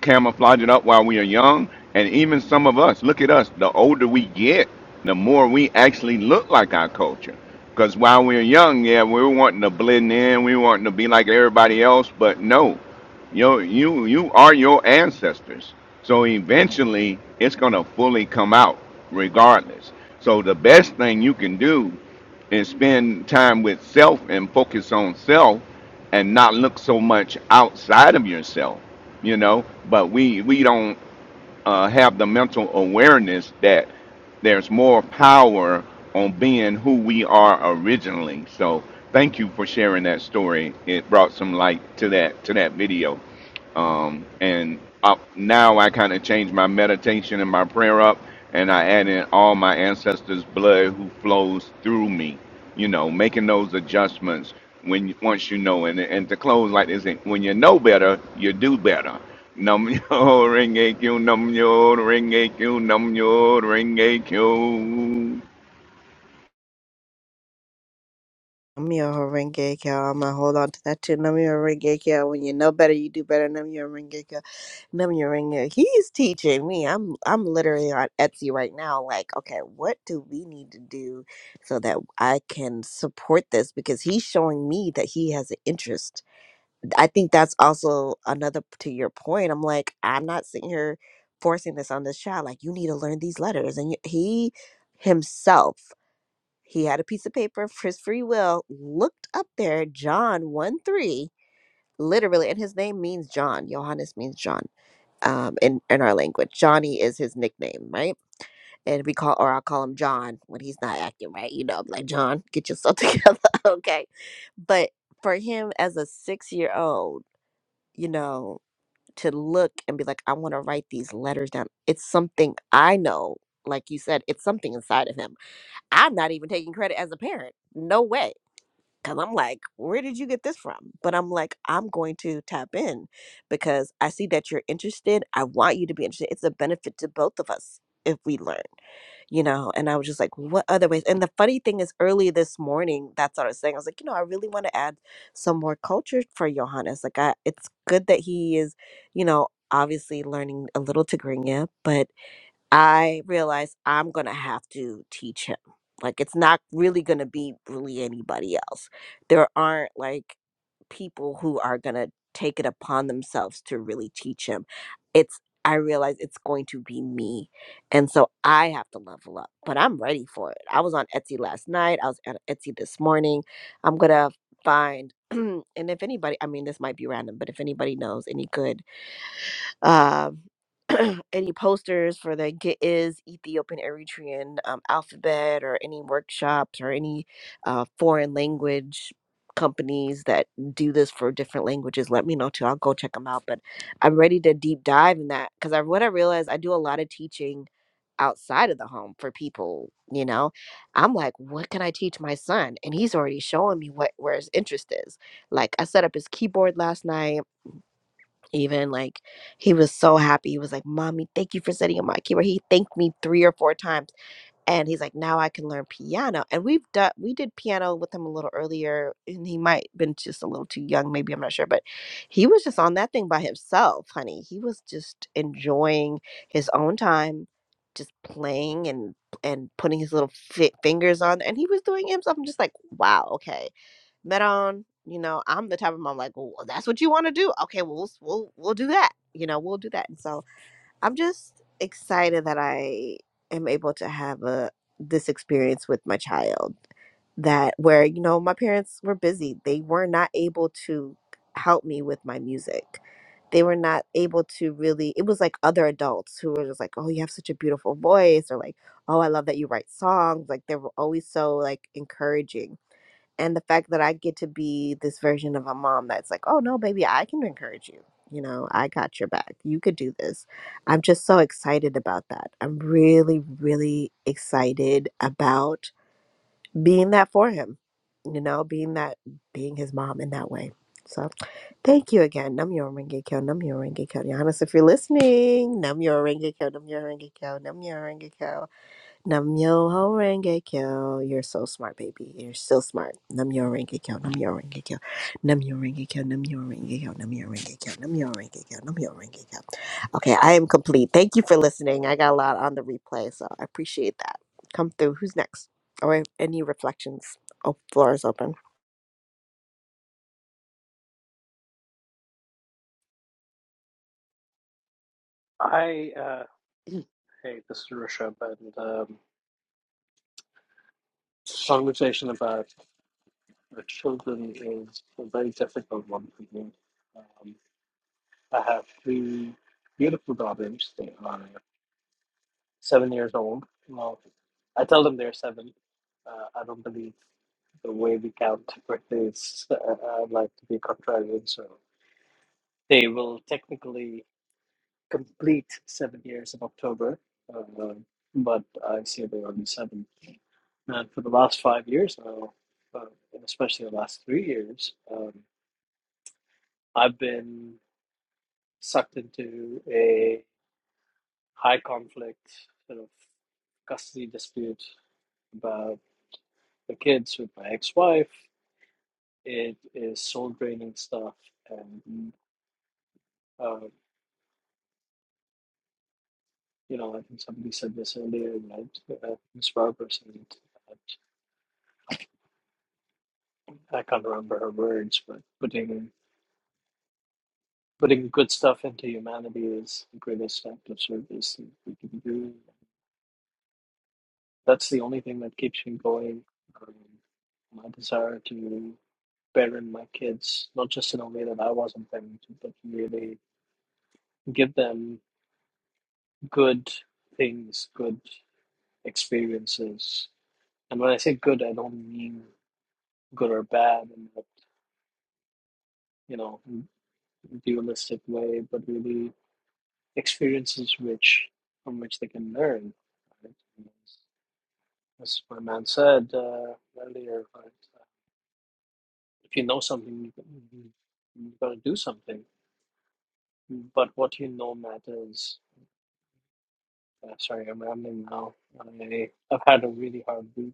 Speaker 16: camouflage it up while we are young. And even some of us, look at us, the older we get, the more we actually look like our culture. Because while we are young, yeah, we were wanting to blend in, we were wanting to be like everybody else, but no, you you you are your ancestors. So eventually, it's gonna fully come out, regardless. So the best thing you can do and spend time with self and focus on self and not look so much outside of yourself you know but we we don't uh, have the mental awareness that there's more power on being who we are originally so thank you for sharing that story it brought some light to that to that video um, and up now I kind of change my meditation and my prayer up, and I add in all my ancestors' blood who flows through me. You know, making those adjustments when you- once you know, and and to close like this, when you know better, you do better. Num yo ring AQ, num yo ring AQ, num yo ring AQ.
Speaker 15: Namyo Horenge Kyo. I'm gonna hold on to that too. Namyo Horenge Kyo. When you know better, you do better. Namyo Horenge Kyo. Namyo Horenge. He's teaching me. I'm I'm literally on Etsy right now. Like, okay, what do we need to do so that I can support this? Because he's showing me that he has an interest. I think that's also another to your point. I'm like, I'm not sitting here forcing this on this child. Like, you need to learn these letters, and you- he himself. He had a piece of paper for his free will, looked up there, John 1 3, literally, and his name means John. Johannes means John um, in, in our language. Johnny is his nickname, right? And we call, or I'll call him John when he's not acting right. You know, I'm like, John, get yourself together, okay? But for him as a six year old, you know, to look and be like, I want to write these letters down, it's something I know. Like you said, it's something inside of him. I'm not even taking credit as a parent. No way Cause I'm like, where did you get this from? But I'm like, I'm going to tap in because I see that you're interested. I want you to be interested. It's a benefit to both of us if we learn, you know? And I was just like, what other ways? And the funny thing is, early this morning, that's what I was saying. I was like, you know, I really want to add some more culture for Johannes. Like, I, it's good that he is, you know, obviously learning a little Tigrinya, but I realized I'm going to have to teach him. Like, it's not really going to be really anybody else. There aren't like people who are going to take it upon themselves to really teach him. It's, I realize it's going to be me. And so I have to level up, but I'm ready for it. I was on Etsy last night. I was on Etsy this morning. I'm going to find, and if anybody, I mean, this might be random, but if anybody knows any good um. any posters for the Get Is Ethiopian Eritrean um, alphabet or any workshops or any uh, foreign language companies that do this for different languages, let me know too. I'll go check them out. But I'm ready to deep dive in that because I, what I realized, I do a lot of teaching outside of the home for people, you know. I'm like, what can I teach my son? And he's already showing me what where his interest is. Like I set up his keyboard last night even like he was so happy he was like mommy thank you for setting up my keyboard he thanked me three or four times and he's like now i can learn piano and we've done we did piano with him a little earlier and he might been just a little too young maybe i'm not sure but he was just on that thing by himself honey he was just enjoying his own time just playing and and putting his little fi- fingers on and he was doing it himself i'm just like wow okay met on. You know, I'm the type of mom like, well, that's what you want to do. Okay, well, we'll we'll we'll do that. You know, we'll do that. And so I'm just excited that I am able to have a this experience with my child that where you know my parents were busy. They were not able to help me with my music. They were not able to really. It was like other adults who were just like, "Oh, you have such a beautiful voice," or like, "Oh, I love that you write songs." Like they were always so like encouraging and the fact that I get to be this version of a mom that's like, oh no, baby, I can encourage you. You know, I got your back. You could do this. I'm just so excited about that. I'm really, really excited about being that for him, you know, being that, being his mom in that way. So thank you again. Nam yo renge kyo, nam yo renge kyo. Giannis, if you're listening, nam yo renge kyo, nam yo renge kyo, nam yo renge kyo. Namyo Horenge Kyo. You're so smart, baby. You're still smart. Namyo Horenge Kyo. Namyo Horenge Kyo. Namyo Horenge Kyo. Namyo Horenge Kyo. Namyo Horenge Kyo. Namyo Horenge Kyo. Namyo Horenge Kyo. Okay, I am complete. Thank you for listening. I got a lot on the replay, so I appreciate that. Come through. Who's next? Or any reflections? Oh, floor is open.
Speaker 10: I, uh, hey, this is Rishabh, and um, this conversation about the children is a very difficult one for me. Um, I have three beautiful daughters. They are seven years old. Well, I tell them they're seven. Uh, I don't believe the way we count birthdays. Uh, I'd like to be contrarian, so they will technically. complete seven years in October, uh, but I see they only seven. And for the last five years now, uh, and especially the last three years, um, I've been sucked into a high conflict sort of custody dispute about the kids with my ex wife. It is soul draining stuff. And, uh, you know, I think somebody said this earlier, right? Uh, Ms. Robertson. I can't remember her words, but putting putting good stuff into humanity is the greatest act of service that we can do. That's the only thing that keeps me going. Um, my desire to parent my kids, not just in a way that I wasn't parented, but really give them good things, good experiences. And when I say good, I don't mean good or bad in that, you know, dualistic way, but really experiences which from which they can learn. Right? As my man said uh, earlier, right, uh, if you know something, you have gotta do something. But what you know matters. Uh, sorry, I'm rambling now. I, I've had a really hard week,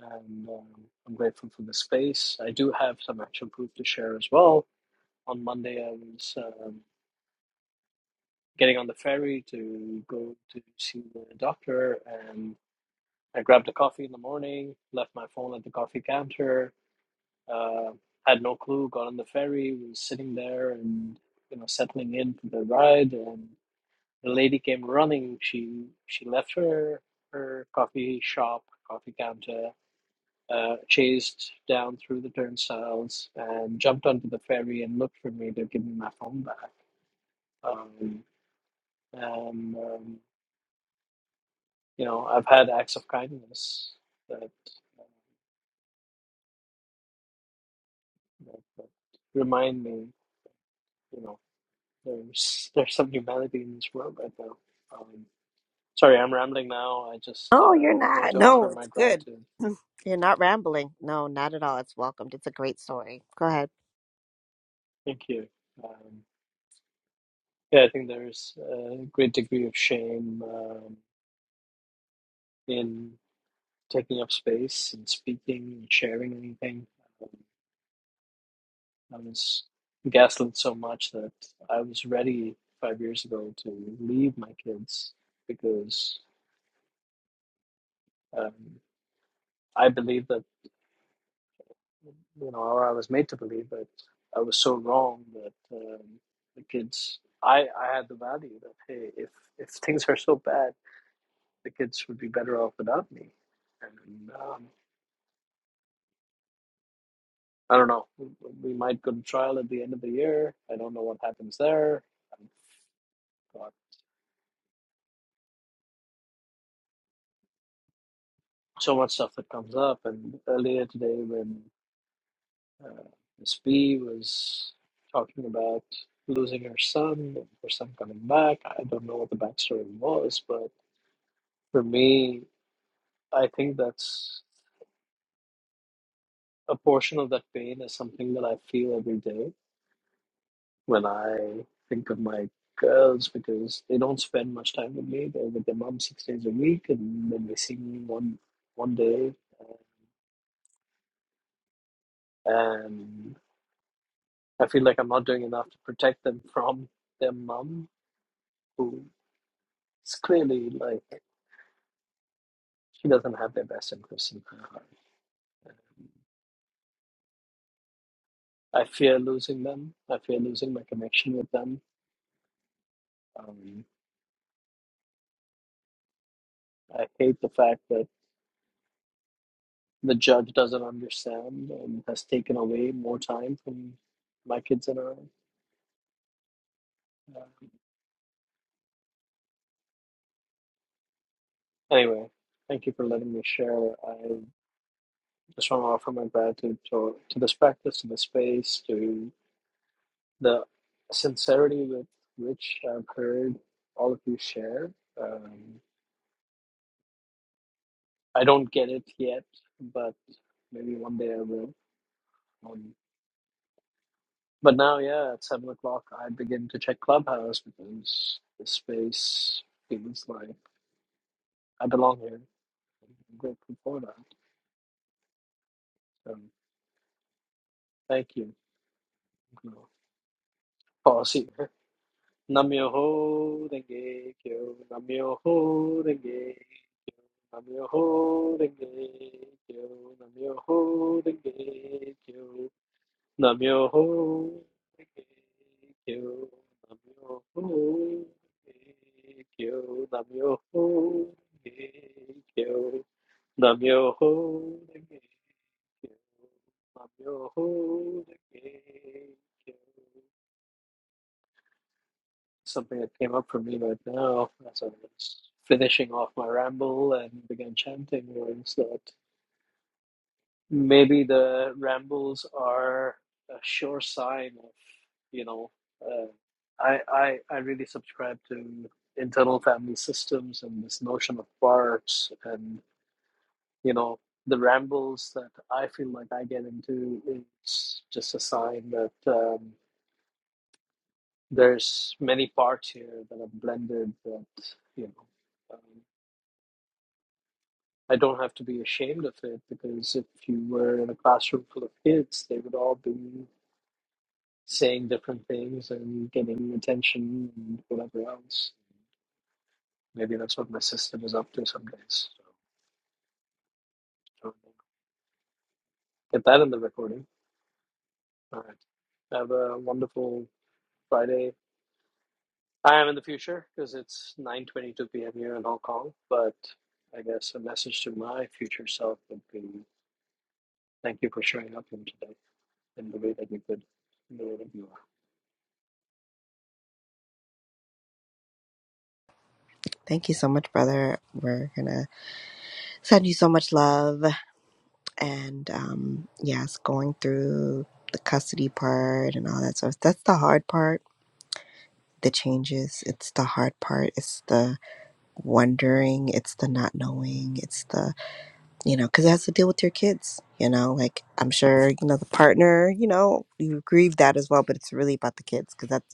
Speaker 10: and um, I'm grateful for the space. I do have some actual proof to share as well. On Monday, I was um, getting on the ferry to go to see the doctor, and. I grabbed a coffee in the morning, left my phone at the coffee counter, uh, had no clue, got on the ferry, was sitting there and you know settling in for the ride, and the lady came running. She she left her her coffee shop, coffee counter, uh, chased down through the turnstiles, and jumped onto the ferry and looked for me to give me my phone back. Um, and um, you know, I've had acts of kindness that, that, that remind me. you know, there's there's some humanity in this world right now. Um, sorry, I'm rambling now. I just
Speaker 15: No, you're
Speaker 10: um, want
Speaker 15: not.
Speaker 10: to
Speaker 15: No,
Speaker 10: offer my
Speaker 15: it's good.
Speaker 10: gratitude.
Speaker 15: You're not rambling. No, not at all. It's welcomed. It's a great story. Go ahead.
Speaker 10: Thank you. Um, yeah, I think there's a great degree of shame um, in taking up space and speaking and sharing anything. Um, I was gaslit so much that I was ready five years ago to leave my kids because um, I believe that. you know, or I was made to believe that I was so wrong that um, the kids, I, I had the value that hey, if if things are so bad, the kids would be better off without me. And um, I don't know, we we might go to trial at the end of the year. I don't know what happens there. I've got so much stuff that comes up. And earlier today, when uh, Miss B was talking about losing her son, and her son coming back, I don't know what the backstory was, but For me, I think that's a portion of that pain is something that I feel every day when I think of my girls because they don't spend much time with me. They're with their mom six days a week, and then they see me one one day, and I feel like I'm not doing enough to protect them from their mom, who is clearly like she doesn't have their best interests in her heart. I fear losing them. I fear losing my connection with them. Um, I hate the fact that the judge doesn't understand and has taken away more time from my kids and I. Uh, anyway, thank you for letting me share. I just want to offer my gratitude to, to this practice, to the space, to the sincerity with which I've heard all of you share. Um, I don't get it yet, but maybe one day I will. Um, but now, yeah, at seven o'clock, I begin to check Clubhouse because this space feels like I belong here. I'm grateful for that. Um, thank you. I'm gonna Pause here. Namyoho Renge Kyo, Namyoho Renge, Namyoho Renge Kyo, Namyoho Renge Kyo, Namyoho Renge Kyo, Namyoho Renge Kyo, Namyoho Renge Kyo, Namyoho Renge you. I'm your holy Something that came up for me right now as I was finishing off my ramble and began chanting was that maybe the rambles are a sure sign of, you know, uh, I, I I really subscribe to internal family systems and this notion of parts and you know the rambles that I feel like I get into is just a sign that. um, there's many parts here that are blended that you know um, i don't have to be ashamed of it because if you were in a classroom full of kids they would all be saying different things and getting attention and whatever else maybe that's what my sister is up to some days so, so get that in the recording all right have a wonderful friday i am in the future because it's 9.22 p.m here in hong kong but i guess a message to my future self would be Thank you for showing up in today in the way that you could, in the way that you
Speaker 15: Thank you so much, brother. We're gonna send you so much love. and um, yes, going through the custody part and all that stuff. That's the hard part. The changes. It's the hard part. It's the wondering. It's the not knowing. It's the you know because it has to deal with your kids. You know, like I'm sure you know the partner. You know, you grieve that as well, but it's really about the kids because that's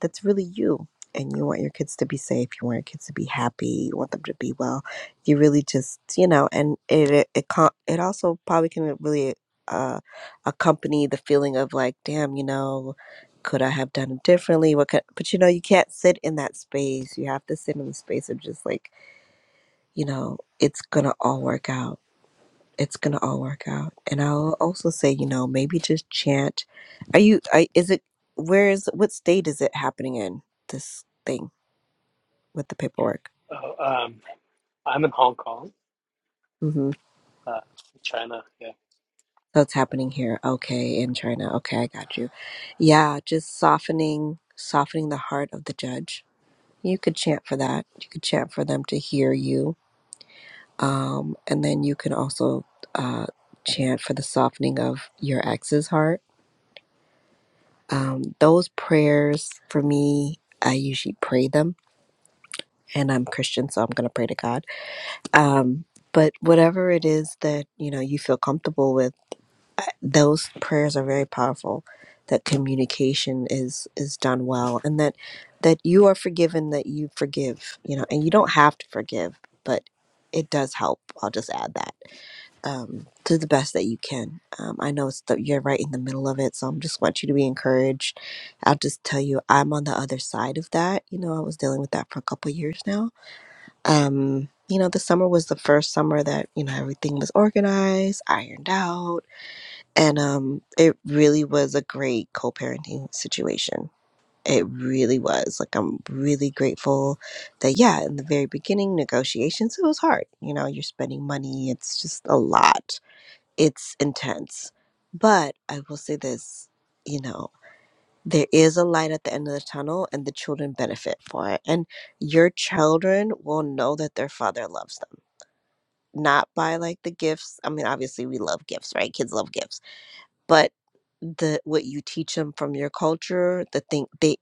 Speaker 15: that's really you. And you want your kids to be safe. You want your kids to be happy. You want them to be well. You really just, you know, and it it it, con- it also probably can really uh, accompany the feeling of like, damn, you know, could I have done it differently? What could? But you know, you can't sit in that space. You have to sit in the space of just like, you know, it's gonna all work out it's gonna all work out. And I'll also say, you know, maybe just chant. Are you? I is it? Where is? What state is it happening in? This thing with the paperwork.
Speaker 10: are. Oh, um, I'm in Hong Kong,
Speaker 15: Mm-hmm.
Speaker 10: uh, China. Yeah.
Speaker 15: So it's happening here. Okay, in China. Okay, I got you. Yeah, just softening, softening the heart of the judge. You could chant for that. You could chant for them to hear you. Um, and then you can also uh, chant for the softening of your ex's heart Um, those prayers for me, I usually pray them, and I'm Christian, so I'm going to pray to God. Um, but whatever it is that you know you feel comfortable with, I- those prayers are very powerful. That communication is is done well, and that that you are forgiven, that you forgive, you know, and you don't have to forgive, but it does help. I'll just add that um, to the best that you can. Um, I know it's the, you're right in the middle of it, so I'm just want you to be encouraged. I'll just tell you, I'm on the other side of that. You know, I was dealing with that for a couple years now. Um, you know, the summer was the first summer that you know everything was organized, ironed out, and um, it really was a great co-parenting situation. It really was. Like, I'm really grateful that, yeah, in the very beginning, negotiations, it was hard. You know, you're spending money, it's just a lot it's intense. But I will say this, you know, there is a light at the end of the tunnel and the children benefit for it. And your children will know that their father loves them. Not by like the gifts. I mean, obviously we love gifts, right? Kids love gifts. But the what you teach them from your culture, the thing they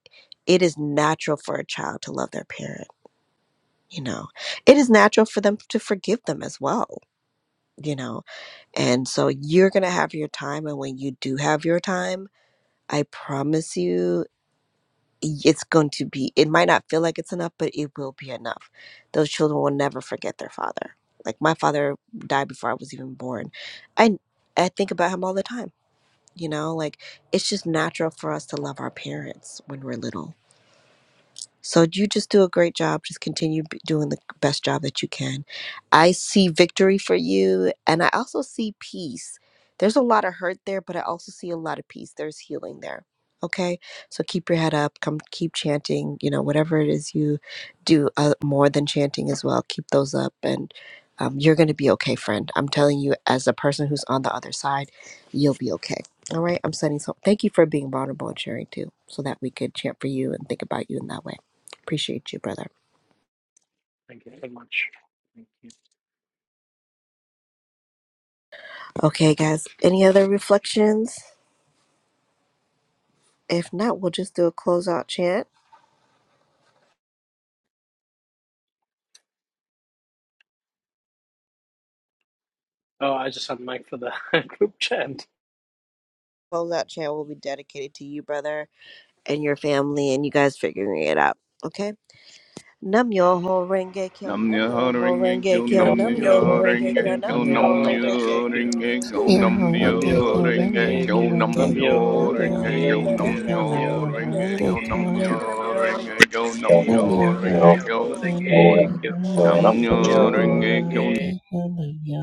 Speaker 15: it is natural for a child to love their parent, you know. It is natural for them to forgive them as well, you know And so you're going to have your time. And when you do have your time, I promise you, it's going to be, it might not feel like it's enough, but it will be enough. Those children will never forget their father. Like my father died before I was even born. I, I think about him all the time. You know, like it's just natural for us to love our parents when we're little so you just do a great job. Just continue b- doing the best job that you can. I see victory for you, and I also see peace. There's a lot of hurt there, but I also see a lot of peace. There's healing there. Okay, so keep your head up. Come, keep chanting. You know, whatever it is you do, uh, more than chanting as well. Keep those up, and um, you're gonna be okay, friend. I'm telling you, as a person who's on the other side, you'll be okay. All right, I'm sending so. Thank you for being vulnerable and sharing too, so that we could chant for you and think about you in that way. Appreciate you, brother.
Speaker 10: Thank you so much. Thank you.
Speaker 15: Okay, guys. Any other reflections? If not, we'll just do a closeout chant.
Speaker 10: Oh, I just had mic for the group chant.
Speaker 15: Closeout chant will be dedicated to you, brother, and your family, and you guys figuring it out. Okay. Nam yo ho renge kyo,
Speaker 16: Nam
Speaker 15: nam yo
Speaker 16: nyo
Speaker 15: ho
Speaker 16: ring a
Speaker 15: renge
Speaker 16: kill.
Speaker 10: Thank
Speaker 15: kyo,
Speaker 10: you.
Speaker 16: nam
Speaker 15: nam yo ho
Speaker 16: nyo
Speaker 10: Namyoho
Speaker 16: ring
Speaker 15: renge kyo,
Speaker 16: a
Speaker 10: Dengekyo.
Speaker 15: nam
Speaker 16: kill.
Speaker 15: yo ho
Speaker 16: nam
Speaker 10: Namyoho
Speaker 15: renge kyo, nam yo ho renge kyo,
Speaker 16: nyo ring
Speaker 10: Dengekyo.
Speaker 16: a
Speaker 17: Nam
Speaker 16: kill.
Speaker 17: your
Speaker 16: nam
Speaker 17: horenge
Speaker 16: nyo
Speaker 17: kyo,
Speaker 10: Namyoho
Speaker 16: ring
Speaker 17: nam
Speaker 16: a
Speaker 17: your
Speaker 16: kill.
Speaker 10: Dengekyo.
Speaker 17: horenge
Speaker 16: nam
Speaker 17: kyo,
Speaker 16: nyo
Speaker 17: nam
Speaker 10: Namyoho
Speaker 15: Namyo
Speaker 17: your
Speaker 16: ring a kill.
Speaker 17: horenge
Speaker 16: nam
Speaker 10: Dengekyo.
Speaker 17: kyo,
Speaker 16: nyo
Speaker 17: nam
Speaker 10: Namyoho
Speaker 17: your
Speaker 16: ring a
Speaker 17: horenge
Speaker 16: kill.
Speaker 17: kyo,
Speaker 16: nam nyo
Speaker 10: Dengekyo.
Speaker 16: ring
Speaker 10: Namyoho
Speaker 16: a kill. nam
Speaker 17: nam your
Speaker 10: Dengekyo.
Speaker 16: nyo ring a
Speaker 17: horenge
Speaker 16: kill.
Speaker 10: Namyoho
Speaker 17: kyo, nam your
Speaker 10: Dengekyo.
Speaker 17: horenge
Speaker 16: nam
Speaker 17: kyo,
Speaker 16: nyo
Speaker 17: nam
Speaker 12: available?
Speaker 16: ring
Speaker 17: your
Speaker 10: Namyoho
Speaker 16: a kill,
Speaker 10: Dengekyo.
Speaker 17: horenge kyo,